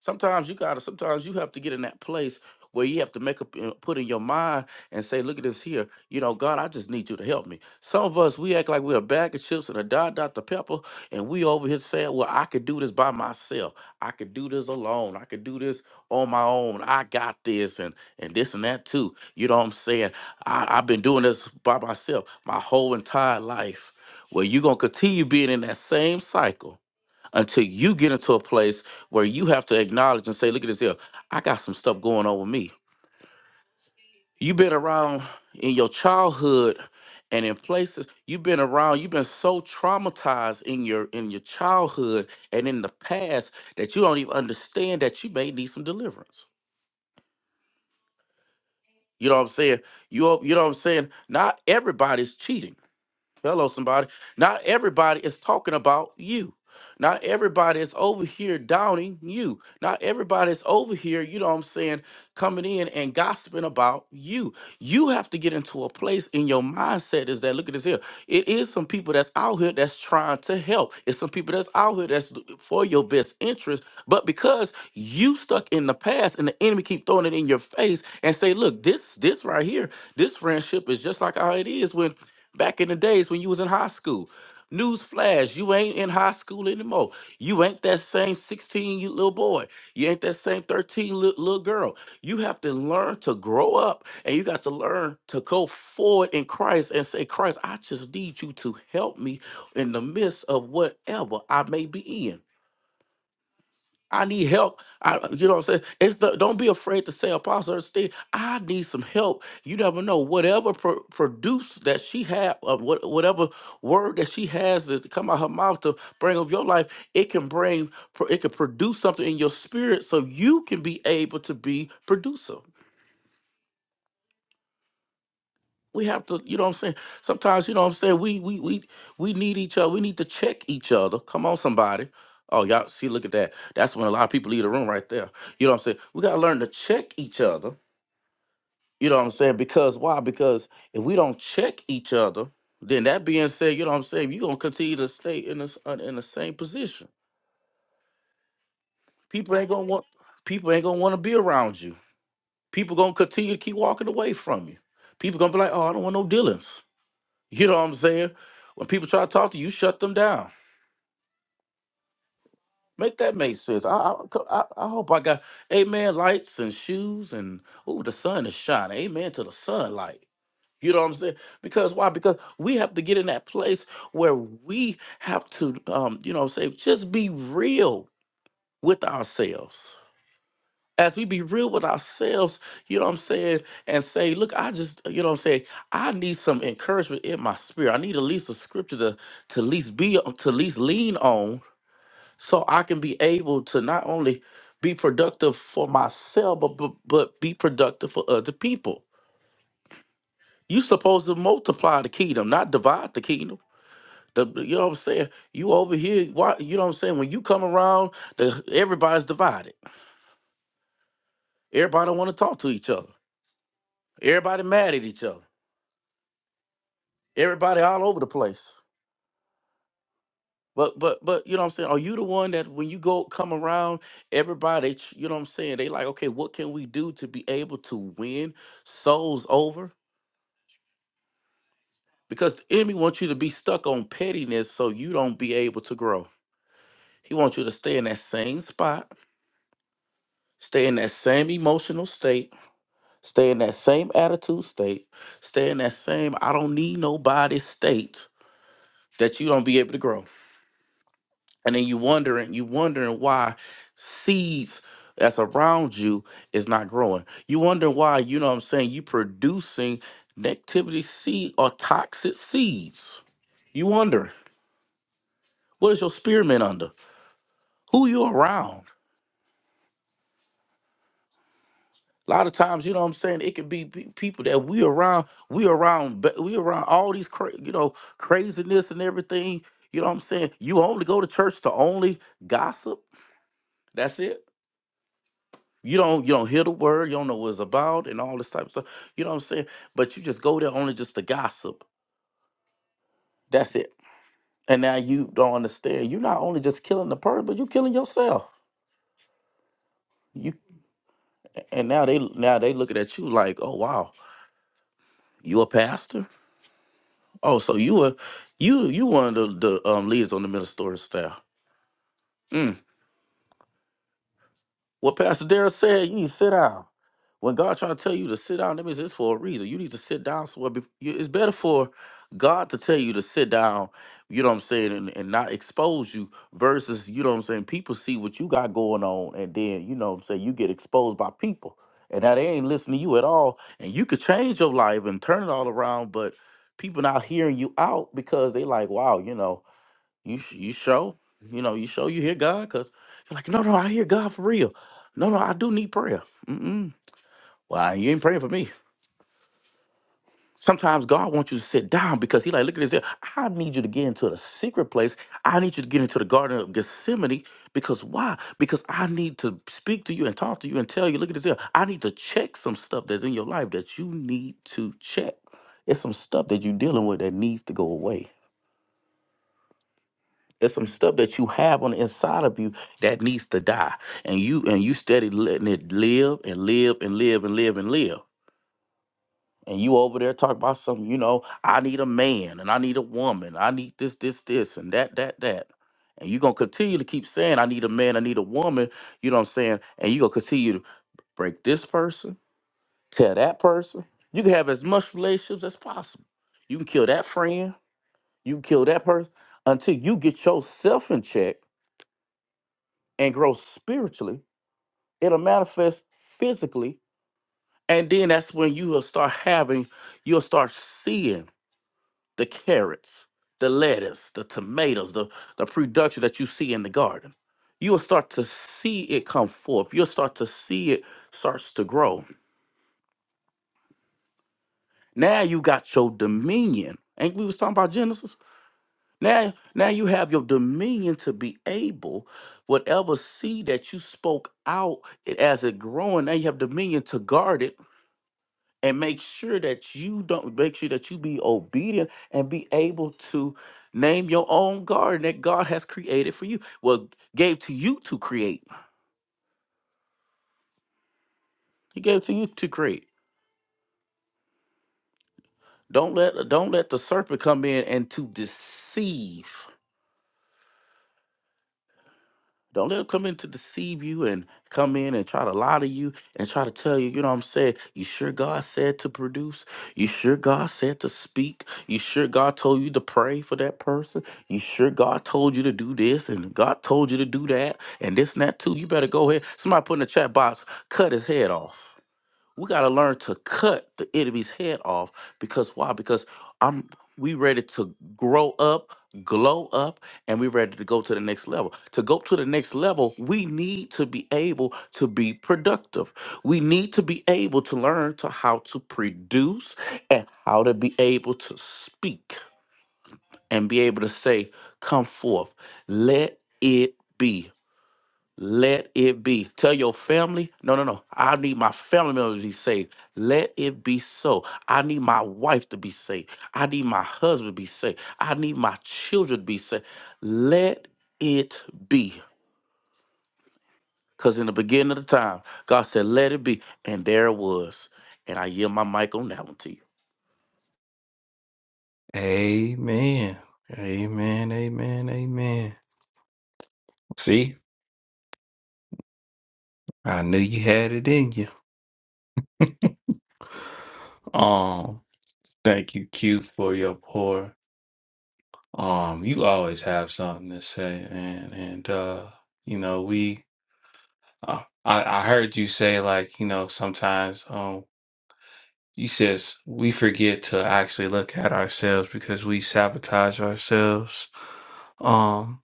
Sometimes you gotta. Sometimes you have to get in that place where you have to make up, uh, put in your mind and say, "Look at this here. You know, God, I just need you to help me." Some of us we act like we're a bag of chips and a dot Dr pepper, and we over here saying, "Well, I could do this by myself. I could do this alone. I could do this on my own. I got this, and and this and that too." You know what I'm saying? I, I've been doing this by myself my whole entire life. Well, you're gonna continue being in that same cycle until you get into a place where you have to acknowledge and say, look at this here, I got some stuff going on with me. You've been around in your childhood and in places you've been around, you've been so traumatized in your in your childhood and in the past that you don't even understand that you may need some deliverance. You know what I'm saying? You, you know what I'm saying? Not everybody's cheating Hello, somebody. Not everybody is talking about you. Not everybody is over here downing you. Not everybody is over here, you know what I'm saying, coming in and gossiping about you. You have to get into a place in your mindset is that, look at this here. It is some people that's out here that's trying to help. It's some people that's out here that's l- for your best interest. But because you stuck in the past and the enemy keep throwing it in your face and say, look, this, this right here, this friendship is just like how it is when back in the days when you was in high school. Newsflash, you ain't in high school anymore. You ain't that same 16 you little boy. You ain't that same 13 little, little girl. You have to learn to grow up and you got to learn to go forward in Christ and say, Christ, I just need you to help me in the midst of whatever I may be in. I need help. I, you know what I'm saying? It's the don't be afraid to say, Apostle Steve, I need some help. You never know. Whatever pro- produce that she had, uh, what, whatever word that she has to come out her mouth to bring up your life, it can bring, pro- it can produce something in your spirit, so you can be able to be producer. we have to you know what i'm saying sometimes you know what i'm saying we we we we need each other we need to check each other come on somebody oh y'all see look at that that's when a lot of people leave the room right there you know what i'm saying we got to learn to check each other you know what i'm saying because why because if we don't check each other then that being said you know what i'm saying you're going to continue to stay in this uh, in the same position people ain't going to want people ain't going to want to be around you people going to continue to keep walking away from you people going to be like oh i don't want no dealings You know what I'm saying? When people try to talk to you, shut them down. Make that make sense. I I, I I hope I got amen lights and shoes and oh the sun is shining. Amen to the sunlight. You know what I'm saying? Because why? Because we have to get in that place where we have to um, you know what I'm saying, just be real with ourselves. as we be real with ourselves, you know what I'm saying, and say, look, I just, you know what I'm saying, I need some encouragement in my spirit. I need at least a scripture to to at least be to at least lean on so I can be able to not only be productive for myself, but but, but be productive for other people. You supposed to multiply the kingdom, not divide the kingdom. The, you know what I'm saying? You over here, why, you know what I'm saying? When you come around, the, everybody's divided. Everybody don't want to talk to each other. Everybody mad at each other. everybody all over the place. But but but you know what I'm saying? Are you the one that when you go come around, everybody, ch- you know what I'm saying? They like, okay, what can we do to be able to win souls over? Because the enemy wants you to be stuck on pettiness so you don't be able to grow. He wants you to stay in that same spot, stay in that same emotional state, stay in that same attitude state, stay in that same I don't need nobody state that you don't be able to grow. and then you wondering you wondering why seeds that's around you is not growing you wonder why you know what i'm saying you producing negativity seed or toxic seeds you wonder what is your spearmint under who you around a lot of times you know what i'm saying it could be pe- people that we around we around ba- we around all these cra- you know craziness and everything you know what i'm saying you only go to church to only gossip that's it You don't you don't hear the word, you don't know what it's about, and all this type of stuff. You know what I'm saying? But you just go there only just to gossip. That's it. And now you don't understand. You're not only just killing the person, but you're killing yourself. You and now they now they looking at you like, oh wow, you a pastor? Oh, so you a you you one of the, the um leaders on the ministerial staff. Mm. What Pastor Darrell said, you need to sit down. When God trying to tell you to sit down, that means it's for a reason. You need to sit down somewhere. bef- you- It's better for God to tell you to sit down, you know what I'm saying, and, and not expose you versus, you know what I'm saying, people see what you got going on and then, you know what I'm saying, you get exposed by people. And now they ain't listening to you at all. And you could change your life and turn it all around, but people not hearing you out because they like, wow, you know, you sh- you show you know you show you hear God because you're like no no I hear God for real. No no I do need prayer. Mm-mm. Well you ain't praying for me. Sometimes God wants you to sit down because He like look at this. here. I need you to get into the secret place. I need you to get into the Garden of Gethsemane because why? Because I need to speak to you and talk to you and tell you. Look at this. here. I need to check some stuff that's in your life that you need to check. It's some stuff that you're dealing with that needs to go away There's some stuff that you have on the inside of you that needs to die, and you and you steady letting it live and live and live and live and live. And you over there talking about something, you know, I need a man and I need a woman. I need this, this, this, and that, that, that. And you're gonna continue to keep saying, I need a man, I need a woman, you know what I'm saying? And you're gonna continue to break this person, tell that person. You can have as much relationships as possible. You can kill that friend, you can kill that person until you get yourself in check and grow spiritually, it'll manifest physically. And then that's when you will start having, you'll start seeing the carrots, the lettuce, the tomatoes, the, the production that you see in the garden. You'll start to see it come forth. You'll start to see it starts to grow. Now you got your dominion. Ain't we was talking about Genesis? Now, now you have your dominion to be able, whatever seed that you spoke out it- as it growing, now you have dominion to guard it and make sure that you don't make sure that you be obedient and be able to name your own garden that God has created for you. Well, gave to you to create. He gave to you to create. Don't let don't let the serpent come in and to deceive. Don't let them come in to deceive you and come in and try to lie to you and try to tell you, you know what I'm saying? You sure God said to produce? You sure God said to speak? You sure God told you to pray for that person? You sure God told you to do this and God told you to do that and this and that too? You better go ahead. Somebody put in the chat box, cut his head off we got to learn to cut the enemy's head off because why because i'm we ready to grow up glow up and we ready to go to the next level to go to the next level we need to be able to be productive we need to be able to learn to how to produce and how to be able to speak and be able to say come forth let it be let it be. Tell your family, no, no, no. I need my family members to be saved. Let it be so. I need my wife to be saved. I need my husband to be saved. I need my children to be saved. Let it be. Because in the beginning of the time, God said, let it be. And there it was. And I yield my mic on that one to you.
Amen. Amen. Amen. Amen. See, I knew you had it in you. Um thank you, Q, for your pour. um you always have something to say and and uh you know we uh, i i heard you say like you know sometimes um you says we forget to actually look at ourselves because we sabotage ourselves um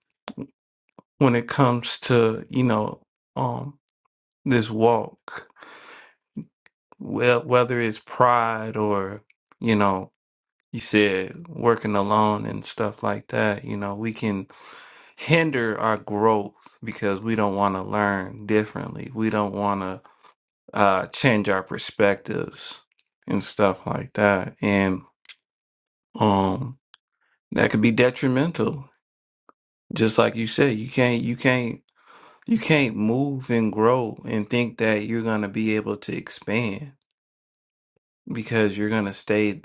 when it comes to you know um this walk well whether it's pride or you know you said working alone and stuff like that, you know, we can hinder our growth because we don't want to learn differently. We don't want to uh, change our perspectives and stuff like that. And um, that could be detrimental. Just like you said, you can't, you can't, you can't move and grow and think that you're going to be able to expand because you're going to stay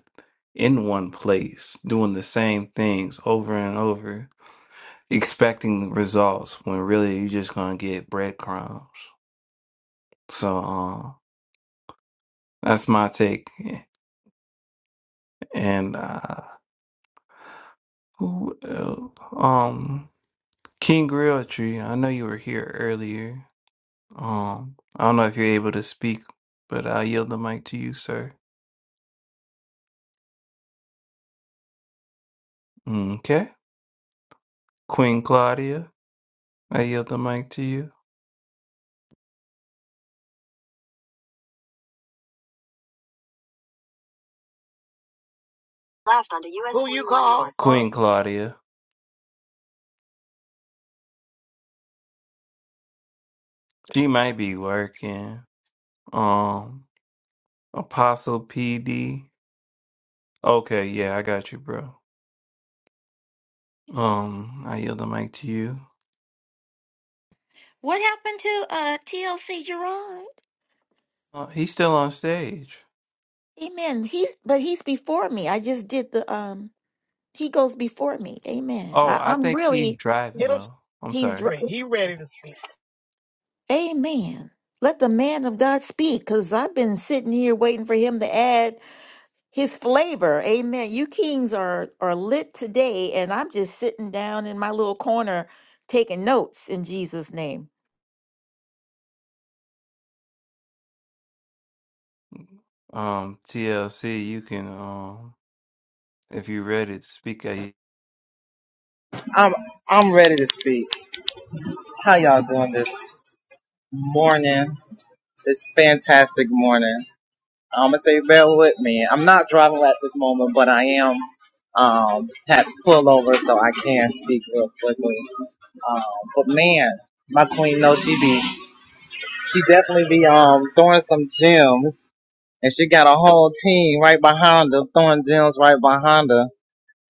in one place doing the same things over and over expecting results when really you're just gonna get breadcrumbs. So um, that's my take. And uh, who else? um King Grill Tree, I know you were here earlier. Um, I don't know if you're able to speak, but I yield the mic to you, sir. Okay, Queen Claudia, I yield the mic to you.
Last on the U.S. Who you call? Uh,
Queen Claudia, she might be working. Um, Apostle PD. Okay, yeah, I got you, bro. Um, I yield the mic to you.
What happened to uh TLC Gerard?
Uh, he's still on stage.
Amen. He's but he's before me. I just did the um. He goes before me. Amen.
Oh,
I,
I
I'm
think he's
really
driving
hit him
though. I'm
he's.
sorry.
dr-
straight. He ready to speak.
Amen. Let the man of God speak, cause I've been sitting here waiting for him to add his flavor. Amen. You kings are are lit today, and I'm just sitting down in my little corner taking notes in Jesus' name.
Um, TLC, you can um, if you are ready to speak. a-
I'm I'm ready to speak. How y'all doing this morning? This fantastic morning. I'm gonna say bear with me. I'm not driving at this moment, but I am um had to pull over so I can speak real quickly. Um, but man, my queen knows she be she definitely be um throwing some gems, and she got a whole team right behind her throwing gems right behind her.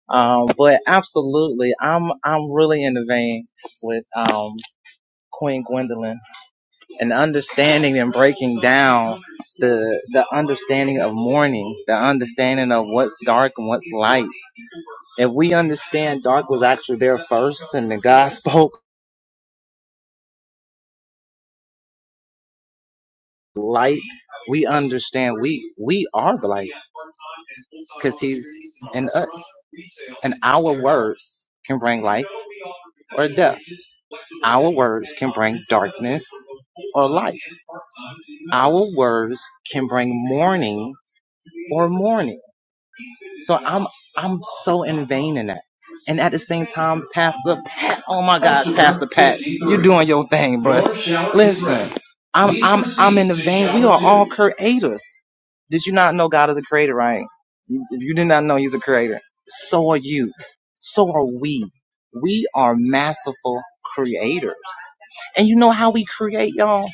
Um, but absolutely, I'm I'm really in the vein with um Queen Gwendolyn and understanding and breaking down the the understanding of mourning, the understanding of what's dark and what's light. If we understand dark was actually there first and the God spoke [laughs] light, we understand we we are the light because he's in us. And our words can bring light or death. Our words can bring darkness or light. Our words can bring mourning or mourning So I'm I'm so in vain in that. And at the same time, Pastor Pat, oh my gosh, Pastor Pat, you're doing your thing, bro. Listen, I'm I'm I'm in the vein. We are all creators. Did you not know God is a creator, right? If you did not know He's a creator. So are you. So are we. We are masterful creators. And you know how we create, y'all?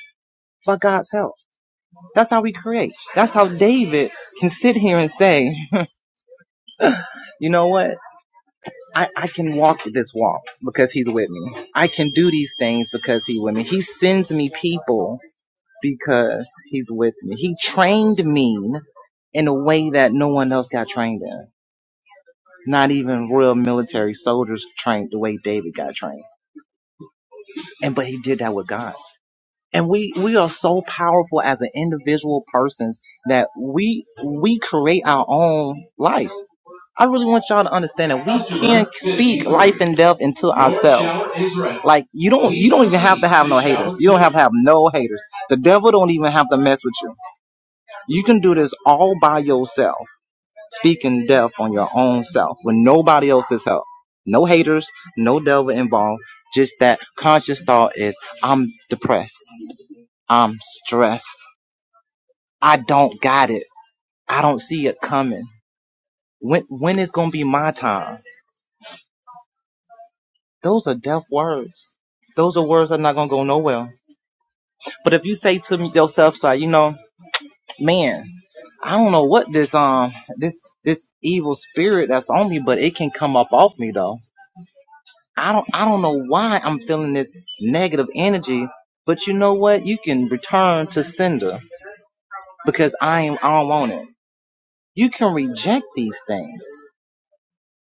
By God's help. That's how we create. That's how David can sit here and say, [laughs] you know what? I, I can walk this walk because he's with me. I can do these things because he's with me. He sends me people because he's with me. He trained me in a way that no one else got trained in. Not even royal military soldiers trained the way David got trained. And but he did that with God. And we, we are so powerful as an individual persons that we we create our own life. I really want y'all to understand that we can speak life and death into ourselves. Like you don't you don't even have to have no haters. You don't have to have no haters. The devil don't even have to mess with you. You can do this all by yourself, speaking death on your own self with nobody else's help. No haters, no devil involved. Just that conscious thought is I'm depressed. I'm stressed. I don't got it. I don't see it coming. When when is gonna be my time? Those are deaf words. Those are words that are not gonna go nowhere. But if you say to me- yourself, so you know, man, I don't know what this um this this evil spirit that's on me, but it can come up off me though. I don't I don't know why I'm feeling this negative energy, but you know what? You can return to sender because I am I don't want it. You can reject these things.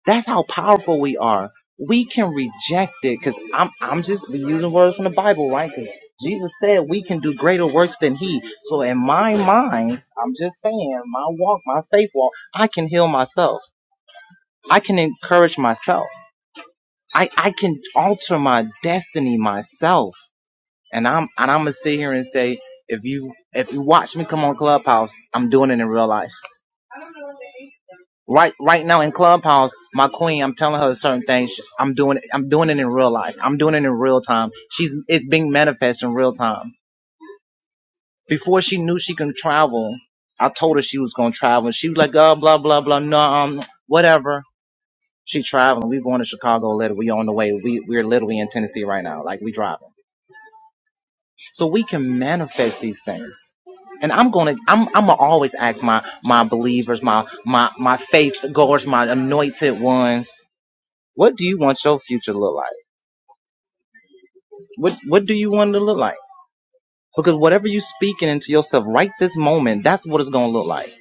That's how powerful we are. We can reject it because I'm I'm just using words from the Bible, right? Because Jesus said we can do greater works than He. So in my mind, I'm just saying, my walk, my faith walk, I can heal myself. I can encourage myself. I I can alter my destiny myself. And I'm and I'm gonna sit here and say, if you if you watch me come on Clubhouse, I'm doing it in real life. Right, right now in Clubhouse, my queen, I'm telling her certain things. Sh- I'm doing it. I'm doing it in real life. I'm doing it in real time. She's it's being manifest in real time. Before she knew she can travel, I told her she was gonna travel. She was like, oh, blah blah blah, no, um, whatever. She traveling. We going to Chicago later. We on the way. We we're literally in Tennessee right now. Like we driving. So we can manifest these things and I'm gonna I'm I'm gonna always ask my my believers, my my my faith goers, my anointed ones. What do you want your future to look like? What What do you want it to look like? Because whatever you speaking into yourself right this moment, that's what it's gonna look like.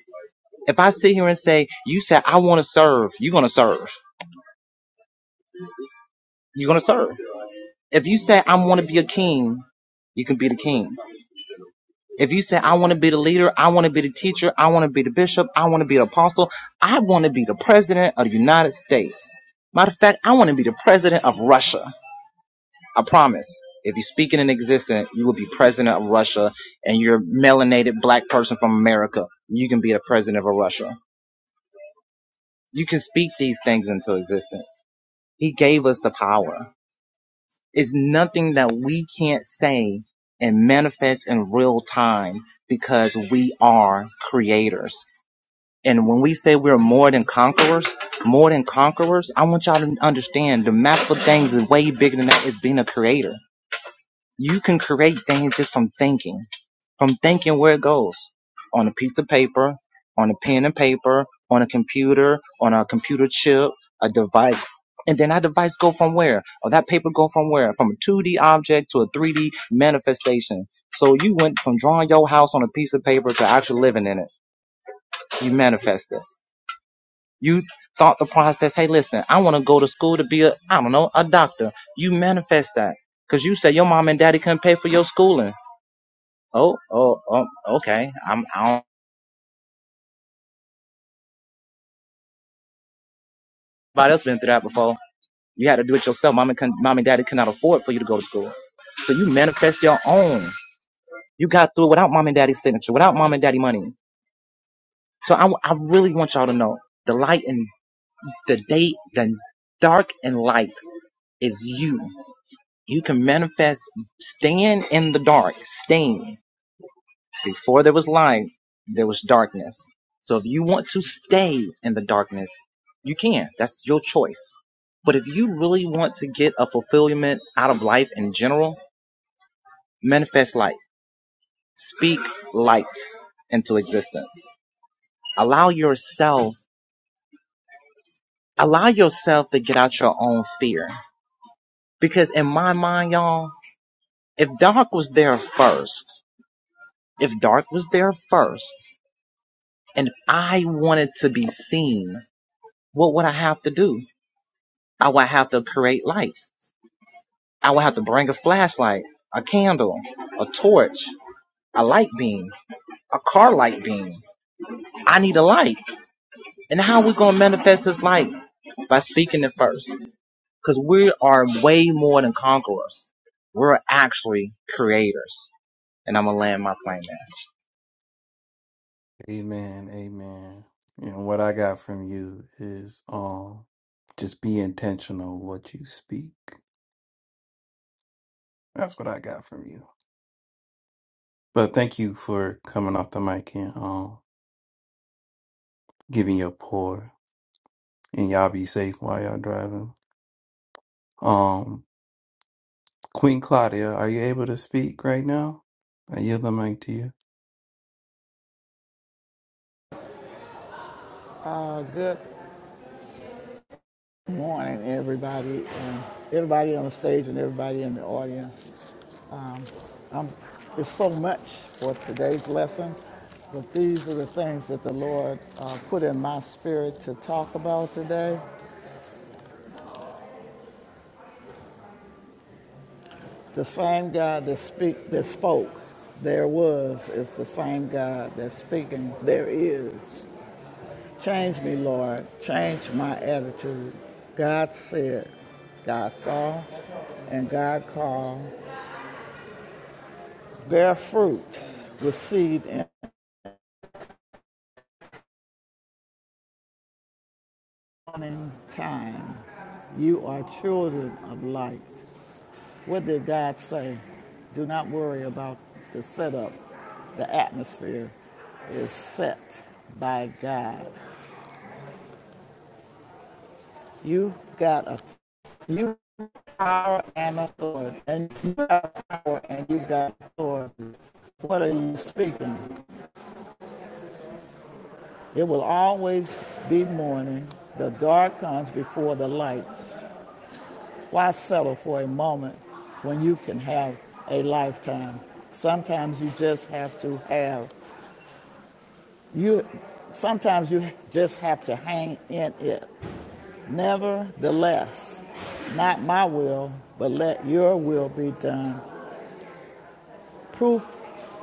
If I sit here and say, "You said I want to serve," you're gonna serve. You're gonna serve. If you say, "I want to be a king," you can be the king. If you say, "I want to be the leader," I want to be the teacher, I want to be the bishop, I want to be the apostle, I want to be the president of the United States. Matter of fact, I want to be the president of Russia. I promise. If you speak it in existence, you will be president of Russia and you're a melanated black person from America. You can be the president of Russia. You can speak these things into existence. He gave us the power. It's nothing that we can't say and manifest in real time because we are creators. And when we say we're more than conquerors, more than conquerors, I want y'all to understand the massive things is way bigger than that is being a creator. You can create things just from thinking, from thinking where it goes on a piece of paper, on a pen and paper, on a computer, on a computer chip, a device. And then that device go from where? Or that paper go from where? From a 2D object to a 3D manifestation. So you went from drawing your house on a piece of paper to actually living in it. You manifested. You thought the process, hey, listen, I want to go to school to be a, I don't know, a doctor. You manifest that. Cause you said your mom and daddy couldn't pay for your schooling. Oh, oh, oh, okay. I'm, I don't, nobody else been through that before. You had to do it yourself. Mom and, con, mom and daddy could not afford for you to go to school. So you manifest your own. You got through it without mom and daddy's signature, without mom and daddy money. So I, I really want y'all to know the light and the day, the dark and light is you. You can manifest staying in the dark, staying. Before there was light, there was darkness. So if you want to stay in the darkness, you can. That's your choice. But if you really want to get a fulfillment out of life in general, manifest light. Speak light into existence. Allow yourself, allow yourself to get out your own fear. Because in my mind, y'all, if dark was there first, if dark was there first, and I wanted to be seen, what would I have to do? I would have to create lights. I would have to bring a flashlight, a candle, a torch, a light beam, a car light beam. I need a light. And how are we going to manifest this light? By speaking it first. Because we are way more than conquerors. We're actually creators. And I'm going to land my plane there.
Amen, amen. And what I got from you is um, just be intentional what you speak. That's what I got from you. But thank you for coming off the mic and um, giving your pour. And y'all be safe while y'all driving. Um, Queen Claudia, are you able to speak right now? I yield the mic to you.
Uh, good morning, everybody, and everybody on the stage and everybody in the audience. There's so much for today's lesson, but these are the things that the Lord uh, put in my spirit to talk about today. The same God that speak that spoke, there was, is the same God that's speaking, there is. Change me, Lord. Change my attitude. God said, God saw, and God called, bear fruit with seed in morning time. You are children of light. What did God say? Do not worry about the setup. The atmosphere is set by God. You got a you power and authority, and you got power and you got authority. What are you speaking? It will always be morning. The dark comes before the light. Why settle for a moment when you can have a lifetime? Sometimes you just have to have you sometimes you just have to hang in it. Nevertheless, not my will, but let your will be done. Proof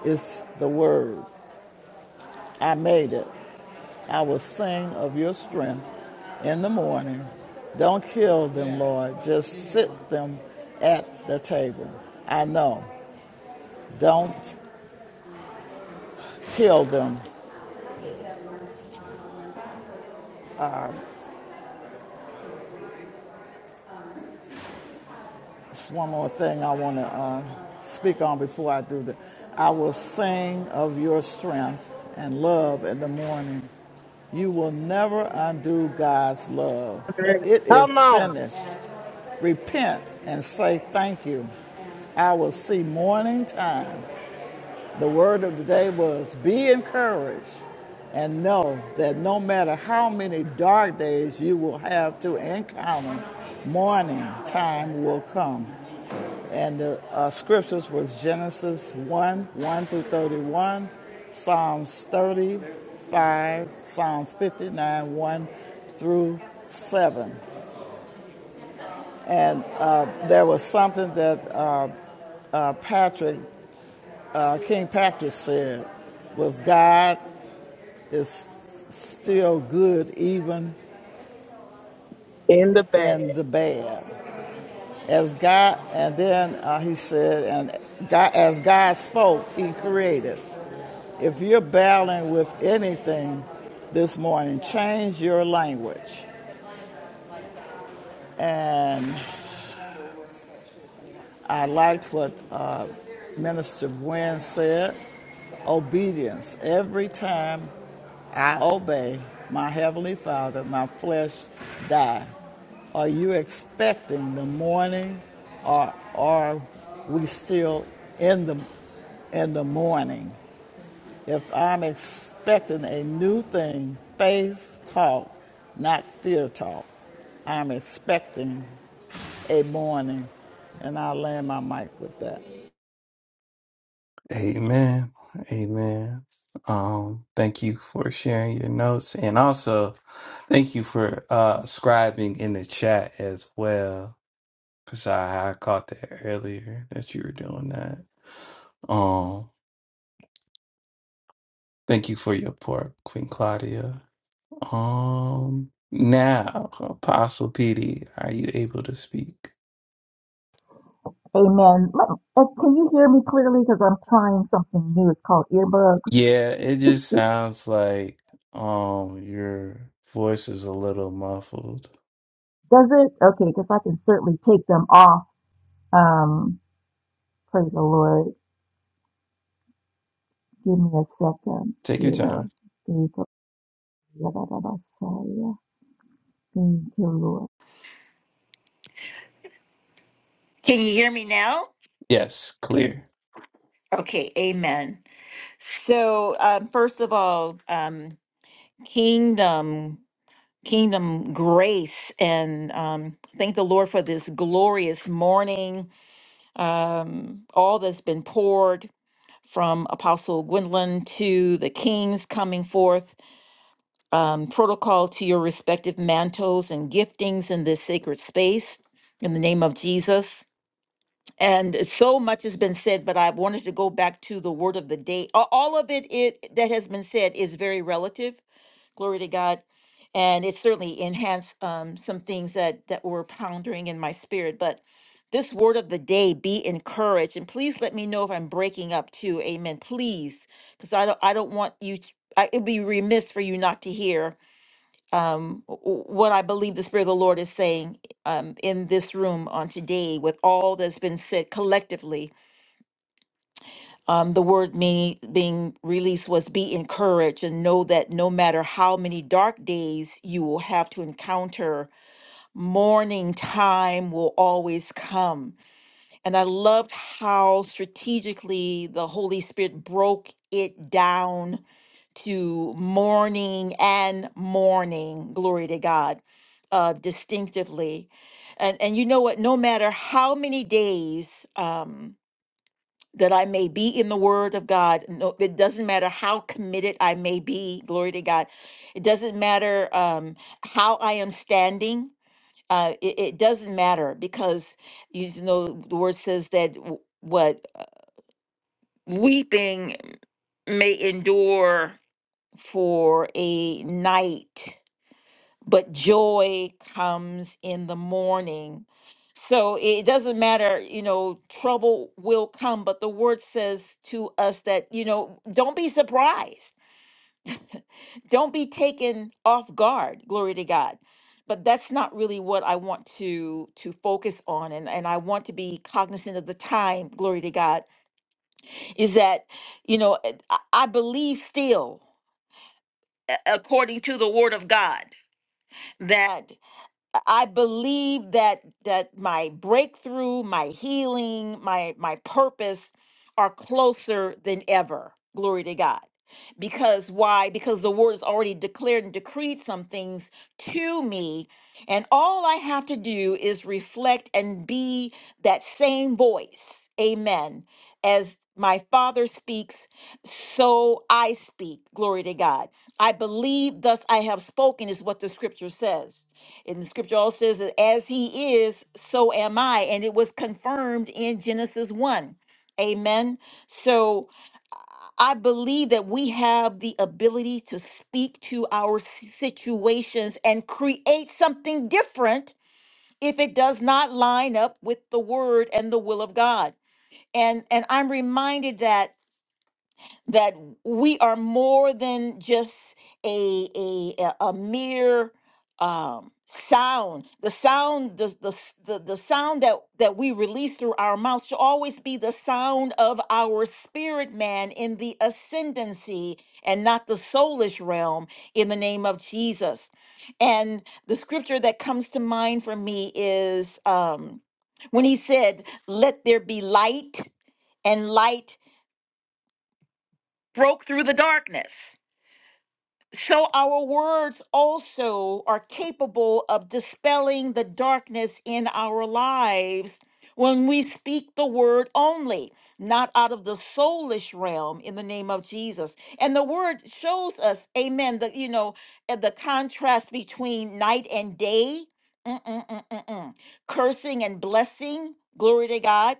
is the word. I made it. I will sing of your strength in the morning. Don't kill them, Lord. Just sit them at the table. I know. Don't heal them. It's one more thing I want to uh, speak on before I do that. I will sing of your strength and love in the morning. You will never undo God's love. It
Come
is
on.
finished. Repent and say thank you. I will see morning time. The word of the day was be encouraged and know that no matter how many dark days you will have to encounter, morning time will come. And the uh, scriptures was Genesis 1, 1 through 31, Psalms 35, Psalms 59, 1 through 7. And uh, there was something that uh, uh, Patrick, uh, King Patrick said was God is still good even
In the bag.
in the bad. As God, and then uh, he said, and God, as God spoke, he created. If you're battling with anything this morning, change your language and I liked what uh, Minister Gwen said obedience. Every time I obey my Heavenly Father, my flesh die. Are you expecting the morning or are we still in the in the morning? If I'm expecting a new thing, faith talk, not fear talk. I'm expecting a morning. And I will land my mic with that.
Amen. Amen. Um, thank you for sharing your notes and also thank you for uh scribing in the chat as well. Cause I, I caught that earlier that you were doing that. Um, thank you for your part, Queen Claudia. Um now, Apostle PD, are you able to speak?
Amen. Let- uh, Can you hear me clearly? Because I'm trying something new. It's called earbuds.
Yeah, it just sounds like um your voice is a little muffled.
Does it? Okay, because I can certainly take them off. Um, praise the Lord. Give me a second
Take your
here.
time.
Thank you, Lord. Thank you, Lord. Can you hear me now?
Yes, clear.
Okay, amen. So, um, first of all, um, kingdom, kingdom grace, and um, thank the Lord for this glorious morning. Um, all that's been poured from Apostle Gwendolyn to the kings coming forth. um, protocol to your respective mantles and giftings in this sacred space in the name of Jesus. And so much has been said, but I wanted to go back to the word of the day. A- All of it, it that has been said is very relative. Glory to God. And it certainly enhanced um, some things that, that were pondering in my spirit. But this word of the day, be encouraged. And please let me know if I'm breaking up too. Amen. Please. Because I don't I don't want you to, I, it'd be remiss for you not to hear um, w- w- what I believe the Spirit of the Lord is saying um, in this room on today, with all that's been said collectively, um, the word me being released was be encouraged and know that no matter how many dark days you will have to encounter, morning time will always come. And I loved how strategically the Holy Spirit broke it down to mourning and mourning, glory to god uh distinctively and and you know what no matter how many days um that i may be in the word of god no it doesn't matter how committed i may be glory to god it doesn't matter um how i am standing uh it, it doesn't matter because you know the word says that w- what uh, weeping may endure for a night, but joy comes in the morning. So it doesn't matter, you know, trouble will come, but the word says to us that, you know, don't be surprised. Don't be taken off guard. Glory to God. But that's not really what I want to to focus on and and I want to be cognizant of the time, glory to God, is that, you know, I I believe still a- according to the word of God that I believe that that my breakthrough, my healing, my my purpose are closer than ever. Glory to God. Because why? Because the word has already declared and decreed some things to me, and all I have to do is reflect and be that same voice. Amen. As my father speaks, so I speak. Glory to God. I believe, thus I have spoken, is what the scripture says. And the scripture also says that as he is, so am I. And it was confirmed in Genesis 1. Amen. So I believe that we have the ability to speak to our s- situations and create something different if it does not line up with the word and the will of God. And and I'm reminded that that we are more than just a a a a mere um sound the sound the, the s- the the sound that that we release through our mouths should always be the sound of our spirit man in the ascendancy and not the soulish realm in the name of jesus and the scripture that comes to mind for me is um when he said let there be light and light broke through the darkness So our words also are capable of dispelling the darkness in our lives when we speak the word only, not out of the soulish realm in the name of Jesus. And the word shows us, amen, the you know, uh, the contrast between night and day, mm, mm, mm, mm, mm, cursing and blessing, glory to God.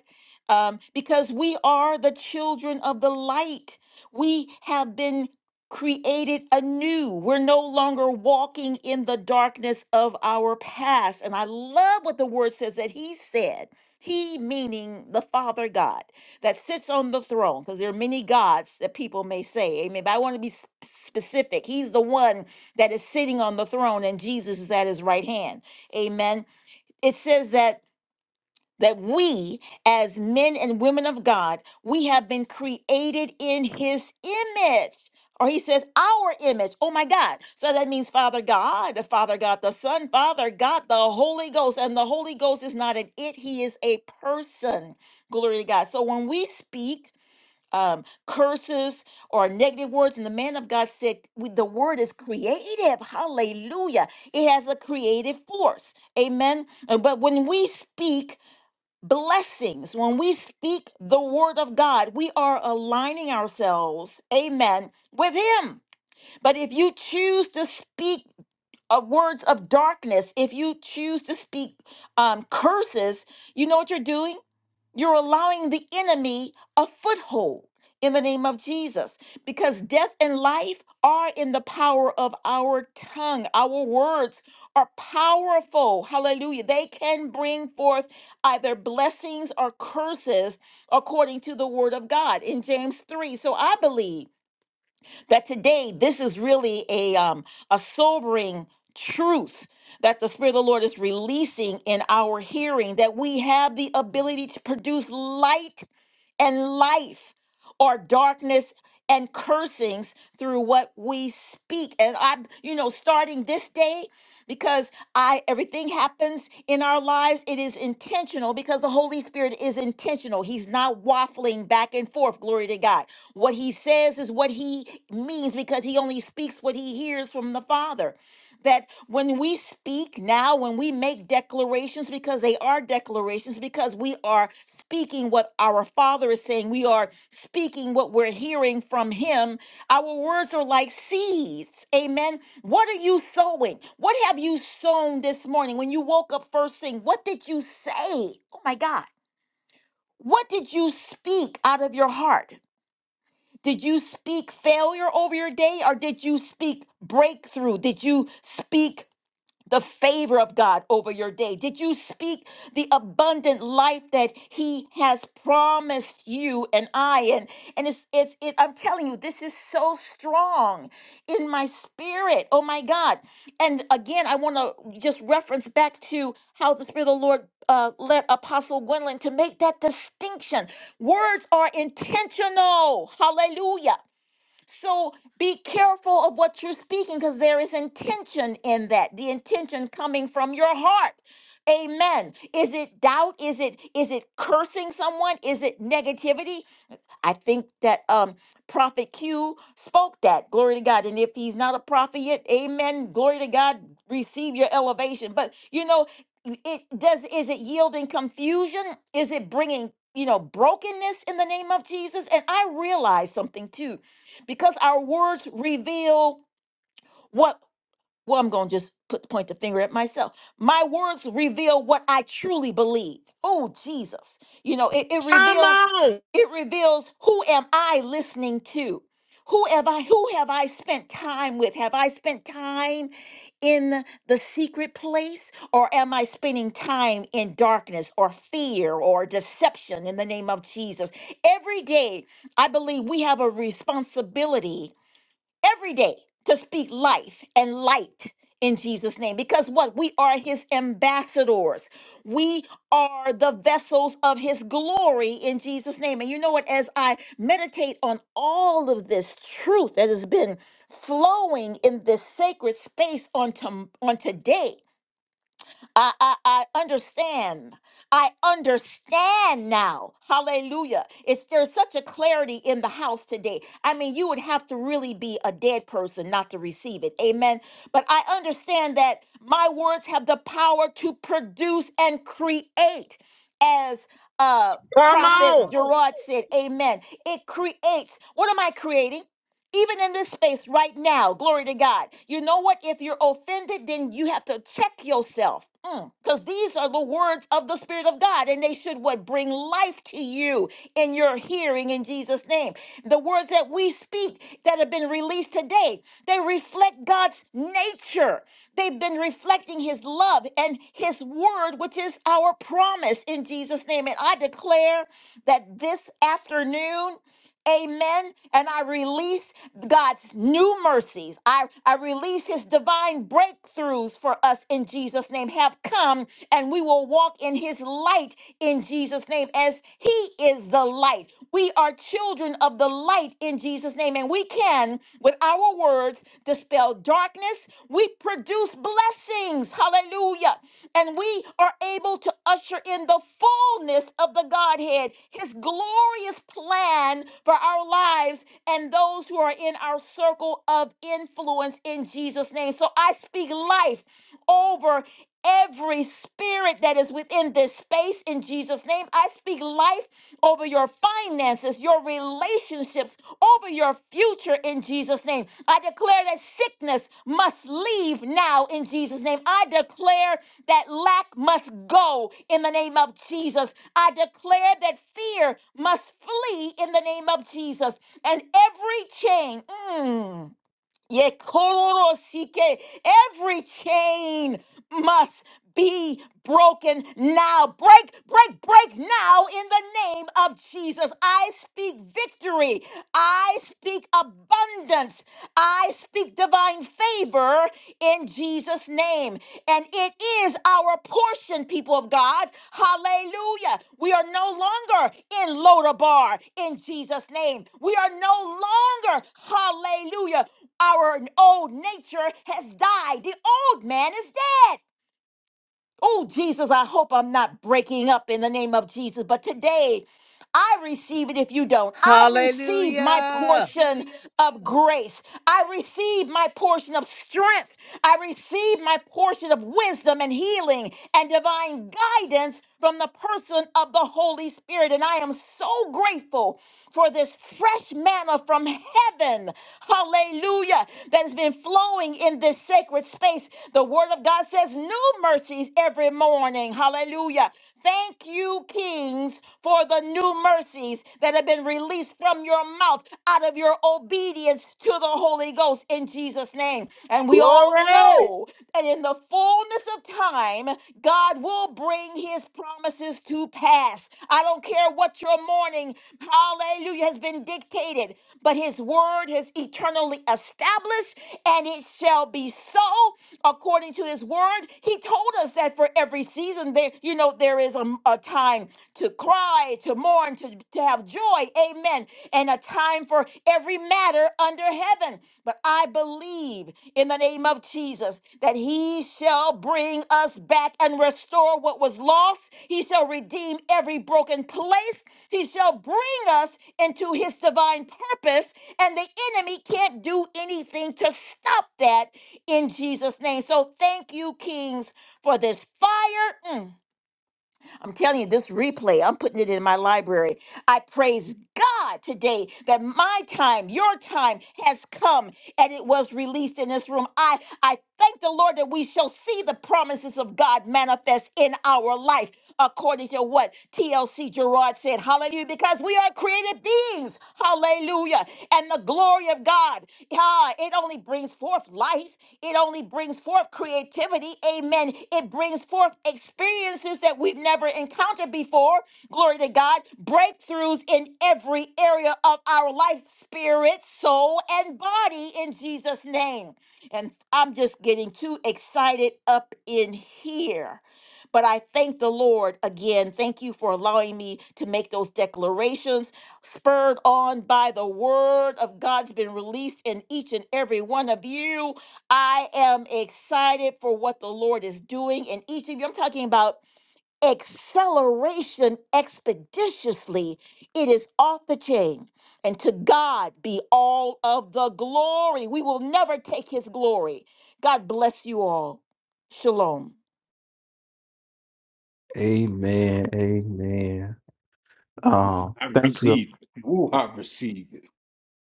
Um, because we are the children of the light. We have been created anew. We're no longer walking in the darkness of our past. And I love what the word says that he said. He, meaning the Father God that sits on the throne, because there are many gods that people may say, amen. But I want to be s- specific. He's the one that is sitting on the throne, and Jesus is at his right hand, amen. It says that that we, as men and women of God, we have been created in his image. Or he says, our image. Oh my God. So that means Father God, Father God, the Son, Father God, the Holy Ghost. And the Holy Ghost is not an it, he is a person. Glory to God. So when we speak um, curses or negative words, and the man of God said, we- the word is creative. Hallelujah. It has a creative force. Amen. Uh, But when we speak, blessings. When we speak the word of God, we are aligning ourselves, amen, with Him. But if you choose to speak uh, words of darkness, if you choose to speak um, curses, you know what you're doing? You're allowing the enemy a foothold in the name of Jesus because death and life are in the power of our tongue. Our words are powerful. Hallelujah. They can bring forth either blessings or curses according to the word of God in James 3. So I believe that today this is really a um a sobering truth that the spirit of the lord is releasing in our hearing that we have the ability to produce light and life or darkness and cursings through what we speak and i you know starting this day because i everything happens in our lives it is intentional because the holy spirit is intentional he's not waffling back and forth glory to god what he says is what he means because he only speaks what he hears from the Father. That when we speak now, when we make declarations, because they are declarations, because we are speaking what our Father is saying, we are speaking what we're hearing from Him, our words are like seeds. Amen. What are you sowing? What have you sown this morning when you woke up first thing? What did you say? Oh my God. What did you speak out of your heart? Did you speak failure over your day or did you speak breakthrough? Did you speak the favor of God over your day? Did you speak the abundant life that He has promised you and I? And and it's it's it, I'm telling you, this is so strong in my spirit. Oh my God! And again, I want to just reference back to how the Spirit of the Lord uh, led Apostle Gwendolyn to make that distinction. Words are intentional. Hallelujah so be careful of what you're speaking because there is intention in that. The intention coming from your heart. Amen. Is it doubt? Is it is it cursing someone? Is it negativity? I think that um prophet Q spoke that. Glory to God. And if he's not a prophet yet, amen. Glory to God. Receive your elevation. But you know, y- it does is it yielding confusion? Is it bringing you know, brokenness in the name of Jesus. And I realize something too, because our words reveal what well, I'm going to just put the point the finger at myself. My words reveal what I truly believe. Oh, Jesus. You know, it, it
Come
reveals
on.
it reveals who am I listening to? Who have I who have I spent time with? Have I spent time in the secret place or am I spending time in darkness or fear or deception in the name of Jesus? Every day, I believe we have a responsibility every day to speak life and light in Jesus' name. Because what? We are his ambassadors. We are the vessels of his glory in Jesus' name. And you know what? As I meditate on all of this truth that has been flowing in this sacred space on, to, on today, I, I, I understand. I understand now. Hallelujah. It's there's such a clarity in the house today. I mean, you would have to really be a dead person not to receive it. Amen. But I understand that my words have the power to produce and create as uh
Come
Prophet
on.
Gerard said, Amen. It creates. What am I creating? even in this space right now. Glory to God. You know what? If you're offended, then you have to check yourself. Because these are the words of the Spirit of God, and they should what bring life to you in your hearing in Jesus' name. The words that we speak that have been released today, they reflect God's nature. They've been reflecting His love and His word, which is our promise in Jesus' name. And I declare that this afternoon. Amen. And I release God's new mercies. I, I release his divine breakthroughs for us in Jesus' name have come, and we will walk in his light in Jesus' name as he is the light. We are children of the light in Jesus' name, and we can, with our words, dispel darkness. We produce blessings. Hallelujah. And we are able to usher in the fullness of the Godhead, his glorious plan for our lives and those who are in our circle of influence in Jesus' name. So I speak life over Every spirit that is within this space in Jesus' name, I speak life over your finances, your relationships, over your future in Jesus' name. I declare that sickness must leave now in Jesus' name. I declare that lack must go in the name of Jesus. I declare that fear must flee in the name of Jesus. And every chain, mm, Ye kororosike. Every chain must be broken now. Break, break, break now in the name of Jesus. I speak victory. I speak abundance. I speak divine favor in Jesus' name. And it is our portion, people of God. Hallelujah. We are no longer in Lodabar in Jesus' name. We are no longer, hallelujah. Our old nature has died. The old man is dead Oh, Jesus, I hope I'm not breaking up in the name of Jesus. But today, I receive it if you don't. I receive my
Hallelujah.
portion of grace. I receive my portion of strength. I receive my portion of wisdom and healing and divine guidance from the person of the Holy Spirit. And I am so grateful for this fresh manna from heaven. Hallelujah. That has been flowing doing in this sacred space. The Word of God says, New mercies every morning. Hallelujah. Thank you, kings, for the new mercies that have been released from your mouth out of your obedience to the Holy Ghost in Jesus' name. And we all
Glory.
know that in the fullness of time, God will bring his promises to pass past. I don't care what your morning, hallelujah, has been dictated, but his word is eternally established and it shall be so according to his word. He told us that for every season there, you know, there is a, a time to cry, to mourn, to, to have joy. Amen. And a time for every matter under heaven. But I believe in the name of Jesus, that he shall bring us back and restore what was lost. He shall redeem every broken place. He shall bring us into his divine purpose, and the enemy can't do anything to stop that in Jesus' name. So thank you, Kings, for this fire. Mm. I'm telling you, this replay, I'm putting it in my library. I praise God today that my time, your time has come and it was released in this room. I, I thank the Lord that we shall see the promises of God manifest in our life according to what TLC Gerard said. Hallelujah. Because we are created beings. Hallelujah. And the glory of God, ah, it only brings forth life. It only brings forth creativity. Amen. It brings forth experiences that we've never encountered before. Glory to God. Breakthroughs in every area of our life, spirit, soul, and body in Jesus' name. And I'm just getting too excited up in here. But I thank the Lord again. Thank you for allowing me to make those declarations, spurred on by the word of God's been released in each and every one of you. I am excited for what the Lord is doing in each of you. I'm talking about acceleration expeditiously. It is off the chain. And to God be all of the glory. We will never take his glory. God bless you all. Shalom.
Amen. Amen. Um,
I
thank you.
receive it. Ooh, I receive it.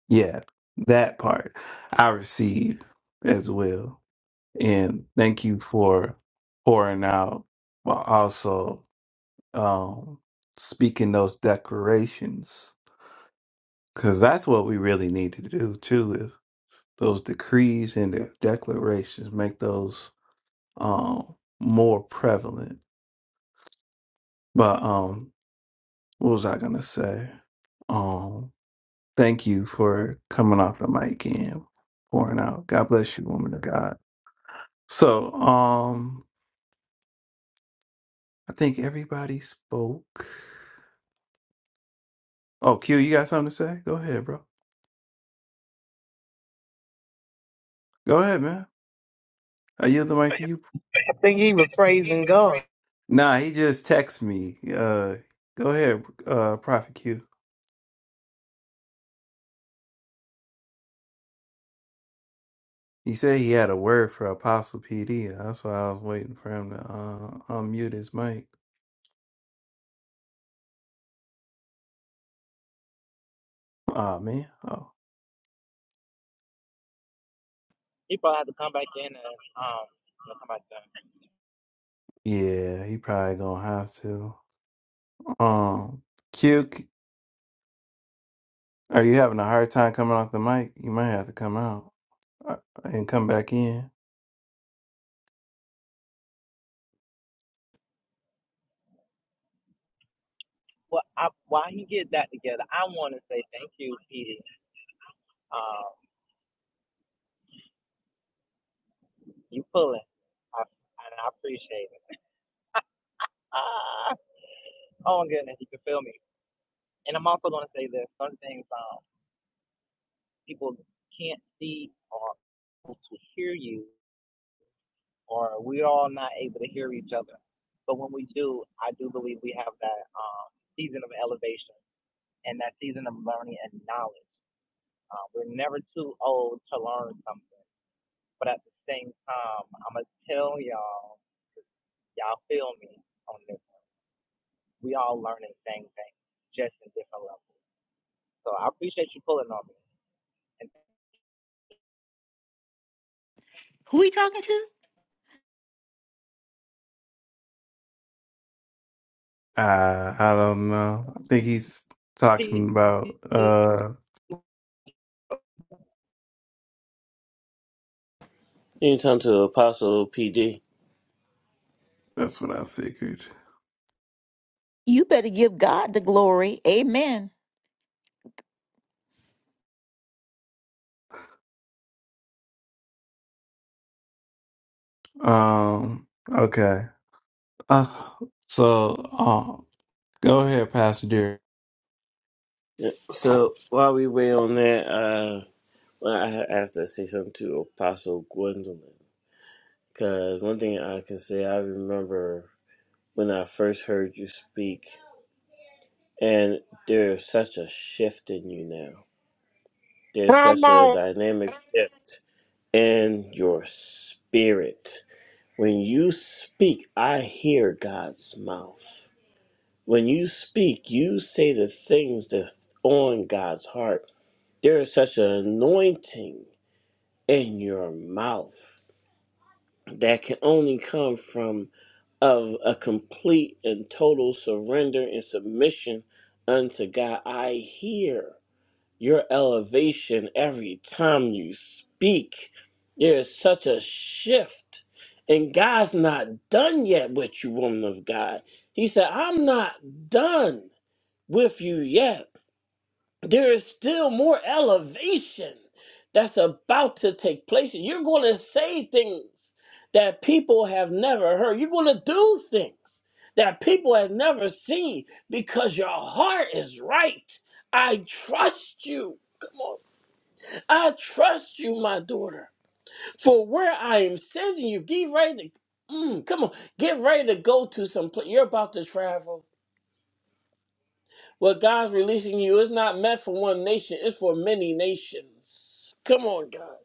Yeah, that part I receive as well. And thank you for pouring out, but also um speaking those declarations. Cause that's what we really need to do too, is those decrees and the declarations, make those um more prevalent. But um what was I gonna say? Um thank you for coming off the mic and pouring out. God bless you, woman of God. So um I think everybody spoke. Oh Q, you got something to say? Go ahead, bro. Go ahead, man. I yield the mic to you.
I think he was praising God.
Nah, he just texted me. Uh go ahead, uh Prophet Q. He said he had a word for Apostle PD. That's why I was waiting for him to uh, unmute his mic. Oh man. Oh yeah, he probably gonna have to. Um, Q, c- are you having a hard time coming off the mic? You might have to come out uh, and come back in. Uh, I think he's talking about. Uh,
You can turn to Apostle PD.
that's what I figured.
You better give God the glory. Amen.
Um. Okay. Uh. So. Uh, go ahead, Pastor Derek.
Yeah, So while we wait on that, uh, well, I had asked to say something to Apostle Gwendolyn because one thing I can say I remember when I first heard you speak. And there's such a shift in you now. There's
Come
such a
on.
dynamic shift in your spirit. When you speak, I hear God's mouth. When you speak, you say the things that on God's heart. There is such an anointing in your mouth that can only come from of a complete and total surrender and submission unto God. I hear. your elevation every time you speak. There's such a shift. And God's not done yet with you, woman of God. He said, I'm not done with you yet. There is still more elevation that's about to take place. You're going to say things that people have never heard. You're going to do things that people have never seen because your heart is right. I trust you. Come on. I trust you, my daughter, for where I am sending you. Get ready to, mm, come on, get ready to go to some place. You're about to travel. What God's releasing you is not meant for one nation, it's for many nations. Come on, God.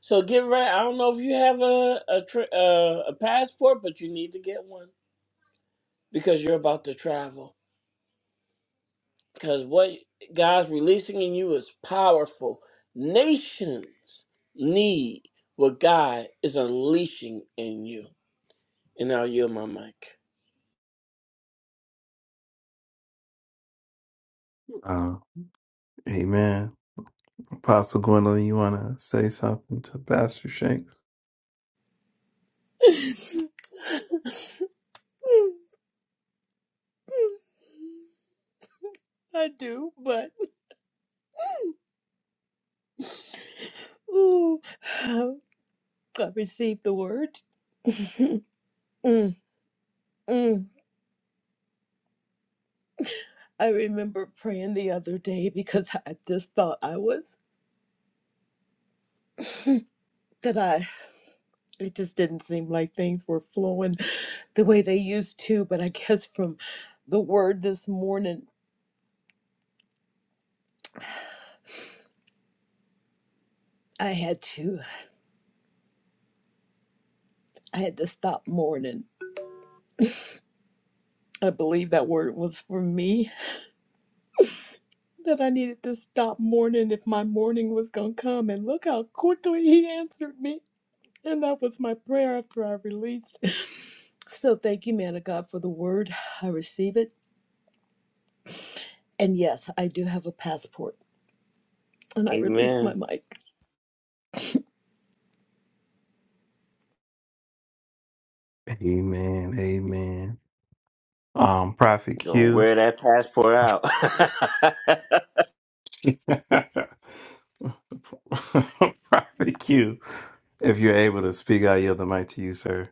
So get ready. I don't know if you have a, a, tra- uh, a passport, but you need to get one because you're about to travel. because what God's releasing in you is powerful. Nations need what God is unleashing in you. And I'll yield my mic.
Uh, amen. Apostle Gwendolyn, you want to say something to Pastor Shanks?
[laughs] I do, but ooh. [sighs] I received the word. [laughs] Mm, mm. I remember praying the other day because I just thought I was that I it just didn't seem like things were flowing the way they used to, but I guess from the word this morning I had to I had to stop mourning. I believe that word was for me that I needed to stop mourning if my morning was going to come and look how quickly he answered me. And that was my prayer after I released. So thank you, man of God, for the word. I receive it. And yes, I do have a passport. And I release my
Amen.
mic.
Um. Prophet
Gonna
Q.
wear that passport out. [laughs]
[laughs] Prophet Q. If you're able to speak, I yield the mic to you, sir.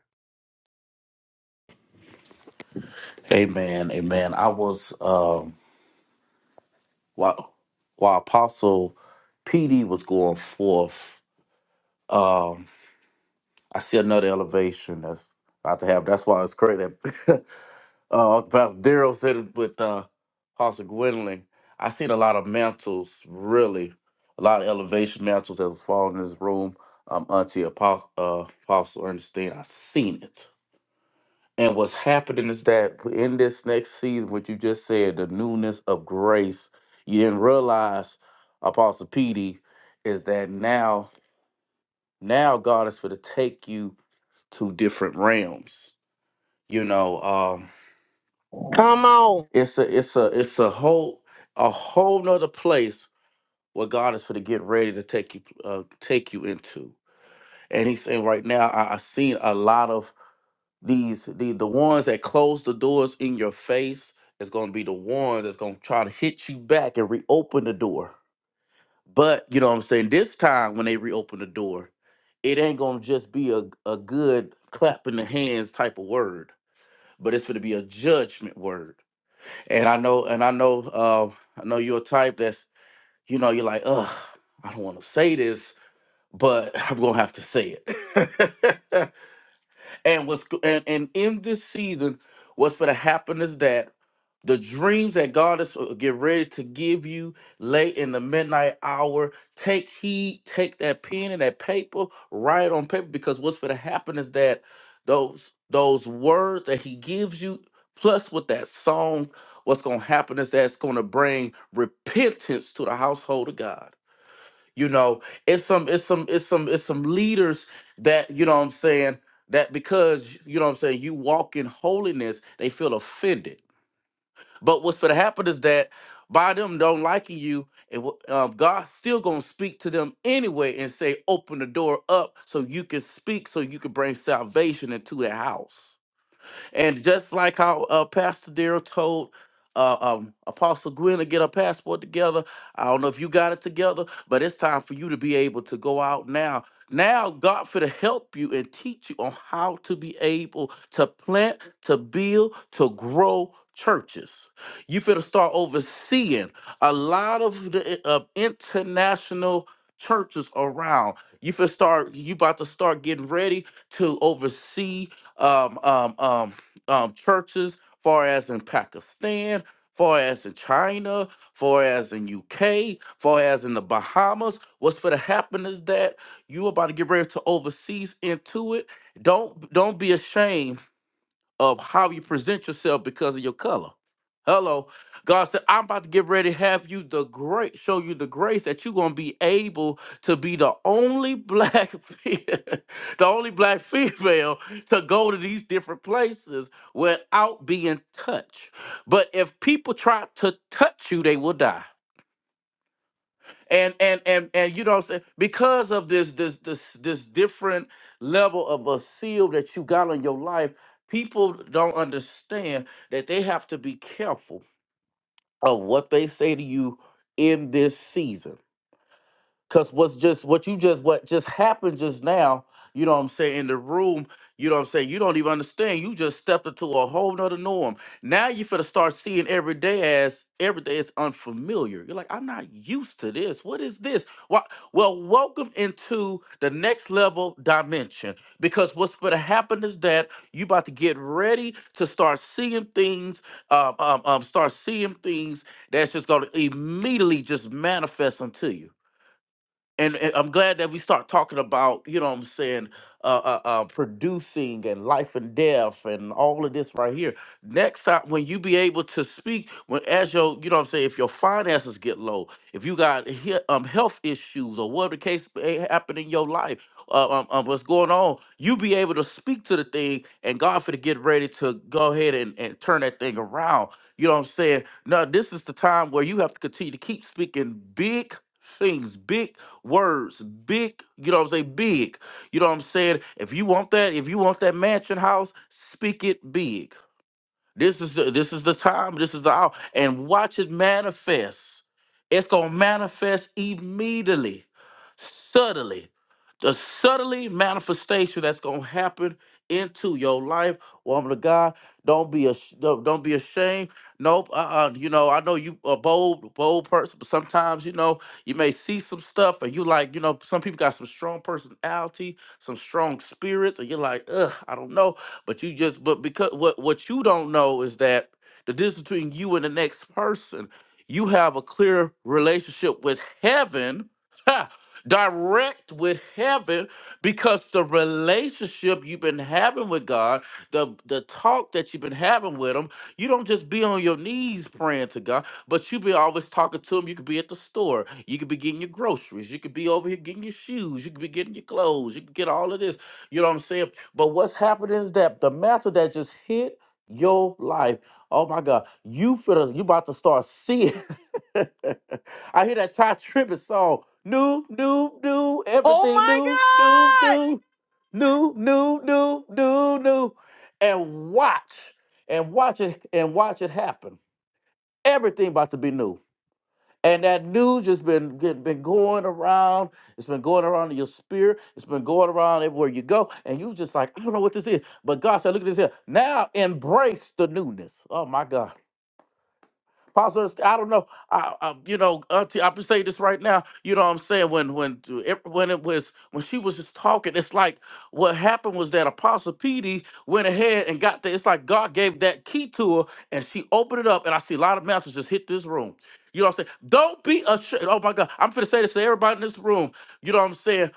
Amen. Amen. I was, um, while, while Apostle PD was going forth, I see another elevation that's about to happen. That's why it's crazy. that, [laughs] uh, Pastor Daryl said it with uh, Pastor Gwendolyn. I seen a lot of mantles, really, a lot of elevation mantles that have fallen in this room. Um, Auntie Apostle, uh, Apostle Ernestine, I seen it. And what's happening is that in this next season, what you just said, the newness of grace, you didn't realize, Apostle PD, is that now, now God is for to take you to different realms you know um
Come on.
it's a it's a it's a whole a whole nother place where god is for to get ready to take you uh, take you into and he's saying right now i, I seen a lot of these the, the ones that close the doors in your face is going to be the ones that's going to try to hit you back and reopen the door but you know what i'm saying this time when they reopen the door it ain't going to just be a, a good clap in the hands type of word but it's going to be a judgment word And I know, and I know, um, I know you're a type that's, you know, you're like, ugh, I don't want to say this, but [laughs] I'm gonna have to say it. [laughs] And was and, and in this season, what's gonna happen is that the dreams that God is uh, get ready to give you late in the midnight hour. Take heed, take that pen and that paper, write it on paper, because what's gonna happen is that those those words that he gives you, plus with that song, what's gonna happen is that it's gonna bring repentance to the household of God you know, it's some it's some it's some it's some leaders that, you know what I'm saying, that because you know what I'm saying, you walk in holiness, they feel offended. But what's gonna happen is that by them don't liking you, and um, God's still gonna speak to them anyway and say, open the door up so you can speak, so you can bring salvation into their house. And just like how uh, Pastor Darrell told uh, um, Apostle Gwen to get her passport together, I don't know if you got it together, but it's time for you to be able to go out now. Now, God for to help you and teach you on how to be able to plant, to build, to grow churches. You finna start overseeing a lot of the uh, international churches around. You finna start. You about to start getting ready to oversee um, um, um, um, churches, far as in Pakistan, far as in China, far as in UK, far as in the Bahamas. What's for to happen is that you about to get ready to overseas into it. Don't don't be ashamed of how you present yourself because of your color. Hello. God said, I'm about to get ready to have you the great, show you the grace that you're gonna be able to be the only black, [laughs] fe- the only black female to go to these different places without being touched. But if people try to touch you, they will die and and and and you know what I'm saying because of this this this this different level of a seal that you got on your life people don't understand that they have to be careful of what they say to you in this season Cause what's just what you just what just happened just now, you know what I'm saying, in the room, you know what I'm saying, you don't even understand. You just stepped into a whole nother norm. Now you finna start seeing every day as every day is unfamiliar. You're like, I'm not used to this. What is this? Why well, welcome into the next level dimension. Because what's gonna happen is that you about to get ready to start seeing things, um, um, um start seeing things that's just gonna immediately just manifest unto you and, and I'm glad that we start talking about, you know what I'm saying, uh, uh, uh, producing and life and death and all of this right here. Next time, when you be able to speak, when as your, you know what I'm saying, if your finances get low, if you got he- um, health issues or whatever the case may happen in your life, uh, um, um, what's going on, you be able to speak to the thing and God for to get ready to go ahead and, and turn that thing around. You know what I'm saying? Now, this is the time where you have to continue to keep speaking big things, big words, big, you know what I'm saying? Big. You know what I'm saying? If you want that, if you want that mansion house, speak it big. This is the, this is the time. This is the hour. And watch it manifest. It's gonna manifest immediately, subtly. The subtly manifestation that's gonna happen into your life, woman of God. Don't be a don't don't be ashamed. Nope. Uh. uh you know, I know you a bold bold person, but sometimes you know you may see some stuff, and you like you know some people got some strong personality, some strong spirits, and you're like, ugh, I don't know. But you just but because what what you don't know is that the difference between you and the next person, you have a clear relationship with heaven, ha, direct with heaven, because the relationship you've been having with God, the the talk that you've been having with Him, you don't just be on your knees praying to God, but you be always talking to Him. You could be at the store, you could be getting your groceries, you could be over here getting your shoes, you could be getting your clothes, you could get all of this. You know what I'm saying? But what's happening is that the mantle that just hit your life. Oh my God, you feel you about to start seeing. [laughs] I hear that Ty Tribbett song, new, new, new,
Oh
everything new, new,
my
new, new, new, new, new, new, and watch, and watch it, and watch it happen. Everything about to be new. And that news has been get- been going around. It's been going around in your spirit. It's been going around everywhere you go. And you just like, I don't know what this is. But God said, look at this here. Now embrace the newness. Oh my God. Apostle, Ernst- I don't know. I, I you know, Auntie, I'm gonna say this right now. You know what I'm saying? When when to when it was when she was just talking, it's like what happened was that Apostle PD went ahead and got the. It's like God gave that key to her, and she opened it up, and I see a lot of mantles just hit this room. You know what I'm saying? Don't be ashamed. Oh my God, I'm gonna say this to everybody in this room. You know what I'm saying?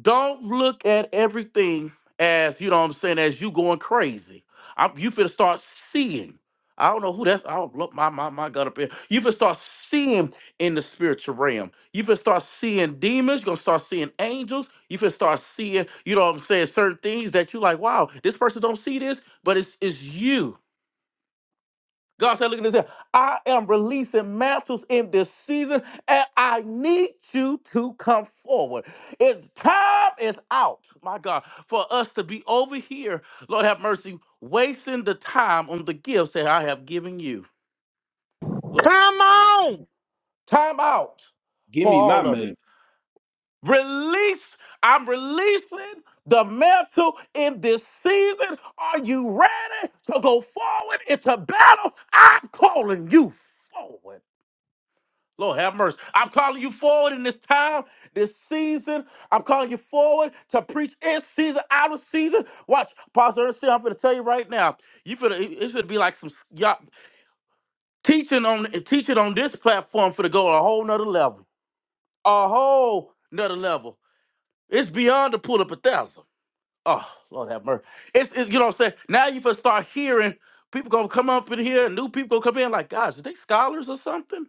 Don't look at everything as you know what I'm saying as you going crazy. I'm, you finna start seeing. I don't know who that's. I don't look my my my gut up here. You can start seeing in the spiritual realm. You can start seeing demons. You're gonna start seeing angels. You can start seeing, you know what I'm saying, certain things that you like, wow, this person don't see this, but it's it's you. God said, look at this here. I am releasing mantles in this season, and I need you to come forward. It time is out, my God, for us to be over here, Lord have mercy, wasting the time on the gifts that I have given you.
Come on.
Time out
Give
for
me my
all of it.
mantle.
Release. I'm releasing the mantle in this season. Are you ready to go forward into battle? I'm calling you forward. Lord have mercy. I'm calling you forward in this time, this season. I'm calling you forward to preach in season, out of season. Watch, Pastor Ernestine, I'm going to tell you right now. You finna, it it should be like some y'all, teaching on teaching on this platform for to go a whole nother level. a whole nother level. It's beyond the pull up a thousand. Oh, Lord have mercy. It's, it's you know what I'm saying? Now you first start hearing people gonna come up in here, new people gonna come in, like, guys, is they scholars or something?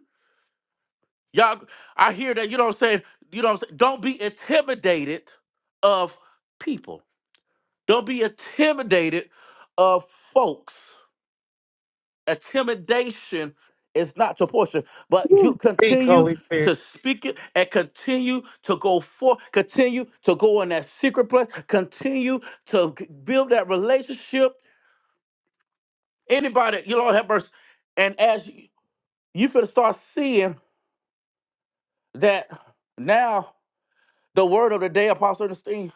Y'all I hear that, you know what I'm saying? You know what I'm saying? Don't be intimidated of people. Don't be intimidated of folks. intimidation is not your portion, but
You
you
speak,
continue
Holy
to
Spirit.
speak it and continue to go forth, continue to go in that secret place, continue to g- build that relationship. Anybody, you Lord have mercy. And as you, you finna start seeing that now the word of the day, Apostle Ernestine,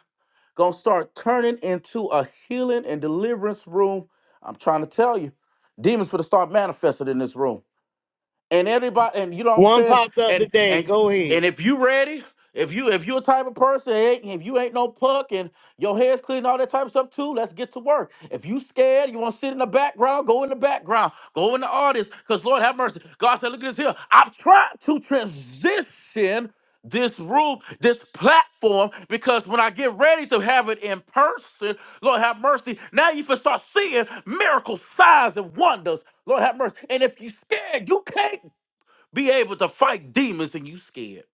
gonna start turning into a healing and deliverance room. I'm trying to tell you, demons finna start manifested in this room. and everybody and you know what I'm
One
saying
popped up
and
today.
and
Go
and
ahead.
if you ready if you if you a type of person ain't- if you ain't no punk and your hair's clean all that type of stuff too let's get to work if you scared you want to sit in the background go in the background go in the audience because Lord have mercy God said look at this here I'm trying to transition this roof, this platform, because when I get ready to have it in person, Lord have mercy, now you can start seeing miracles, signs, and wonders. Lord have mercy. And if you scared, you can't be able to fight demons and you scared.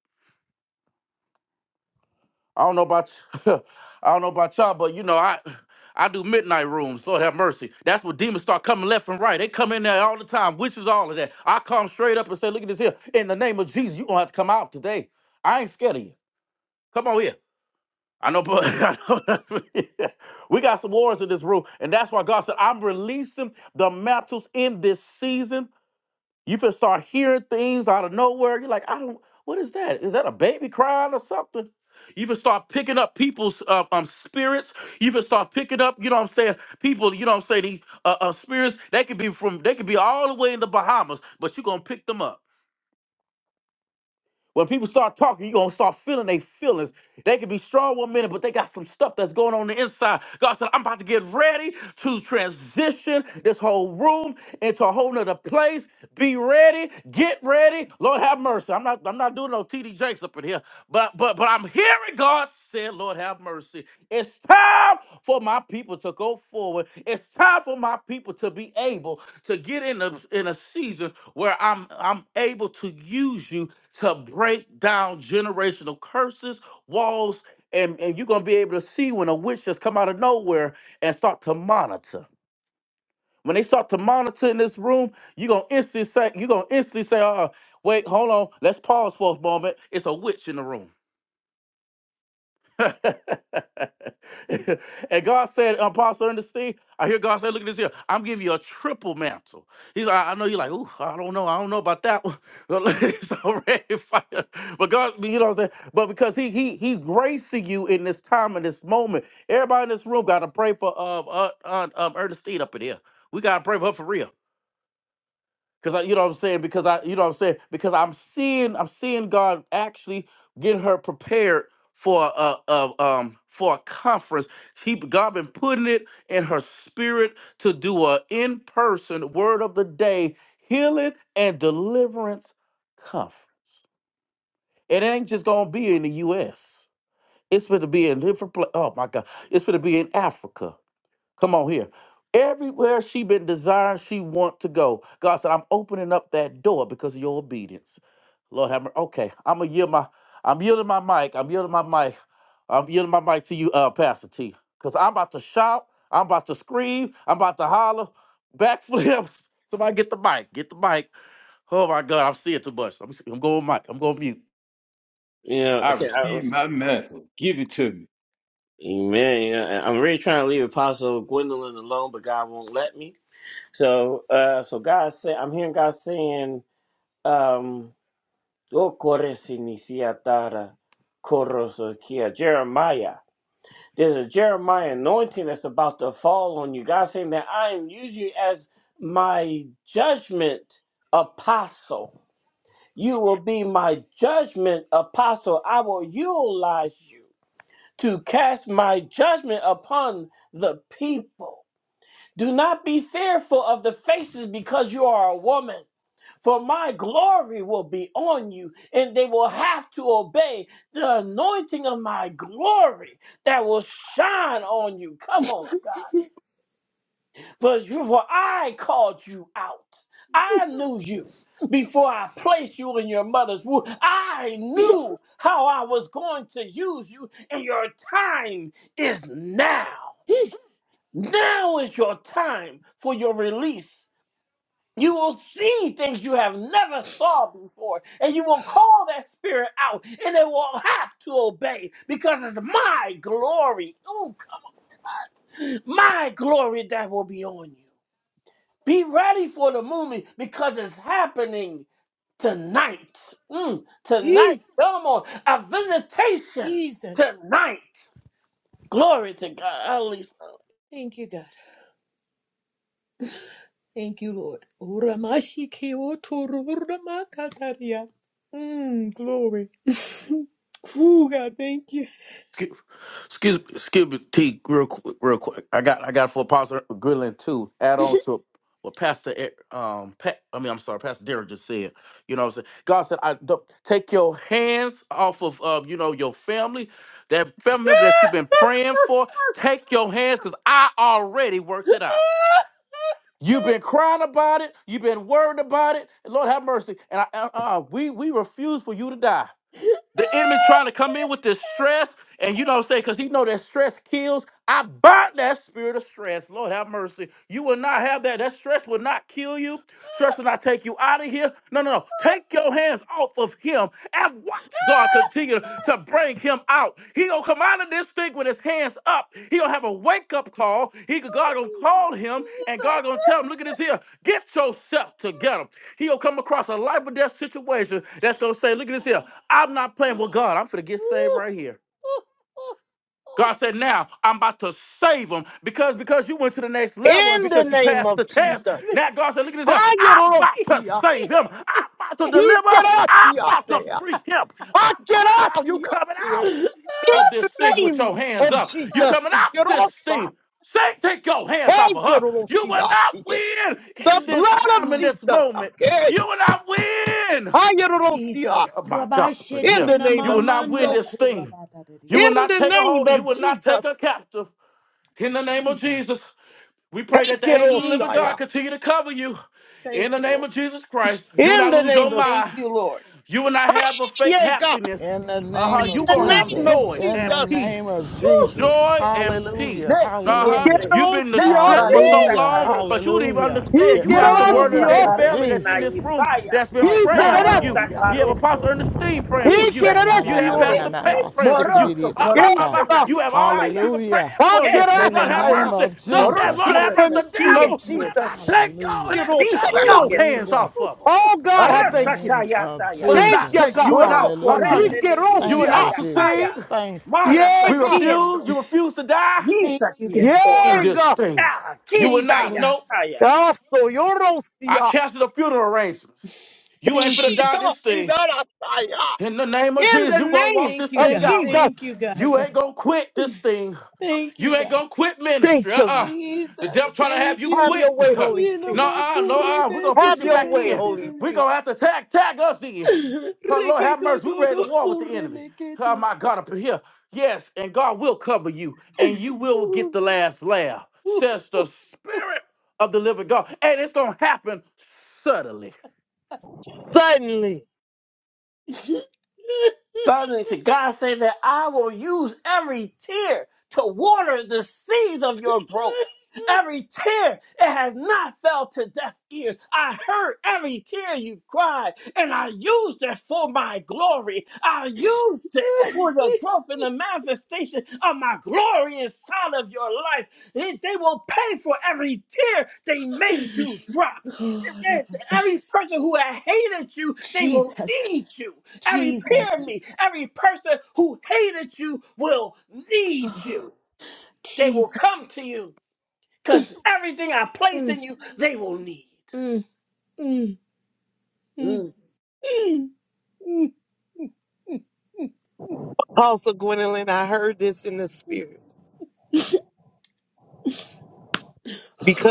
I don't know about y- [laughs] I don't know about y'all, but you know, I I do midnight rooms, Lord have mercy. That's where demons start coming left and right. They come in there all the time, witches, all of that. I come straight up and say, look at this here. In the name of Jesus, you're gonna have to come out today. I ain't scared of you. Come on here. I know, but [laughs] I know- [laughs] we got some wars in this room, and that's why God said, "I'm releasing the mantles in this season." You can start hearing things out of nowhere. You're like, "I don't. What is that? Is that a baby crying or something?" You can start picking up people's uh, um spirits. You can start picking up, you know what I'm saying? People, you know what I'm saying? the, Uh, uh, spirits. They could be from. They could be all the way in the Bahamas, but you're gonna pick them up. When people start talking, you're gonna start feeling their feelings. They can be strong one minute, but they got some stuff that's going on, on the inside. God said, I'm about to get ready to transition this whole room into a whole nother place. Be ready, get ready. Lord have mercy. I'm not I'm not doing no TD Jakes up in here, but but but I'm hearing God say, Lord have mercy. It's time for my people to go forward. It's time for my people to be able to get in a in a season where I'm I'm able to use you to break down generational curses, walls, and, and you're gonna be able to see when a witch just come out of nowhere and start to monitor. When they start to monitor in this room, you're gonna instantly say, you're gonna instantly say, uh, wait, hold on, let's pause for a moment. It's a witch in the room. [laughs] and God said, Apostle Ernestine, I hear God say, look at this here. I'm giving you a triple mantle. He's like, I know you're like, ooh, I don't know. I don't know about that one. [laughs] it's already fire. But God, you know what I'm saying? But because he he he gracing you in this time and this moment. Everybody in this room gotta pray for um uh, uh, um Ernestine up in here. We gotta pray for her for real. Cause I, you know what I'm saying? Because I, you know what I'm saying? Because I'm seeing, I'm seeing God actually get her prepared for a, a um for a conference. He, God been putting it in her spirit to do a in person word of the day healing and deliverance conference. And it ain't just gonna be in the U.S. It's going to be in different places. Oh my God! It's going to be in Africa. Come on here. Everywhere she been desiring, she want to go. God said, I'm opening up that door because of your obedience. Lord have mercy. Okay, I'm gonna yield my, I'm yielding my mic. I'm yielding my mic. I'm yielding my mic to you, uh, Pastor T. Cause I'm about to shout. I'm about to scream. I'm about to holler. Backflips. [laughs] Somebody get the mic. Get the mic. Oh my God, I'm seeing too much. I'm, I'm going mic. I'm going mute.
You know,
I
okay, I,
receive my mantle. Give it to me.
amen. You know, I'm really trying to leave Apostle Gwendolyn alone, but God won't let me. So, uh, so God said, I'm hearing God saying, um, "O kore sinisiatara korosokia." Jeremiah. There's a Jeremiah anointing that's about to fall on you. God saying that I am using you as my judgment apostle. You will be my judgment apostle. I will utilize you to cast my judgment upon the people. Do not be fearful of the faces because you are a woman for my glory will be on you, and they will have to obey the anointing of my glory that will shine on you. Come on, God. For, you- for I called you out, I knew you. Before I placed you in your mother's womb, I
[laughs]
knew how I was going to use you, and your time is now. Now is your time for your release. You will see things you have never saw before, and you will call that spirit out, and it will have to obey because it's my glory, ooh, my glory that will be on you. Be ready for the movement because it's happening tonight. Mm, tonight,
Eh,
come on, a visitation
Jesus.
tonight. Glory to God. At least,
Thank you, God. Thank you, Lord. Uramashi ke otoro uramakataria. Mm, glory. [laughs] Ooh, God, thank you. [laughs]
Skip, excuse, excuse me, T, real quick, real quick. I got, I got for Pastor Goodland too. Add on to what Pastor, E- um, Pat, I mean, I'm sorry, Pastor Derek just said. You know what I'm saying? God said, I don't take your hands off of, uh, you know, your family, that family
Jesus.
member that you've been praying for. Take your hands, cause I already worked it out. You've been crying about it. You've been worried about it. Lord have mercy. And I, uh, uh, we, we refuse for you to die. The enemy's trying to come in with this stress, and you know what I'm saying? Because he know that stress kills. I bind that spirit of stress. Lord have mercy. You will not have that. That stress will not kill you. Stress will not take you out of here. No, no, no. Take your hands off of him and watch God continue to bring him out. He gonna come out of this thing with his hands up. He gonna have a wake up call. He God gonna call him, and
Jesus.
God gonna tell him, "Look at this here. Get yourself together." He gonna come across a life or death situation that's gonna say, "Look at this here. I'm not playing with
[sighs]
God. I'm finna get saved
Ooh,
right here.
ooh,
God said, now I'm about to save them because because you went to the next level and
In the
because you
name
passed the
of Jesus.
test.
ooh,
Now God said, look at this. here. I'm about to
Ayorosia.
save him. I'm about to
ooh.
deliver. I'm about to
Ikerasia.
[laughs]
free him. I'm coming. You
Akerasia.
coming
Yeah.
out
In
of this
the
thing with
name
your hands
of
up. You
Jesus.
coming out this thing. Say, take your hands off of her. You will
Ikerosa.
not
Hey,
win
The
in this
blood of
time, in
Oh,
this
Jesus.
moment.
Okay.
You will not win.
Ayerorosia.
Jesus.
Oh my God,
Kurabashe
but
In
yes,
the
tena
name
you will
of
mama
not win
Jesus.
no
this thing.
kurabata
You
kurabatadia.
In
will not
the
take a
name
hold. You
of
will not take
Jesus.
a captive. In the name of
Jesus.
Jesus, we pray that the angels of the living God
Hekerosaya.
Jesus.
continue to cover you. In
Thank
the
you,
name
Lord.
of Jesus Christ, you will
In
not
the
lose your
name of
Thank
mind.
you, Lord.
You will not have a fake
yeah, God.
happiness.
In the
Uh
name
huh.
In
You
of
gonna
the
have
name of
Jesus.
joy
In the
and
Jesus.
peace.
name of
Whew.
Jesus.
Joy and
Hallelujah.
peace. Uh huh.
Hallelujah.
You've been in the strip
Eh, eh,
for
Kerosiate.
so
Hallelujah.
long, but you don't even
Hallelujah.
He
understand.
In
You
the
got some word
name
of the
Morusa
of
day
the
karit
kerosiate.
family that's
na
in this
Jesus.
room
Isaya.
that's been
He
Right
praying
now,
for you.
Narata
Lord.
You have
serosiate.
Apostle
karoto.
Ernestine praying for
He
you.
Ise
You have
kieto.
eh.
Pastor Pat
kerosiorosa.
Sha-na-na-na-na-na-na.
praying for
sick a
you.
Moroso
dee
Ah, bah,
Yes,
bah,
koriste
bah.
na
God.
You have all these
Yasaya.
people praying
Hallelujah.
Ah,
for you.
Kese
In
de
the
Lord have
ki.
name
mercy.
of
No, that
Moro
In
Lord
Jesus.
have mercy.
kurese
the
The
name
tie
of
devil will
Jesus.
kieto.
not take your
Hallelujah.
hands,
Isa
take
Kerosaya.
Whew.
your
kieto.
hands
Hallelujah.
off
whew,
of them
whew.
Oh, God,
In
I
the
thank
Arata
you.
name of
kayataya.
will
Thank
not
you,
take
Jesus.
God.
you and I,
Moro
uh, uh,
Hallelujah.
you,
korese ni
you will
Thank
Isa
you,
Ikerosia.
not succeed.
kaya,
Jesus. Thank
Marasa
We
Yega.
refuse.
kieto.
You refuse to die
Thank
Isa
you, Lord. Thank you, God.
kieto.
in this
Yega.
thing.
Ah,
You will
Thank
kisa
you,
not.
Lord.
Nope.
yakaya.
Yaso
I
Yorosia.
cancel the funeral arrangements. You ain't
Thank you,
finna
God.
die
Shita
this thing.
Hidarasaya.
In the name of
In
Jesus,
the
you gonna
name
walk
Thank
this
you,
of
thing
God.
out.
Thank
Jesus.
you, God.
You ain't gonna quit this thing.
Thank you,
You ain't
God.
gonna quit ministry.
Thank you.
Uh-uh. The
Jesus.
devil trying to have
Thank
you
you,
Have
Lord.
quit.
your
[laughs] no,
way, Holy
Yena
Spirit.
uh, no, uh. We're gonna push
Have
you
your
back
way,
in.
Holy
makurebete
We're
Spirit.
gonna have to tag tag us in. Cause Lord have
Reketo
mercy, we ready
dodo
to war with the enemy. Oh
relekete.
my God, up in here. Yes, and God will cover you, and you will get the last laugh, says the Spirit of the living God. And it's gonna happen suddenly.
Suddenly,
Suddenly, to God say that I will use every tear to water the seeds of your growth. Every tear, it has not fell to deaf ears. I heard every tear you cried, and I used it for my glory. I used it for the growth and the manifestation of my glory inside of your life. They, they will pay for every tear they made you drop. And
Oh,
then
Rabbi.
Every person who had hated you, they will
Jesus,
need you. Every
Jesus,
pyramid, every person who hated you will need
oh,
you. They will
Jesus.
come to you because everything I place
Mm,
in you, they will need.
mm, mm, mm,
Mm.
mm, mm,
Apostle Gwendolyn, I heard this in the spirit. Because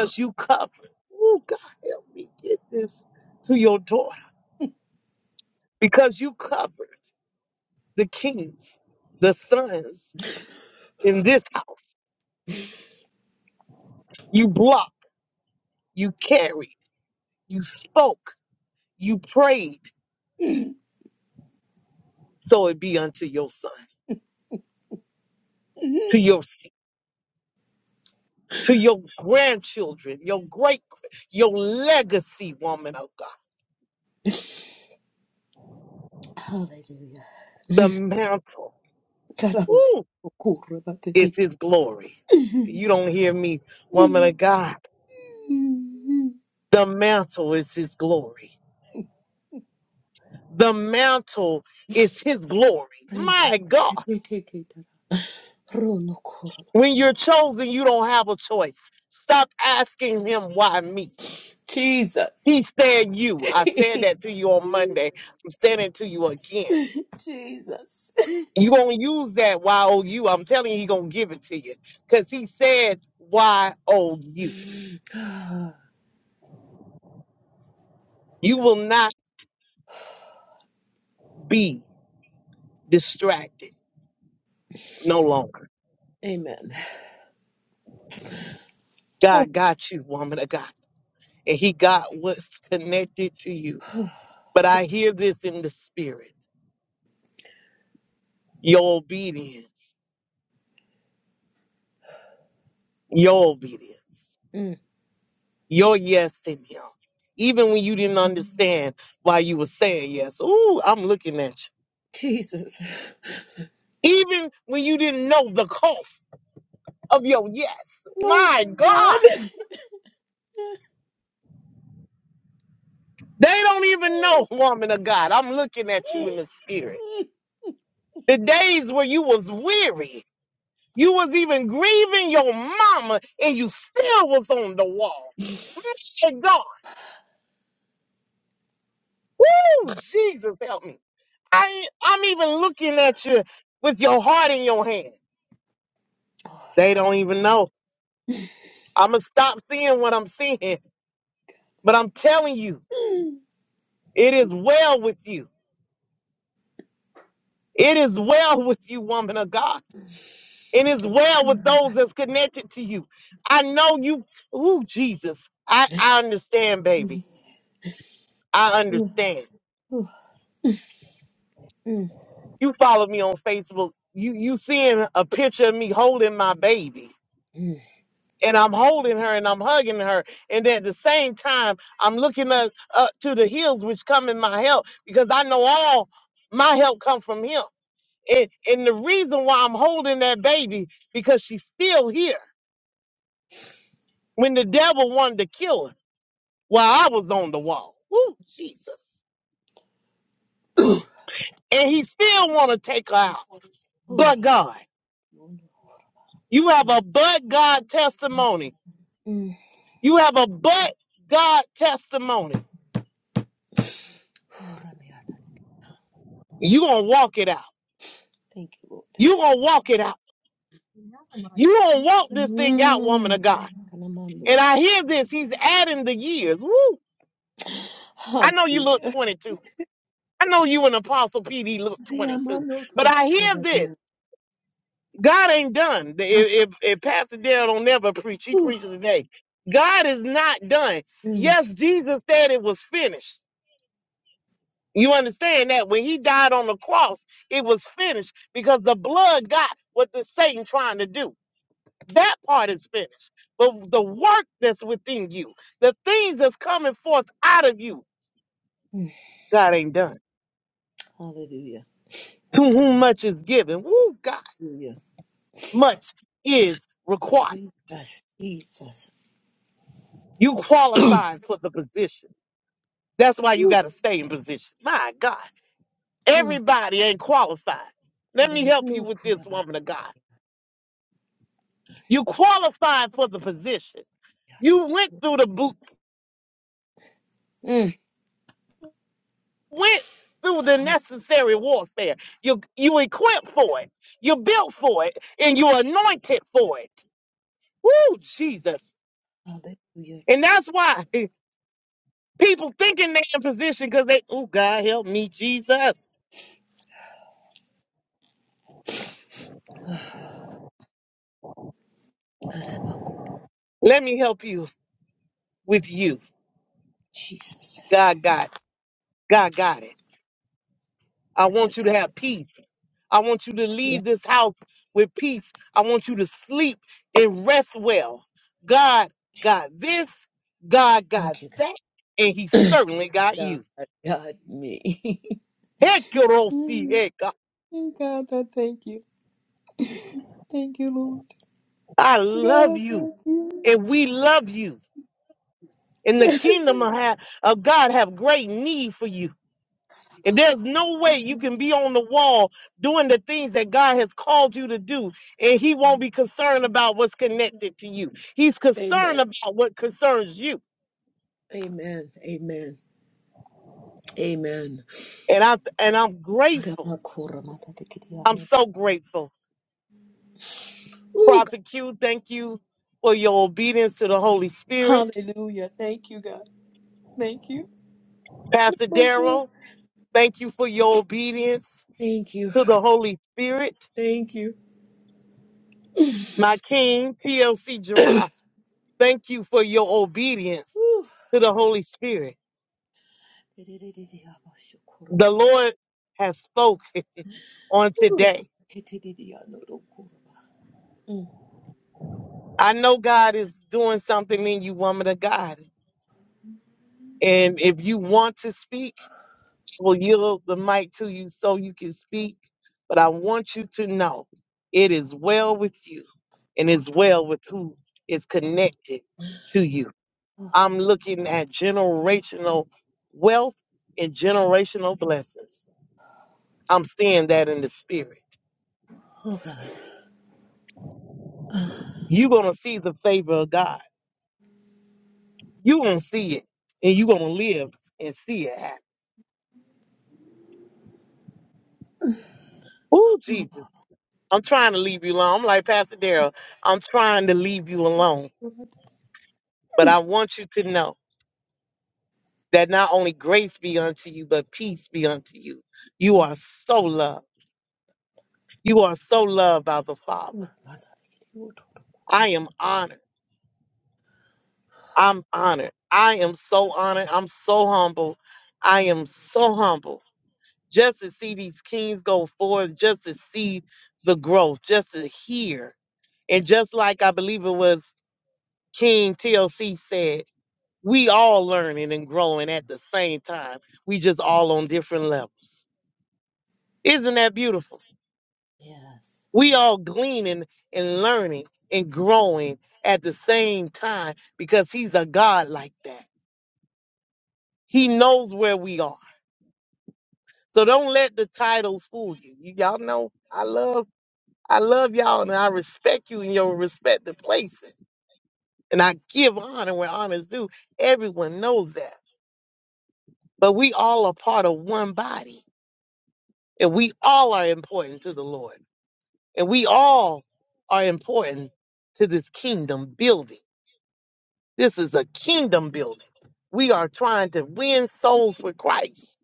to you, because you cover the kings, the sons in this house. You blocked. you carried. you spoke, you prayed. so it be unto your son,
mm.
to your se- to your grandchildren, your great, your legacy, woman of God.
Hallelujah.
The mantle,
Karabosh.
ooh,
Okurra
is
batete.
His glory. You don't hear me, woman of God. The mantle is His glory. The mantle is His glory.
Reme.
My God,
Reteketara. Rono korona.
when you're chosen, you don't have a choice. Stop asking Him why me.
Jesus.
He said you. I said
[laughs]
that to you on Monday. I'm saying it to you again.
[laughs] Jesus.
You gonna use that Y-O-U. I'm telling you, he gonna give it to you. Cause he said Y-O-U.
[sighs]
You will not be distracted no longer.
Amen.
God got you, woman of God. And he got what's connected to you.
[sighs]
But I hear this in the spirit. Your obedience. Your obedience.
Mm.
Your yes in him. Even when you didn't understand why you were saying yes. Ooh, I'm looking at
Jesus.
you. Even when you didn't know the cost. of your yes.
Oh
My
my
God.
God.
They don't even know,
[laughs]
woman of God. I'm looking at you in the spirit. The days where you was weary, you was even grieving your mama, and you still was on the wall. And God, oh Jesus help me. I I'm even looking at you with your heart in your hand.
Oh,
They
Rama.
don't even know. I'ma stop seeing what I'm seeing, but I'm telling you,
Mm.
it is well with you. It is well with you, woman of God. and it's well with those that's connected to you. I know you, ooh, Jesus. I, I understand, baby. I
Oh,
understand.
mm,
You follow me on Facebook. You you seeing a picture of me holding my baby.
mm.
And I'm holding her and I'm hugging her. And at the same time, I'm looking up, up to the hills which come in my help because I know all my help come from him. And, and the reason why I'm holding that baby because she's still here when the devil wanted to kill her. While I was on the wall. Jesus.
Oh,
And he still want to take her out. But God.
Oh, no.
You have
Mm,
a but God testimony.
mm.
You have a but God testimony.
Oh, Ramiata.
You get out.
Thank you, Lord.
You gonna walk it out. You gonna walk this thing out, woman
Mm.
of God.
Kanamando.
And I hear this. He's adding the years. Woo! I know you look
Hallelujah.
22. I know you and Apostle PD look 22.
Yamano
But I hear this.
tokorobadiya.
God ain't done. If, if, if Pastor Darrell don't never preach, he preaches today. God is not done.
Mm.
Yes, Jesus said it was finished. You understand that when he died on the cross, it was finished because the blood got what the Satan trying to do. That part is finished. But the work that's within you, the things that's coming forth out of you,
[sighs] Mm.
God ain't done.
Hallelujah.
To whom much is given, woo, God,
Hallelujah.
much is required.
Jesus, Jesus.
You
[clears throat] Whew.
qualified for the position. That's why you got
[sighs]
to stay in position. My God,
Whew.
everybody ain't qualified. Let
Ina
me help
manu
you with
kura
this
ba-
woman of God. You qualified for the position.
ya ta
You
ta
went
kura.
through the boot,
Mm.
went through the
Hall-
necessary warfare. You you equipped for it. You built for it, and you anointed for it. Woo, Jesus!
Hallelujah.
And that's why [laughs] people thinking they in position because they, oh God, help me, Jesus.
Araba
Let me help you with you.
Jesus.
God got God got it. I
God,
want you to
God.
have peace. I want you to
Yeah.
leave this house with peace. I want you to sleep and rest well. God got this, God got
Thank you,
that, and He
God. [clears throat]
certainly got
God,
you.
God, me. [laughs]
Heck, your old see,
Mm.
heck, God.
God, I thank you. Thank you, Lord.
I
God,
love
I
you,
thank you.
and we love you.
[laughs]
And the
God,
kingdom of ha- of God have great need for you. And
I
there's no
thank
way you
you.
can be on the wall doing the things that God has called you to do, and He won't be concerned about what's connected to you. He's concerned
Amen.
about what concerns you.
Amen. Amen. Amen.
And I and I'm
Ooh,
grateful. I'm so grateful.
God.
Prophet Q, thank you for your obedience to the Holy Spirit.
Hallelujah. Thank you, God. Thank you.
Pastor
My God.
Darrell, thank you for your obedience
Thank you.
to the Holy Spirit.
Thank you.
My King, TLC
[clears throat] Ooh.
Gerard, thank you for your obedience to the Holy Spirit.
Mm.
The Lord has spoken on today. I know God is doing something in you, woman of God. And if you want to speak, will yield the mic to you so you can speak. But I want you to know it is well with you and it's well with who is connected to you.
Oh,
I'm looking at generational wealth and generational blessings. I'm seeing that in the spirit.
oh, God. Oh,
You're going to see the favor of God. You're going to see it and you're going to live and see it happen. Oh,
oh,
Jesus. I'm trying to leave you alone. I'm like Pastor Darrell. I'm trying to leave you alone.
oh,
But I want you to know that not only grace be unto you, but peace be unto you. You are so loved. You are so loved by the Father.
God. Oh, God.
I am honored. I'm honored. I am so honored. I'm so humble. I
Mm.
am so humble. Just to see these kings go forth, just to see the growth, just to hear. And just like I believe it was King TLC said, we all learning and growing at the same time. We just all on different levels. Isn't that beautiful?
Yes.
We all gleaning and learning and growing at the same time because he's a God like that. He knows where we are. So don't let the titles fool you. you y'all know I love I love y'all and I respect you in your respective places. And I give honor where honor's due. Everyone knows that. But we all are part of one body. And we all are important to the Lord. And we all are important to this kingdom building This is a kingdom building. We are trying to win souls for Christ.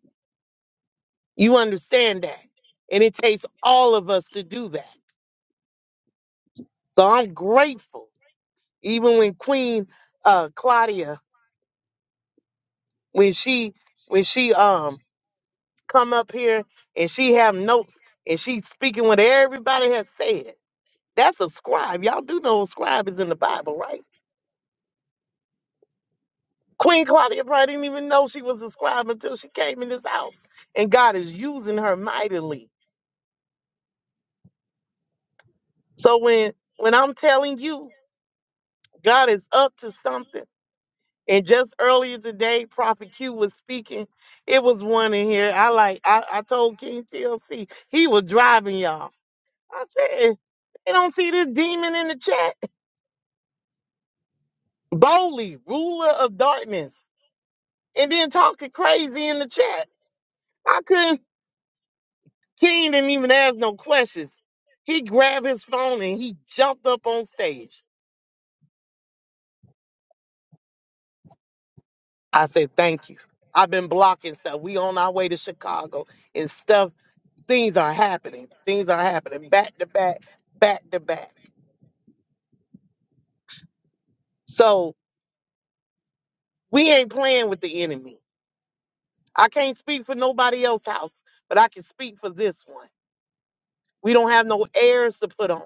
You understand that? And it takes all of us to do that. So I'm grateful. Even when Queen uh, Claudia, when she when she um come up here and she have notes and she's speaking what everybody has said. That's a scribe. Y'all do know a scribe is in the Bible, right? Queen Claudia probably didn't even know she was a scribe until she came in this house. And God is using her mightily So when when I'm telling you God is up to something, and just earlier today, Prophet Q was speaking. It was one in here. I like I, I told King TLC he was driving y'all. I said they don't see this demon in the chat. Boldly, ruler of darkness, and then talking crazy in the chat. I couldn't. King didn't even ask no questions. He grabbed his phone and he jumped up on stage. I said, thank you. I've been blocking stuff. We on our way to Chicago and stuff. Things are happening. Things are happening back to back, back to back. So we ain't playing with the enemy. I can't speak for nobody else's house, but I can speak for this one. We don't have no airs to put on.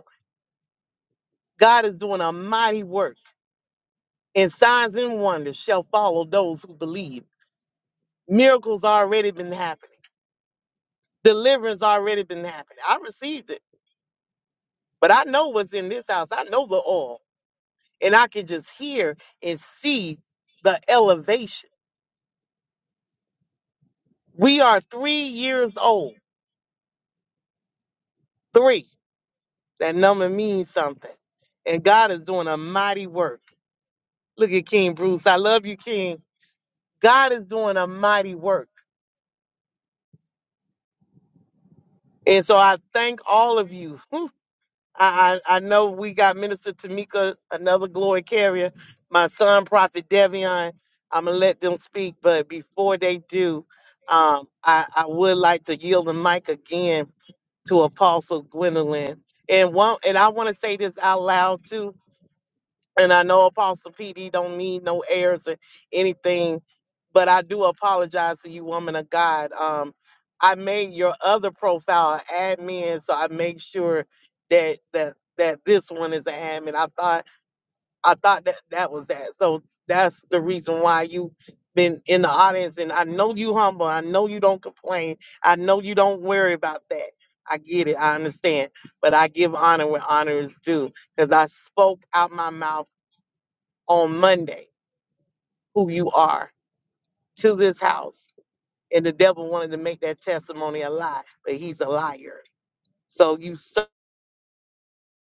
God is doing a mighty work, and signs and wonders shall follow those who believe. Miracles already been happening. Deliverance already been happening. I received it, but I know what's in this house. I know the oil. And I can just hear and see the elevation. We are three years old. Three. That number means something. And God is doing a mighty work. Look at King Bruce. I love you, King. God is doing a mighty work. And so I thank all of you. [laughs] Whew. I, I, I know we got Minister Tamika, another glory carrier, my son, Prophet Devion. I'm going to let them speak. But before they do, um, I, I would like to yield the mic again to Apostle Gwendolyn. And one and I want to say this out loud too. And I know Apostle PD don't need no airs or anything, but I do apologize to you, woman of God. Um, I made your other profile admin, so I make sure that that that this one is an admin. I thought I thought that that was that. So that's the reason why you been in the audience. And I know you humble. I know you don't complain. I know you don't worry about that. I get it. I understand. But I give honor where honor is due because I spoke out my mouth on Monday who you are to this house. And the devil wanted to make that testimony a lie, but he's a liar. So you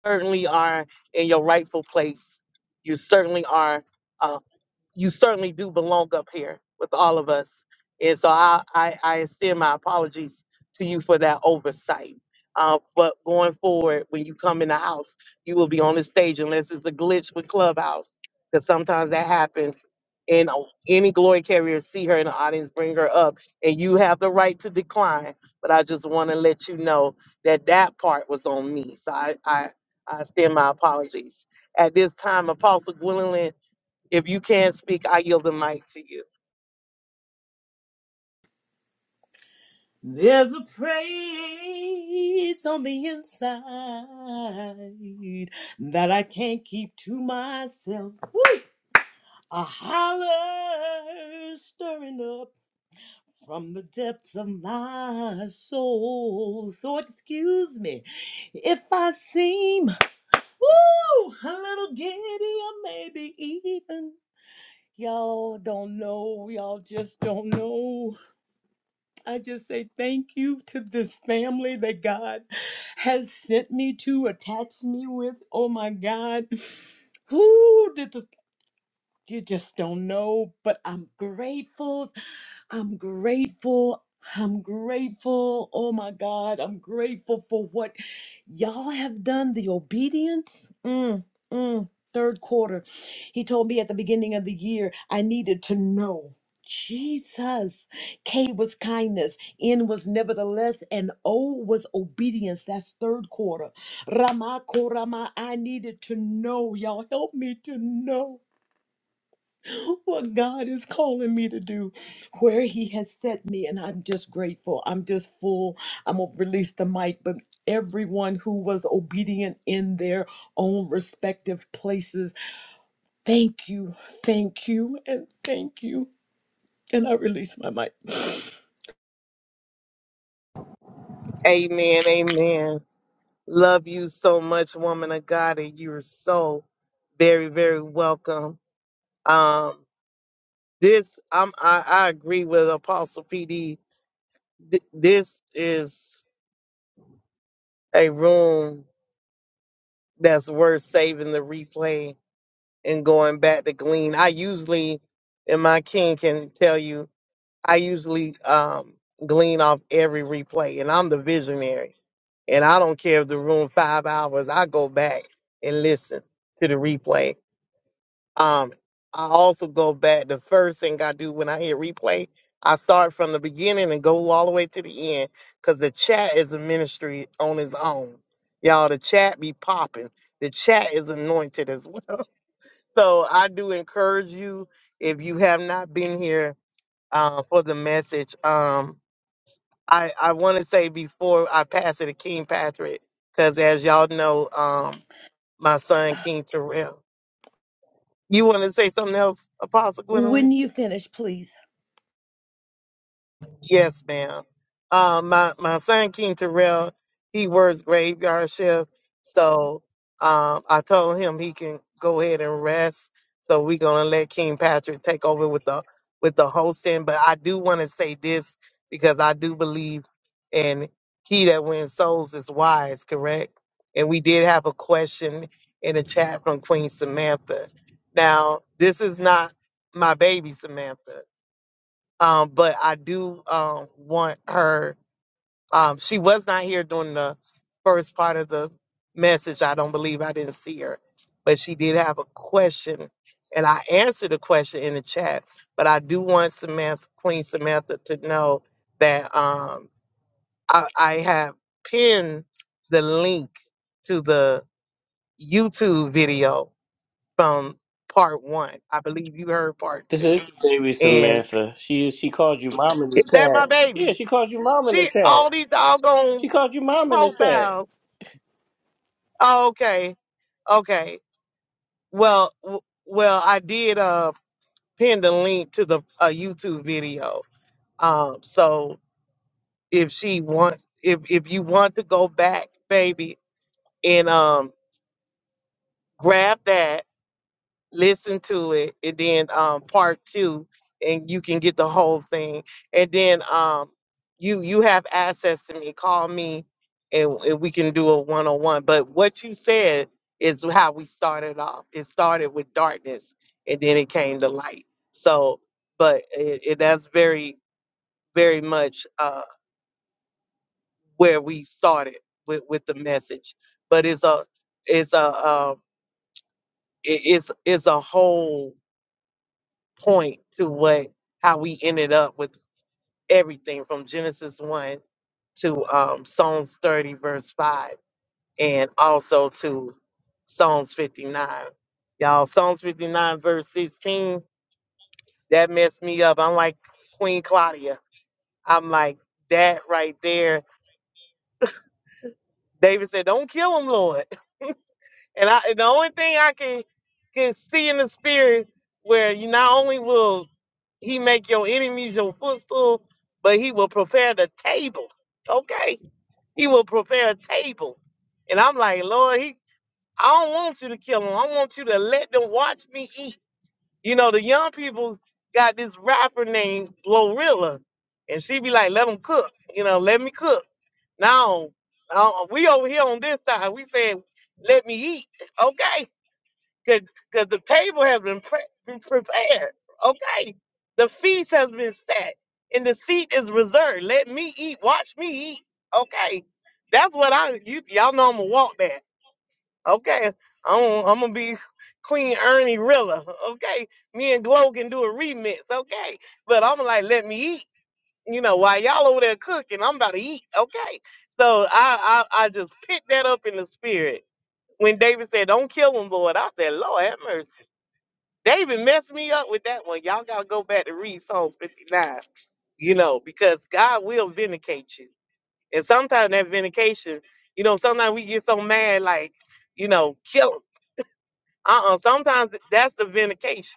certainly are in your rightful place. You certainly are. a you certainly do belong up here with all of us. And so I, I, I extend my apologies to you for that oversight. Uh, but going forward, when you come in the house, you will be on the stage unless it's a glitch with Clubhouse, because sometimes that happens. And o- any glory carrier see her in the audience, bring her up, and you have the right to decline. But I just want to let you know that that part was on me. So I, I, I extend my apologies. At this time, Apostle Gwendolyn if you can't speak, I yield the mic to you.
There's a praise on the inside that I can't keep to myself. Woo! A holler stirring up from the depths of my soul. So excuse me if I seem woo, a little giddy or maybe even y'all don't know. Y'all just don't know. I just say thank you to this family that God has sent me to, attached me with. Oh my God. Who did the you just don't know, but I'm grateful. I'm grateful. I'm grateful. Oh my God. I'm grateful for what y'all have done, the obedience. Mm, mm, third quarter. He told me at the beginning of the year, I needed to know. Jesus. K was kindness. N was nevertheless. And O was obedience. That's third quarter. Rama Korama. I needed to know. Y'all help me to know what God is calling me to do, where He has set me. And I'm just grateful. I'm just full. I'm going to release the mic. But everyone who was obedient in their own respective places, thank you, thank you, and thank you. And I release my mic.
Amen. Amen. Love you so much, woman of God, and you're so very, very welcome. Um, this I'm I, I agree with Apostle PD. Th- this is a room that's worth saving the replay and going back to glean. I usually, and my king can tell you, I usually um, glean off every replay, and I'm the visionary. And I don't care if the room five hours, I go back and listen to the replay. Um, I also go back. The first thing I do when I hear replay, I start from the beginning and go all the way to the end because the chat is a ministry on its own. Y'all, the chat be popping. The chat is anointed as well. [laughs] So I do encourage you if you have not been here uh, for the message. Um, I, I want to say before I pass it to King Patrick, because as y'all know, um, my son, King Terrell. You want to say something else, Apostle Gwendolyn?
When you finish, please.
Yes, ma'am. Um, my my son King Terrell, he works graveyard shift, so um, I told him he can go ahead and rest. So we're gonna let King Patrick take over with the with the hosting. But I do want to say this because I do believe in he that wins souls is wise, correct? And we did have a question in the chat from Queen Samantha. Now, this is not my baby Samantha. Um, but I do um, want her. Um, she was not here during the first part of the message. I don't believe I didn't see her, but she did have a question, and I answered the question in the chat. But I do want Samantha, Queen Samantha, to know that um, I, I have pinned the link to the YouTube video from part one. I believe you heard part
This
two,
is baby
and
Samantha. She she called you mom in the
is that my
chat.
baby?
Yeah, she called you mom in the
She
chat.
all these doggone
She called you mom in the chat.
profiles. Oh, okay, okay. Well, w- well, I did uh pin the link to the uh, YouTube video. Um, so if she want, if if you want to go back, baby, and um grab that listen to it and then um part two and you can get the whole thing and then um you you have access to me call me and, and we can do a one-on-one but what you said is how we started off it started with darkness and then it came to light so but it, it that's very very much uh where we started with with the message but it's a it's a uh, it, it's it's a whole point to what how we ended up with everything from Genesis one to um, Psalms thirty verse five, and also to Psalms fifty nine. Y'all, Psalms fifty nine verse sixteen that messed me up. I'm like Queen Claudia. I'm like that right there. David said, "Don't kill him, Lord." And I and the only thing I can can see in the spirit where you not only will he make your enemies your footstool, but he will prepare the table. Okay. He will prepare a table. And I'm like, Lord, he I don't want you to kill him. I want you to let them watch me eat. You know, the young people got this rapper named Glorilla. And she be like, let them cook. You know, let me cook. Now, uh, we over here on this side, we saying, let me eat. Okay because the table has been pre- been prepared. Okay, the feast has been set, and the seat is reserved. Let me eat. Watch me eat. Okay, that's what I. You, y'all know I'm gonna walk that. Okay, I'm, I'm gonna be Queen Ernie Rilla. Okay, me and Glow can do a remix. Okay, but I'm like, let me eat. You know, while y'all over there cooking, I'm about to eat. Okay, so I I, I just picked that up in the spirit when David said, "Don't kill him, Lord." I said, "Lord, have mercy." They even messed me up with that one. Y'all gotta go back to read Psalms 59. You know, because God will vindicate you. And sometimes that vindication, you know, sometimes we get so mad, like, you know, kill him. Uh-uh. Sometimes that's the vindication.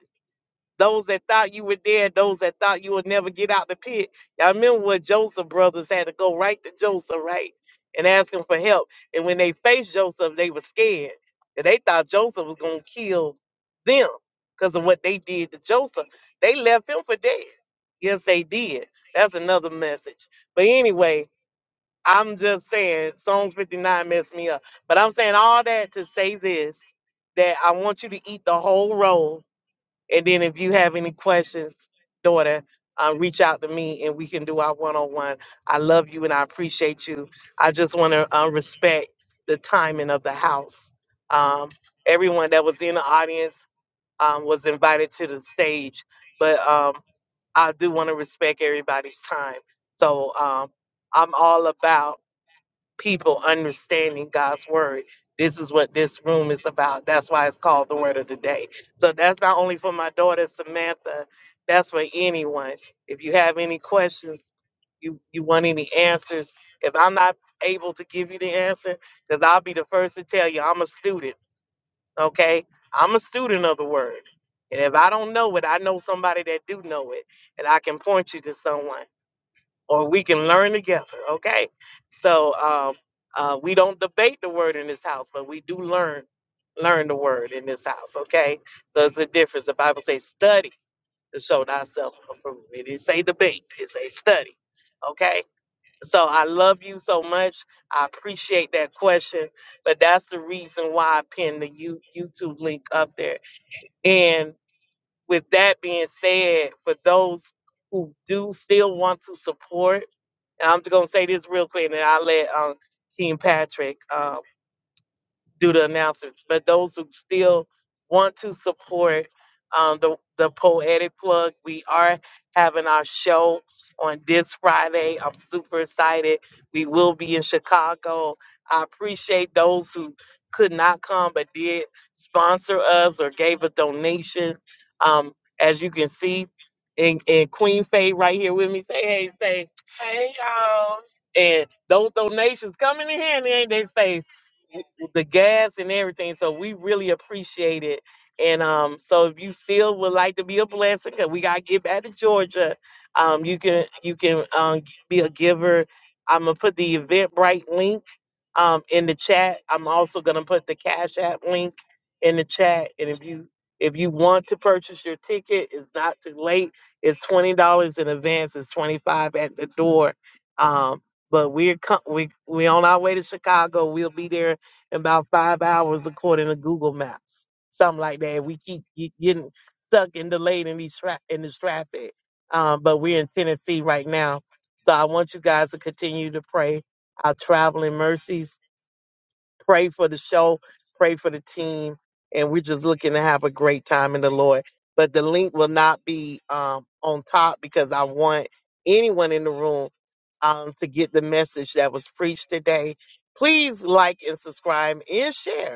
Those that thought you were dead, those that thought you would never get out the pit. Y'all remember what Joseph brothers had to go right to Joseph, right? And ask him for help. And when they faced Joseph, they were scared. And they thought Joseph was gonna kill them because of what they did to Joseph. They left him for dead. Yes, they did. That's another message. But anyway, I'm just saying Psalms 59 messed me up. But I'm saying all that to say this that I want you to eat the whole roll and then if you have any questions, daughter, uh, reach out to me and we can do our one on one. I love you and I appreciate you. I just want to uh, respect the timing of the house. Um, everyone that was in the audience um, was invited to the stage, but um, I do want to respect everybody's time. So um, I'm all about people understanding God's word. This is what this room is about. That's why it's called the word of the day. So that's not only for my daughter Samantha, that's for anyone. If you have any questions, you, you want any answers. If I'm not able to give you the answer, because I'll be the first to tell you I'm a student, okay? I'm a student of the word. And if I don't know it, I know somebody that do know it, and I can point you to someone or we can learn together. Okay. So um, uh, we don't debate the word in this house, but we do learn learn the word in this house. Okay. So it's a difference. The Bible says study to show thyself approved. It didn't say debate. It say study. Okay. So I love you so much. I appreciate that question, but that's the reason why I pinned the you YouTube link up there. And with that being said, for those who do still want to support. And I'm just gonna say this real quick, and I'll let um King Patrick. Um, do the announcements. But those who still want to support um, the the poetic plug, we are having our show on this Friday. I'm super excited. We will be in Chicago. I appreciate those who could not come but did sponsor us or gave a donation. Um, as you can see, and, and Queen Faye right here with me. Say hey, Faye. Hey y'all. And those donations coming in handy, ain't they, Faye? w- the gas and everything. So we really appreciate it. And um, so if you still would like to be a blessing, cause we gotta get back to Georgia, um, you can you can um g- be a giver. I'm gonna put the Eventbrite link um in the chat. I'm also gonna put the Cash App link in the chat. And if you if you want to purchase your ticket, it's not too late. It's twenty dollars in advance. It's twenty five at the door. Um, but we're co- we we on our way to Chicago. We'll be there in about five hours according to Google Maps, something like that. We keep ge- getting stuck and delayed in these tra- in this traffic, um, but we're in Tennessee right now, so I want you guys to continue to pray our traveling mercies pray for the show, pray for the team, and we're just looking to have a great time in the Lord. But the link will not be um, on top because I want anyone in the room um, to get the message that was preached today. Please like and subscribe and share.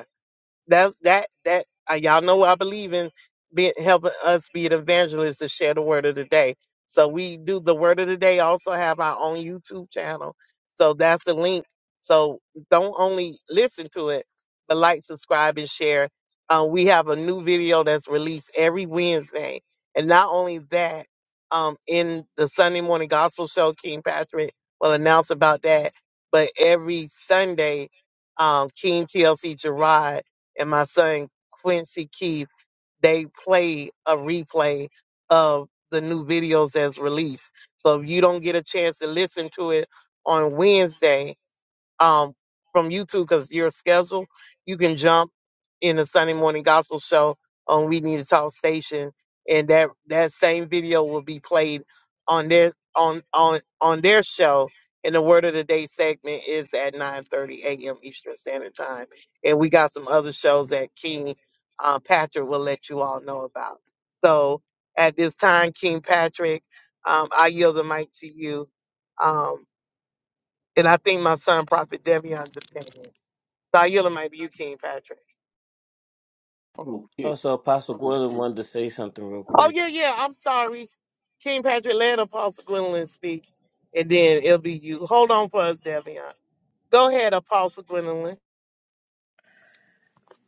That's that that uh, y'all know I believe in being helping us be the evangelists to share the word of the day. So we do the word of the day. Also have our own YouTube channel. So that's the link. So don't only listen to it, but like, subscribe, and share. Uh, we have a new video that's released every Wednesday, and not only that, um, in the Sunday morning gospel show, King Patrick will announce about that. But every Sunday, um, King TLC Gerard and my son Quincy Keith, they play a replay of the new videos as released. So if you don't get a chance to listen to it on Wednesday, um, from YouTube because your schedule, you can jump in the Sunday morning gospel show on We Need to Talk station, and that that same video will be played on their on on on their show. And the word of the day segment is at 9:30 a.m. Eastern Standard Time, and we got some other shows that King uh, Patrick will let you all know about. So at this time, King Patrick, um, I yield the mic to you. Um, and I think my son, Prophet Devion, just came in. So I yield it might be you, King Patrick.
Okay.
Also, Apostle Gwendolyn wanted to say something real
Oh, yeah,
quick.
yeah. I'm sorry. King Patrick, let Apostle Gwendolyn speak, and then it'll be you. Hold on for us, Devion. Go ahead, Apostle Gwendolyn.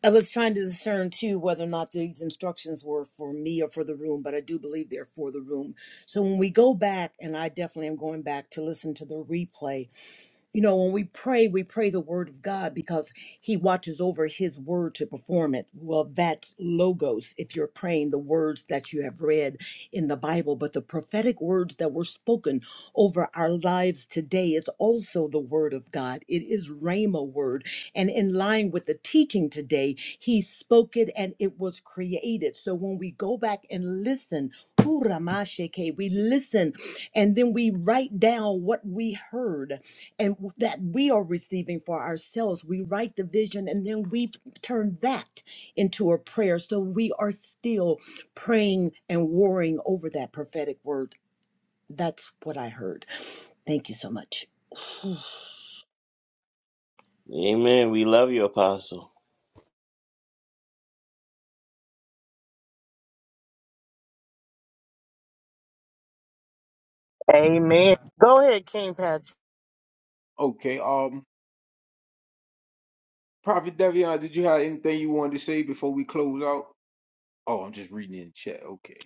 I was trying to discern too whether or not these instructions were for me or for the room, but I do believe they're for the room. So when we go back, and I definitely am going back to listen to the replay, You know, when we pray, we pray the word of God because he watches over his word to perform it. Well, that's logos if you're praying the words that you have read in the Bible, but the prophetic words that were spoken over our lives today is also the word of God. It is rhema word. And in line with the teaching today, he spoke it and it was created. So when we go back and listen, Huramasheke, we listen and then we write down what we heard and w- that we are receiving for ourselves. We write the vision and then we p- turn that into a prayer. So we are still praying and worrying over that prophetic word. That's what I heard. Thank you so much.
Amen. We love you, Apostle.
Amen. Go ahead, King Patrick.
Okay. Um, Prophet Devion, did you have anything you wanted to say before we close out? Oh, I'm just reading in the chat. Okay.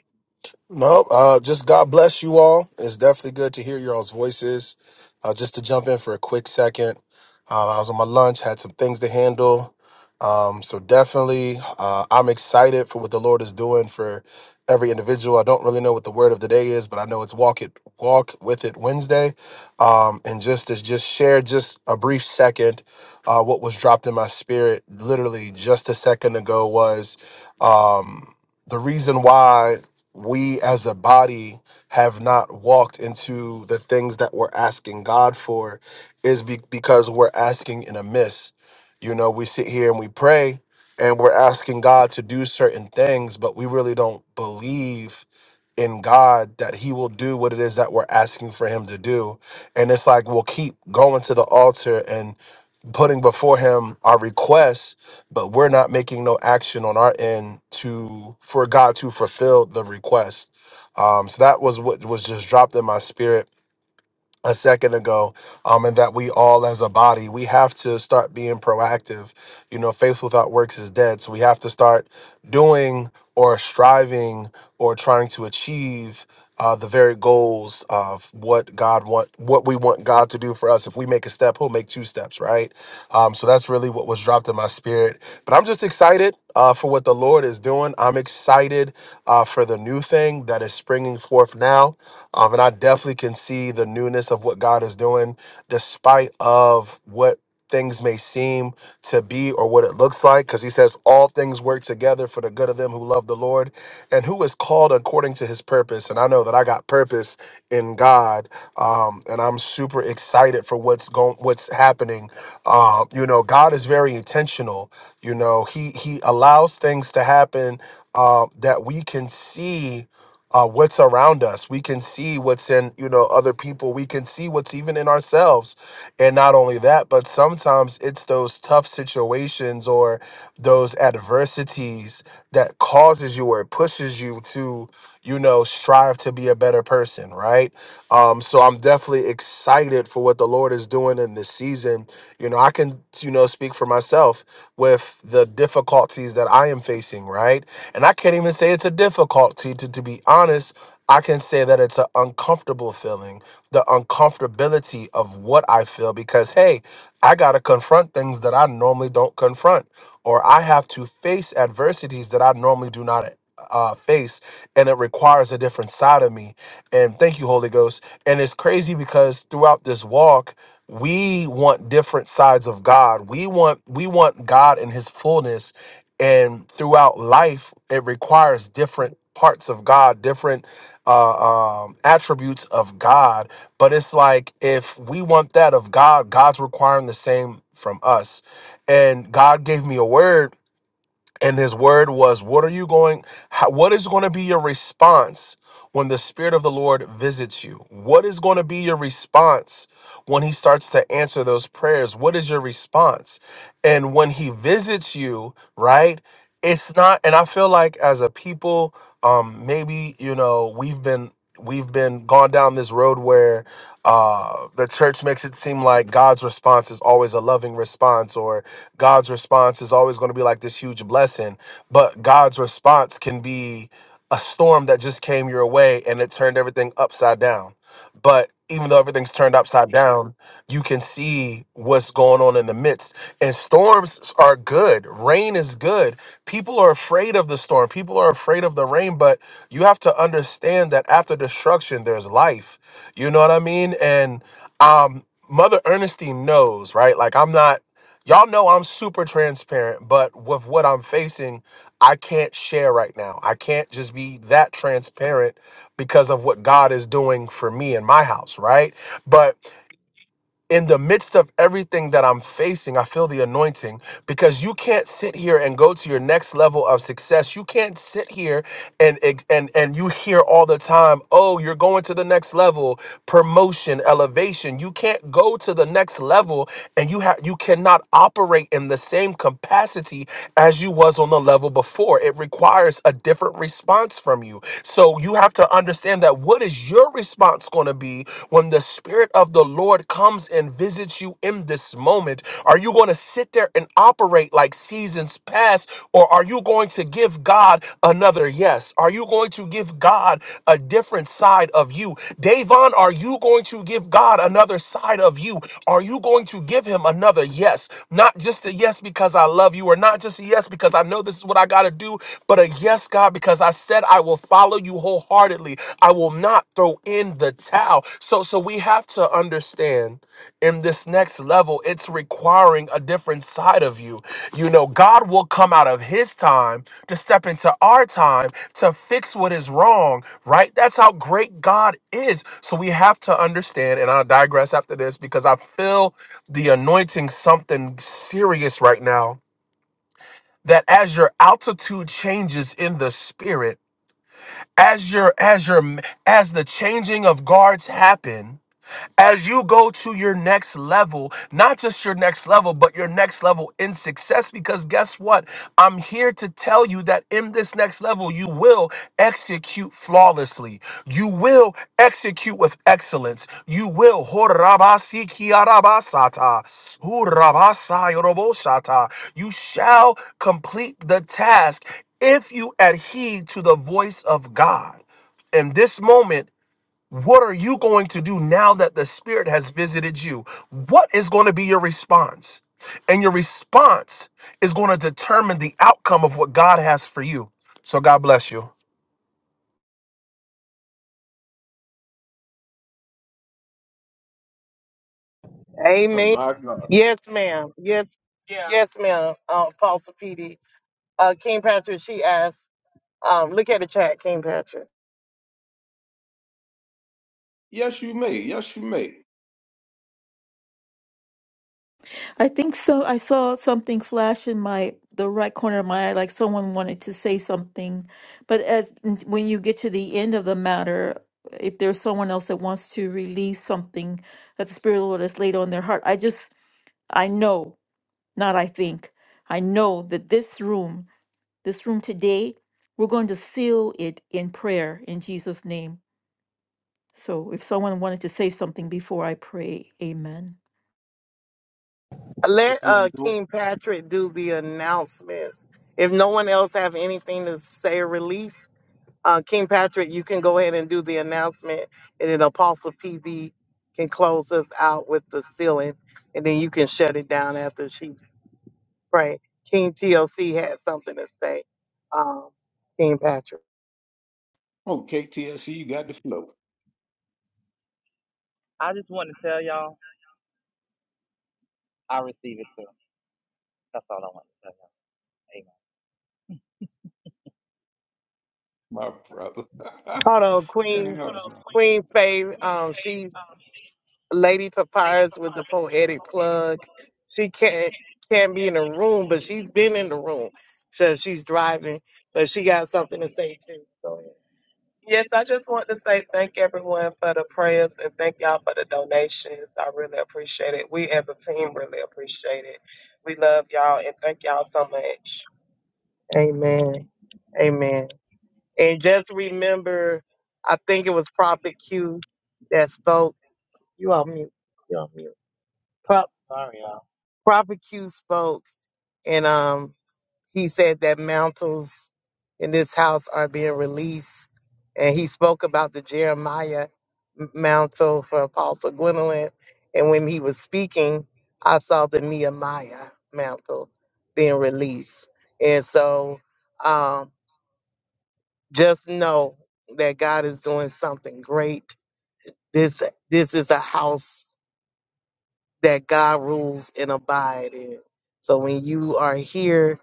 No,
Oh,
uh, just God bless you all. It's definitely good to hear your all's voices. Uh, just to jump in for a quick second, uh, I was on my lunch, had some things to handle. Um, so definitely, uh, I'm excited for what the Lord is doing for every individual. I don't really know what the word of the day is, but I know it's walk it, walk with it Wednesday. Um, and just to just share just a brief second, uh, what was dropped in my spirit literally just a second ago was, um, the reason why we as a body have not walked into the things that we're asking God for is be- because we're asking in a miss. You know, we sit here and we pray and we're asking God to do certain things, but we really don't believe in God that He will do what it is that we're asking for Him to do. And it's like we'll keep going to the altar and putting before Him our requests but we're not making no action on our end to for God to fulfill the request. Um, so that was what was just dropped in my spirit a second ago, um, and that we all as a body, we have to start being proactive. You know, faith without works is dead. So we have to start doing or striving or trying to achieve uh, the very goals of what God want, what we want God to do for us. If we make a step, He'll make two steps, right? Um, so that's really what was dropped in my spirit. But I'm just excited uh, for what the Lord is doing. I'm excited uh, for the new thing that is springing forth now. Um, and I definitely can see the newness newness of what God is doing, despite of what things may seem to be or what it looks like because he says all things work together for the good of them who love the lord and who is called according to his purpose and i know that i got purpose in god um, and i'm super excited for what's going what's happening um, you know god is very intentional you know he he allows things to happen uh, that we can see uh, what's around us. We can see what's in, you know, other people. We can see what's even in ourselves. And not only that, but sometimes it's those tough situations or those adversities that causes you or pushes you to, you know, strive to be a better person better person, right? Um, so I'm definitely excited for what the Lord is doing in this season. You know, I can, you know, speak for myself with the difficulties that I am facing, right? And I can't even say it's a difficulty to, to be honest. I can say that it's an uncomfortable feeling, the uncomfortability of what I feel, because hey, I got to confront things that I normally don't confront, or I have to face adversities that I normally do not uh, face, and it requires a different side of me. And thank you, Holy Ghost. And it's crazy because throughout this walk, we want different sides of God. We want we want God in his fullness. And throughout life, it requires different parts of God, different uh, um, attributes of God. But it's like if we want that of God, God's requiring the same from us. And God gave me a word and his word was, What are you going? How, what is going to be your response when the Spirit of the Lord visits you? What is going to be your response when he starts to answer those prayers? What is your response? And when he visits you, right? It's not, and I feel like as a people, um, maybe, you know, we've been. We've been gone down this road where uh, the church makes it seem like God's response is always a loving response, or." God's response is always going to be like this huge blessing, but God's response can be a storm that just came your way and it turned everything upside down. But even though everything's turned upside down, you can see what's going on in the midst. And storms are good. Rain is good. People are afraid of the storm. People are afraid of the rain, but you have to understand that after destruction, there's life. You know what I mean? And um, Mother Ernestine knows, right? Like I'm not. Y'all know I'm super transparent, but with what I'm facing, I can't share right now. I can't just be that transparent because of what God is doing for me in my house, right? But in the midst of everything that I'm facing, I feel the anointing because you can't sit here and go to your next level of success. You can't sit here and and and you hear all the time, "Oh, you're going to the next level, promotion, elevation." You can't go to the next level and you have you cannot operate in the same capacity as you was on the level before. It requires a different response from you. So you have to understand that what is your response going to be when the spirit of the Lord comes comes and visits you in this moment? Are you going to sit there and operate like seasons past, or are you going to give God another yes? Are you going to give God a different side of you? Davon, are you going to give God another side of you? Are you going to give him another yes? Not just a yes because I love you, or not just a yes because I know this is what I got to do, but a yes, God, because I said I will follow you wholeheartedly. I will not throw in the towel. So, so we have to understand in this next level, it's requiring a different side of you. You know, God will come out of his time to step into our time to fix what is wrong, right? That's how great God is. So we have to understand, and I'll digress after this because I feel the anointing something serious right now that as your altitude changes in the spirit, as your as your as the changing of guards happen, as you go to your next level, not just your next level, but your next level in success. Because guess what? I'm here to tell you that in this next level, you will execute flawlessly. You will execute with excellence. You will. Horabasikiarabasata, hurabasayoroboshata. You shall complete the task if you adhere to the voice of God. In this moment, what are you going to do now that the Spirit has visited you? What is going to be your response? And your response is going to determine the outcome of what God has for you. So, God bless you.
oh
Amen.
my God.
Yes, ma'am. Yes, yeah. yes, ma'am. Uh, Apostle PD. Uh, King Patrick, she asked. Um, look at the chat, King Patrick.
Yes, you may. Yes, you may.
I think so. I saw something flash in my the right corner of my eye, like someone wanted to say something. But as when you get to the end of the matter, if there's someone else that wants to release something that the Spirit of the Lord has laid on their heart, I just I know, not I think, I know that this room, this room today, we're going to seal it in prayer in Jesus' name. So if someone wanted to say something before I pray, Amen.
The
Let
floor
uh,
is open.
King Patrick do the announcements. If no one else have anything to say or release, uh, King Patrick, you can go ahead and do the announcement, and then Apostle PD can close us out with the ceiling, and then you can shut it down after she pray. King TLC had something to say. Um, King Patrick.
Okay, TLC, you got the flow, my brother. [laughs]
Hold on,
Yeah, no,
Queen
no.
Queen Faye. Um, she Lady Papyrus with the poetic plug. She can't can't be in the room, but she's been in the room. So she's driving, but she got something to say too. Go ahead. Yes, I just want to say thank everyone for the prayers and thank y'all for the donations. I really appreciate it. We as a team really appreciate it. We love y'all and thank y'all so much. Amen. Amen. And just remember, I think it was Prophet Q that spoke. You all mute. You all mute. Prophet Q spoke, and um, he said that mantles in this house are being released, and he spoke about the Jeremiah m- mantle for Apostle Gwendolyn, and when he was speaking, I saw the Nehemiah mantle being released, and so um, just know that God is doing something great. This this is a house that God rules and abide in. So when you are here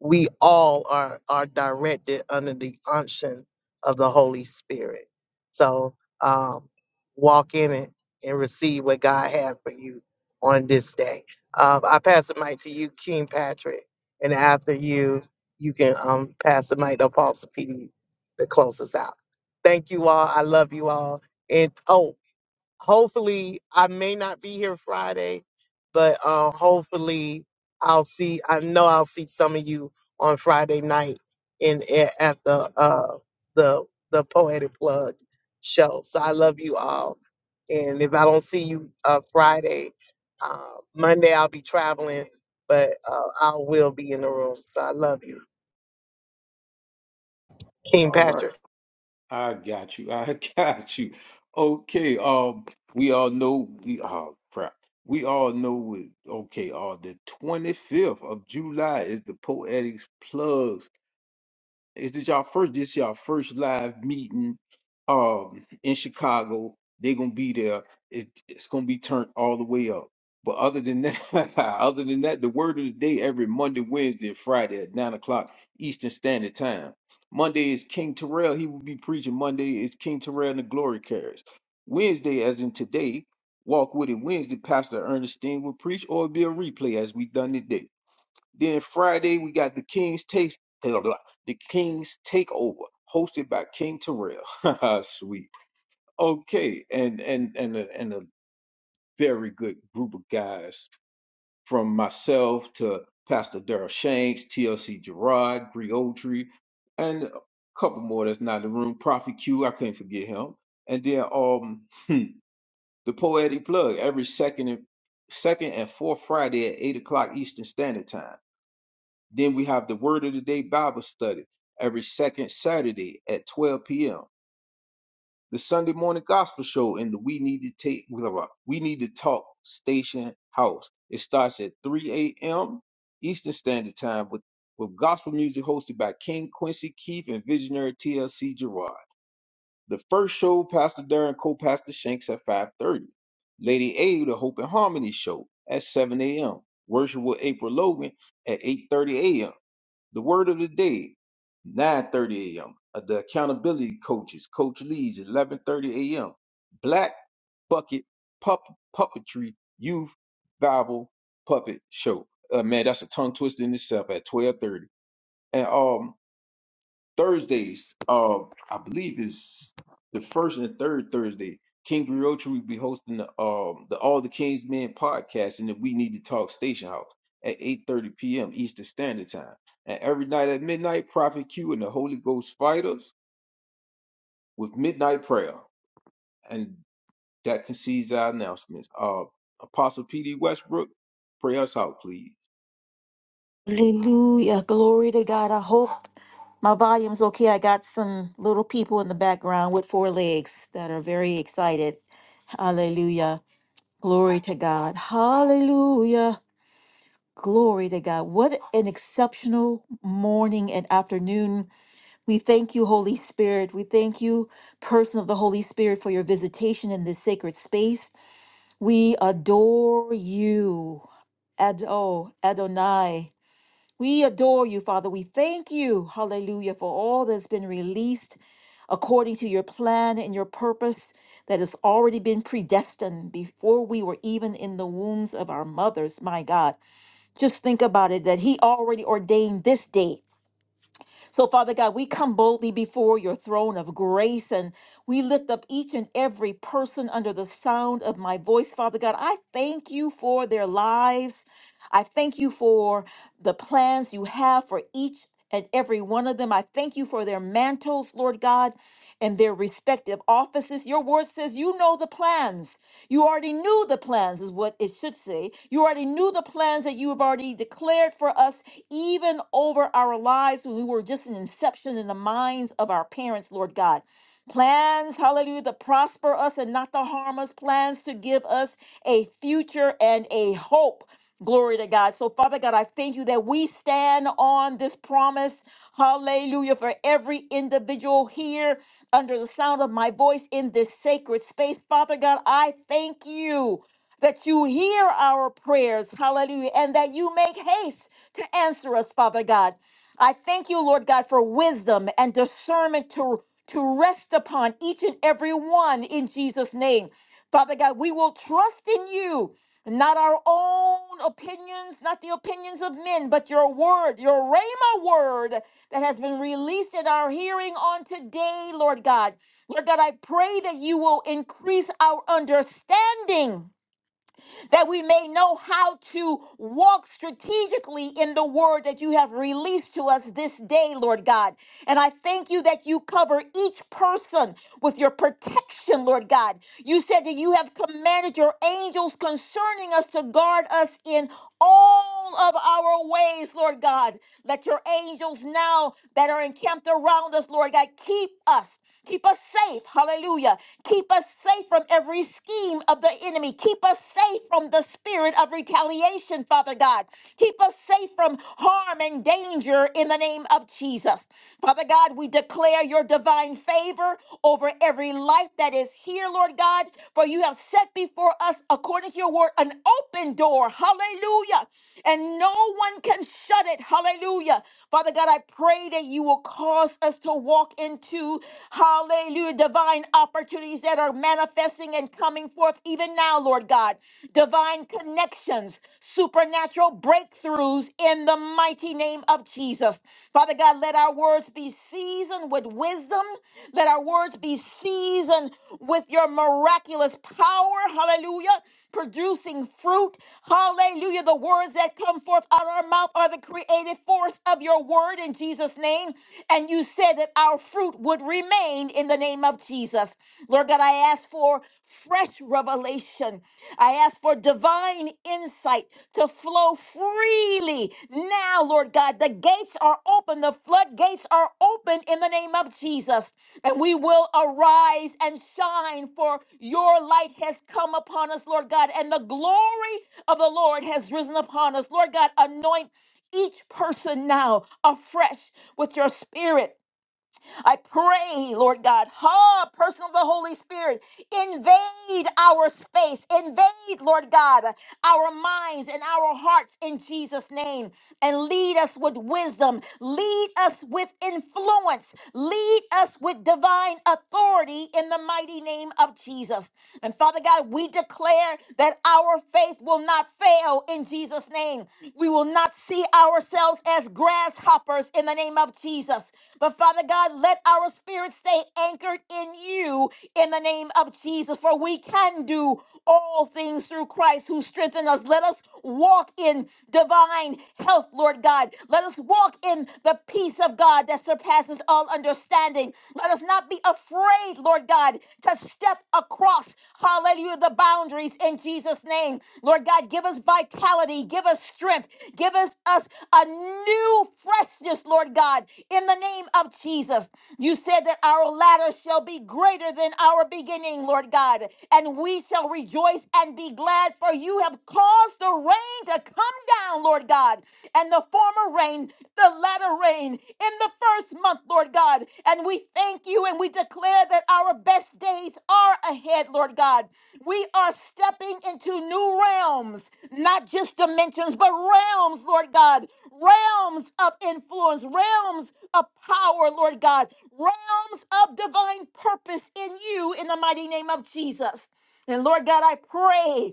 we all are are directed under the unction of the Holy Spirit. So um, walk in it and receive what God had for you on this day. Um, I pass the mic to you, King Patrick, and after you, you can um, pass the mic to Apostle PD to close us out. Thank you all. I love you all. And oh, hopefully I may not be here Friday, but uh, hopefully I'll see. I know I'll see some of you on Friday night in a- at the uh, the the Poetic Plug show. So I love you all, and if I don't see you uh, Friday, uh, Monday I'll be traveling, but uh, I will be in the room. So I love you, King
All right.
Patrick.
I got you. I [laughs] got you. Okay. Um, we all know we oh crap. We all know we, okay, uh the 25th of July is the Poetics Plug Is this y'all first? This y'all first live meeting um in Chicago. They gonna be there. It, it's gonna be turned all the way up. But other than that, [laughs] other than that, the word of the day every Monday, Wednesday, and Friday at nine o'clock Eastern Standard Time. Monday is King Terrell. He will be preaching. Monday is King Terrell and the Glory Carriers. Wednesday, as in today, Walk with It Wednesday. Pastor Ernestine will preach, or it'll be a replay as we done today. Then Friday we got the King's Taste, blah, blah, blah, the King's Takeover, hosted by King Terrell. [laughs] Sweet. Okay, and and and a, and a very good group of guys from myself to Pastor Daryl Shanks, TLC Gerard, Griotry, and a couple more that's not in the room. Prophet Q, I can't forget him. And then um [laughs] the poetic plug every second and second and fourth Friday at eight o'clock Eastern Standard Time. Then we have the Word of the Day Bible study every second Saturday at 12 p.m. The Sunday morning gospel show in the We Need to Take We Need to Talk Station House. It starts at 3 a.m. Eastern Standard Time with, with gospel music hosted by King Quincy Keith and visionary TLC Gerard. The first show, Pastor Darren co-pastor Shanks at 5:30. Lady A, the Hope and Harmony show at 7 a.m. Worship with April Logan at 8:30 a.m. The word of the day, 9.30 a.m. Uh, The accountability coaches, Coach Lee's, 11.30 a.m. Black Bucket Pup- Puppetry Youth Bible Puppet Show. Uh, man, that's a tongue twister in itself at 12.30. And um, Thursdays. Uh, I believe is the first and the third Thursday. King Griotri will be hosting the um the All the Kings Men podcast and the We Need to Talk Station House at 8:30 p.m. Eastern Standard Time. And every night at midnight, Prophet Q and the Holy Ghost Fighters with Midnight Prayer. And that concedes our announcements. Uh, Apostle P.D. Westbrook, pray us out, please.
Hallelujah. Glory to God. I hope. My volume's okay. I got some little people in the background with four legs that are very excited. Hallelujah. Glory to God. Hallelujah. Glory to God. What an exceptional morning and afternoon. We thank you, Holy Spirit. We thank you, person of the Holy Spirit, for your visitation in this sacred space. We adore you. Ado, Adonai. We adore you, Father. We thank you, hallelujah, for all that's been released according to your plan and your purpose that has already been predestined before we were even in the wombs of our mothers, my God. Just think about it that He already ordained this day so, Father God, we come boldly before your throne of grace and we lift up each and every person under the sound of my voice, Father God. I thank you for their lives. I thank you for the plans you have for each and every one of them. I thank you for their mantles, Lord God, and their respective offices. Your word says you know the plans. You already knew the plans, is what it should say. You already knew the plans that you have already declared for us, even over our lives when we were just an inception in the minds of our parents, Lord God. Plans, hallelujah, to prosper us and not to harm us, plans to give us a future and a hope. Glory to God. So, Father God, I thank you that we stand on this promise. Hallelujah. For every individual here under the sound of my voice in this sacred space. Father God, I thank you that you hear our prayers, hallelujah, and that you make haste to answer us, Father God. I thank you, Lord God, for wisdom and discernment to, to rest upon each and every one in Jesus' name. Father God, we will trust in you, not our own opinions, not the opinions of men, but your word, your Rhema word that has been released in our hearing on today, Lord God. Lord God, I pray that you will increase our understanding that we may know how to walk strategically in the word that you have released to us this day, Lord God. And I thank you that you cover each person with your protection, Lord God. You said that you have commanded your angels concerning us to guard us in all of our ways, Lord God. Let your angels now that are encamped around us, Lord God, keep us. Keep us safe. Hallelujah. Keep us safe from every scheme of the enemy. Keep us safe from the spirit of retaliation, Father God. Keep us safe from harm and danger in the name of Jesus. Father Father God, we declare your divine favor over every life that is here, Lord God, for you have set before us, according to your word, an open door. Hallelujah. And no one can shut it. Hallelujah. Father God, I pray that you will cause us to walk into, hallelujah, divine opportunities that are manifesting and coming forth even now, Lord God. Divine connections, supernatural supernatural breakthroughs in the mighty name of Jesus. Father God, let our words be seasoned with wisdom. Let our words be seasoned with your miraculous power. Hallelujah. Producing fruit. Hallelujah. The words that come forth out of our mouth are the creative force of your word in Jesus' name. And you said that our fruit would remain in the name of Jesus. Lord God, I ask for fresh revelation. I ask for divine insight to flow freely now, Lord God. The gates are open, the floodgates are open in the name of Jesus, and we will arise and shine, for your light has come upon us, Lord God, and the glory of the Lord has risen upon us. Lord God, anoint each person now afresh with your spirit. I pray, Lord God, ha, person of the Holy Spirit, invade our space, invade, Lord God, our minds and our hearts in Jesus' name, and lead us with wisdom, lead us with influence, lead us with divine authority in the mighty name of Jesus. And Father God, we declare that our faith will not fail in Jesus' name. We will not see ourselves as grasshoppers in the name of Jesus. But Father God, let our spirit stay anchored in you in the name of Jesus, for we can do all things through Christ who strengthens us. Let us walk in divine health, Lord God. Let us walk in the peace of God that surpasses all understanding. Let us not be afraid, Lord God, to step across, hallelujah, the boundaries peace in Jesus' name. Lord God, give us vitality, give us strength, give us, us a new freshness, Lord God, in the name of Jesus. You said that our latter shall be greater than our beginning, Lord God, and we shall rejoice and be glad, for you have caused the rain to come down, Lord God, and the former rain, the latter rain rain in the first month, Lord God. And we thank you and we declare that our best days are ahead, Lord God. We are stepping into new realms, not just dimensions, but realms, Lord God, realms of influence, realms of power, Lord God, realms of divine purpose in you in the mighty name of Jesus. And Lord God, I pray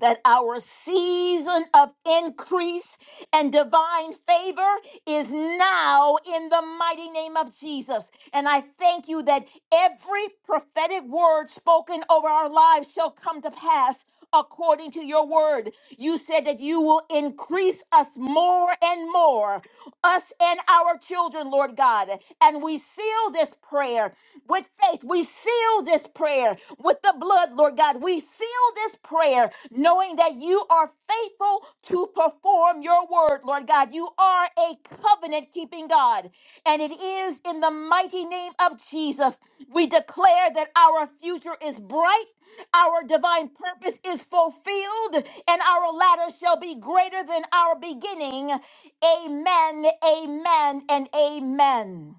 that our season of increase and divine favor is now in the mighty name of Jesus. And I thank you that every prophetic word spoken over our lives shall come to pass. According to your word, you said that you will increase us more and more, us and our children, Lord God. And we seal this prayer with faith. We seal this prayer with the blood, Lord God. We seal this prayer knowing that you are faithful to perform your word, Lord God. You are a covenant keeping God. And it is in the mighty name of Jesus we declare that our future is bright. Our divine purpose is fulfilled, and our latter shall be greater than our beginning. Amen, amen, and amen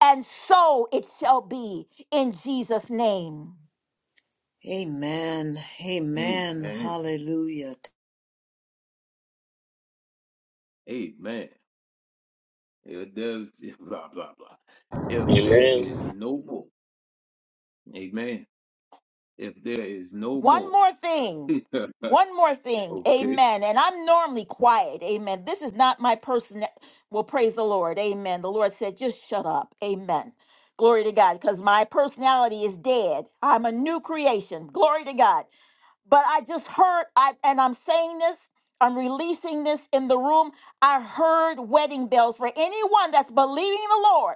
and so it shall be in Jesus' name.
Amen. Amen.
Amen.
Hallelujah.
Amen. If there's [laughs] blah blah blah. If there is no more. Amen. If there is no
One
more.
more thing. One more
[laughs]
thing.
okay.
Amen. And I'm normally quiet. Amen. This is not my person Well, praise the Lord. Amen. The Lord said, just shut up. Amen. Glory to God. Because my personality is dead. I'm a new creation. Glory to God. But I just heard, I and I'm saying this, I'm releasing this in the room. I heard wedding bells for anyone that's believing the Lord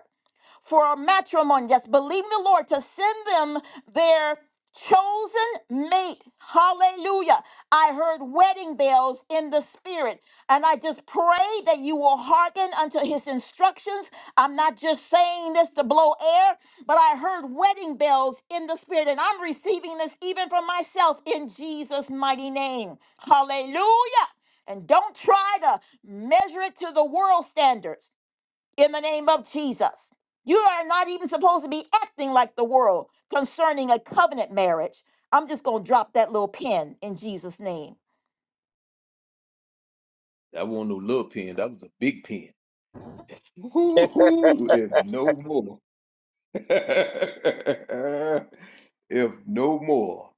for matrimony. Yes, believe in the Lord to send them their chosen mate. Hallelujah. I heard wedding bells in the spirit. And I just pray that you will hearken unto his instructions. I'm not just saying this to blow air, but I heard wedding bells in the spirit. And I'm receiving this even from myself in Jesus' mighty name. Hallelujah. And don't try to measure it to the world standards in the name of Jesus. You are not even supposed to be acting like the world concerning a covenant marriage. I'm just going to drop that little pin in Jesus' name.
That wasn't no little pen. That was a big pen. Woo-hoo, if no more. [laughs] if no more.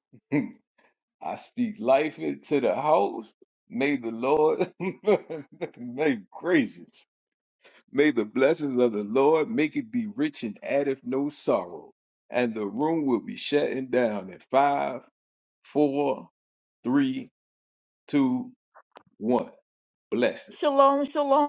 I speak life into the house. May the Lord, [laughs] may gracious, may the blessings of the Lord make it be rich and addeth no sorrow. And the room will be shutting down at five, four, three, two, one. blessings
Shalom, shalom.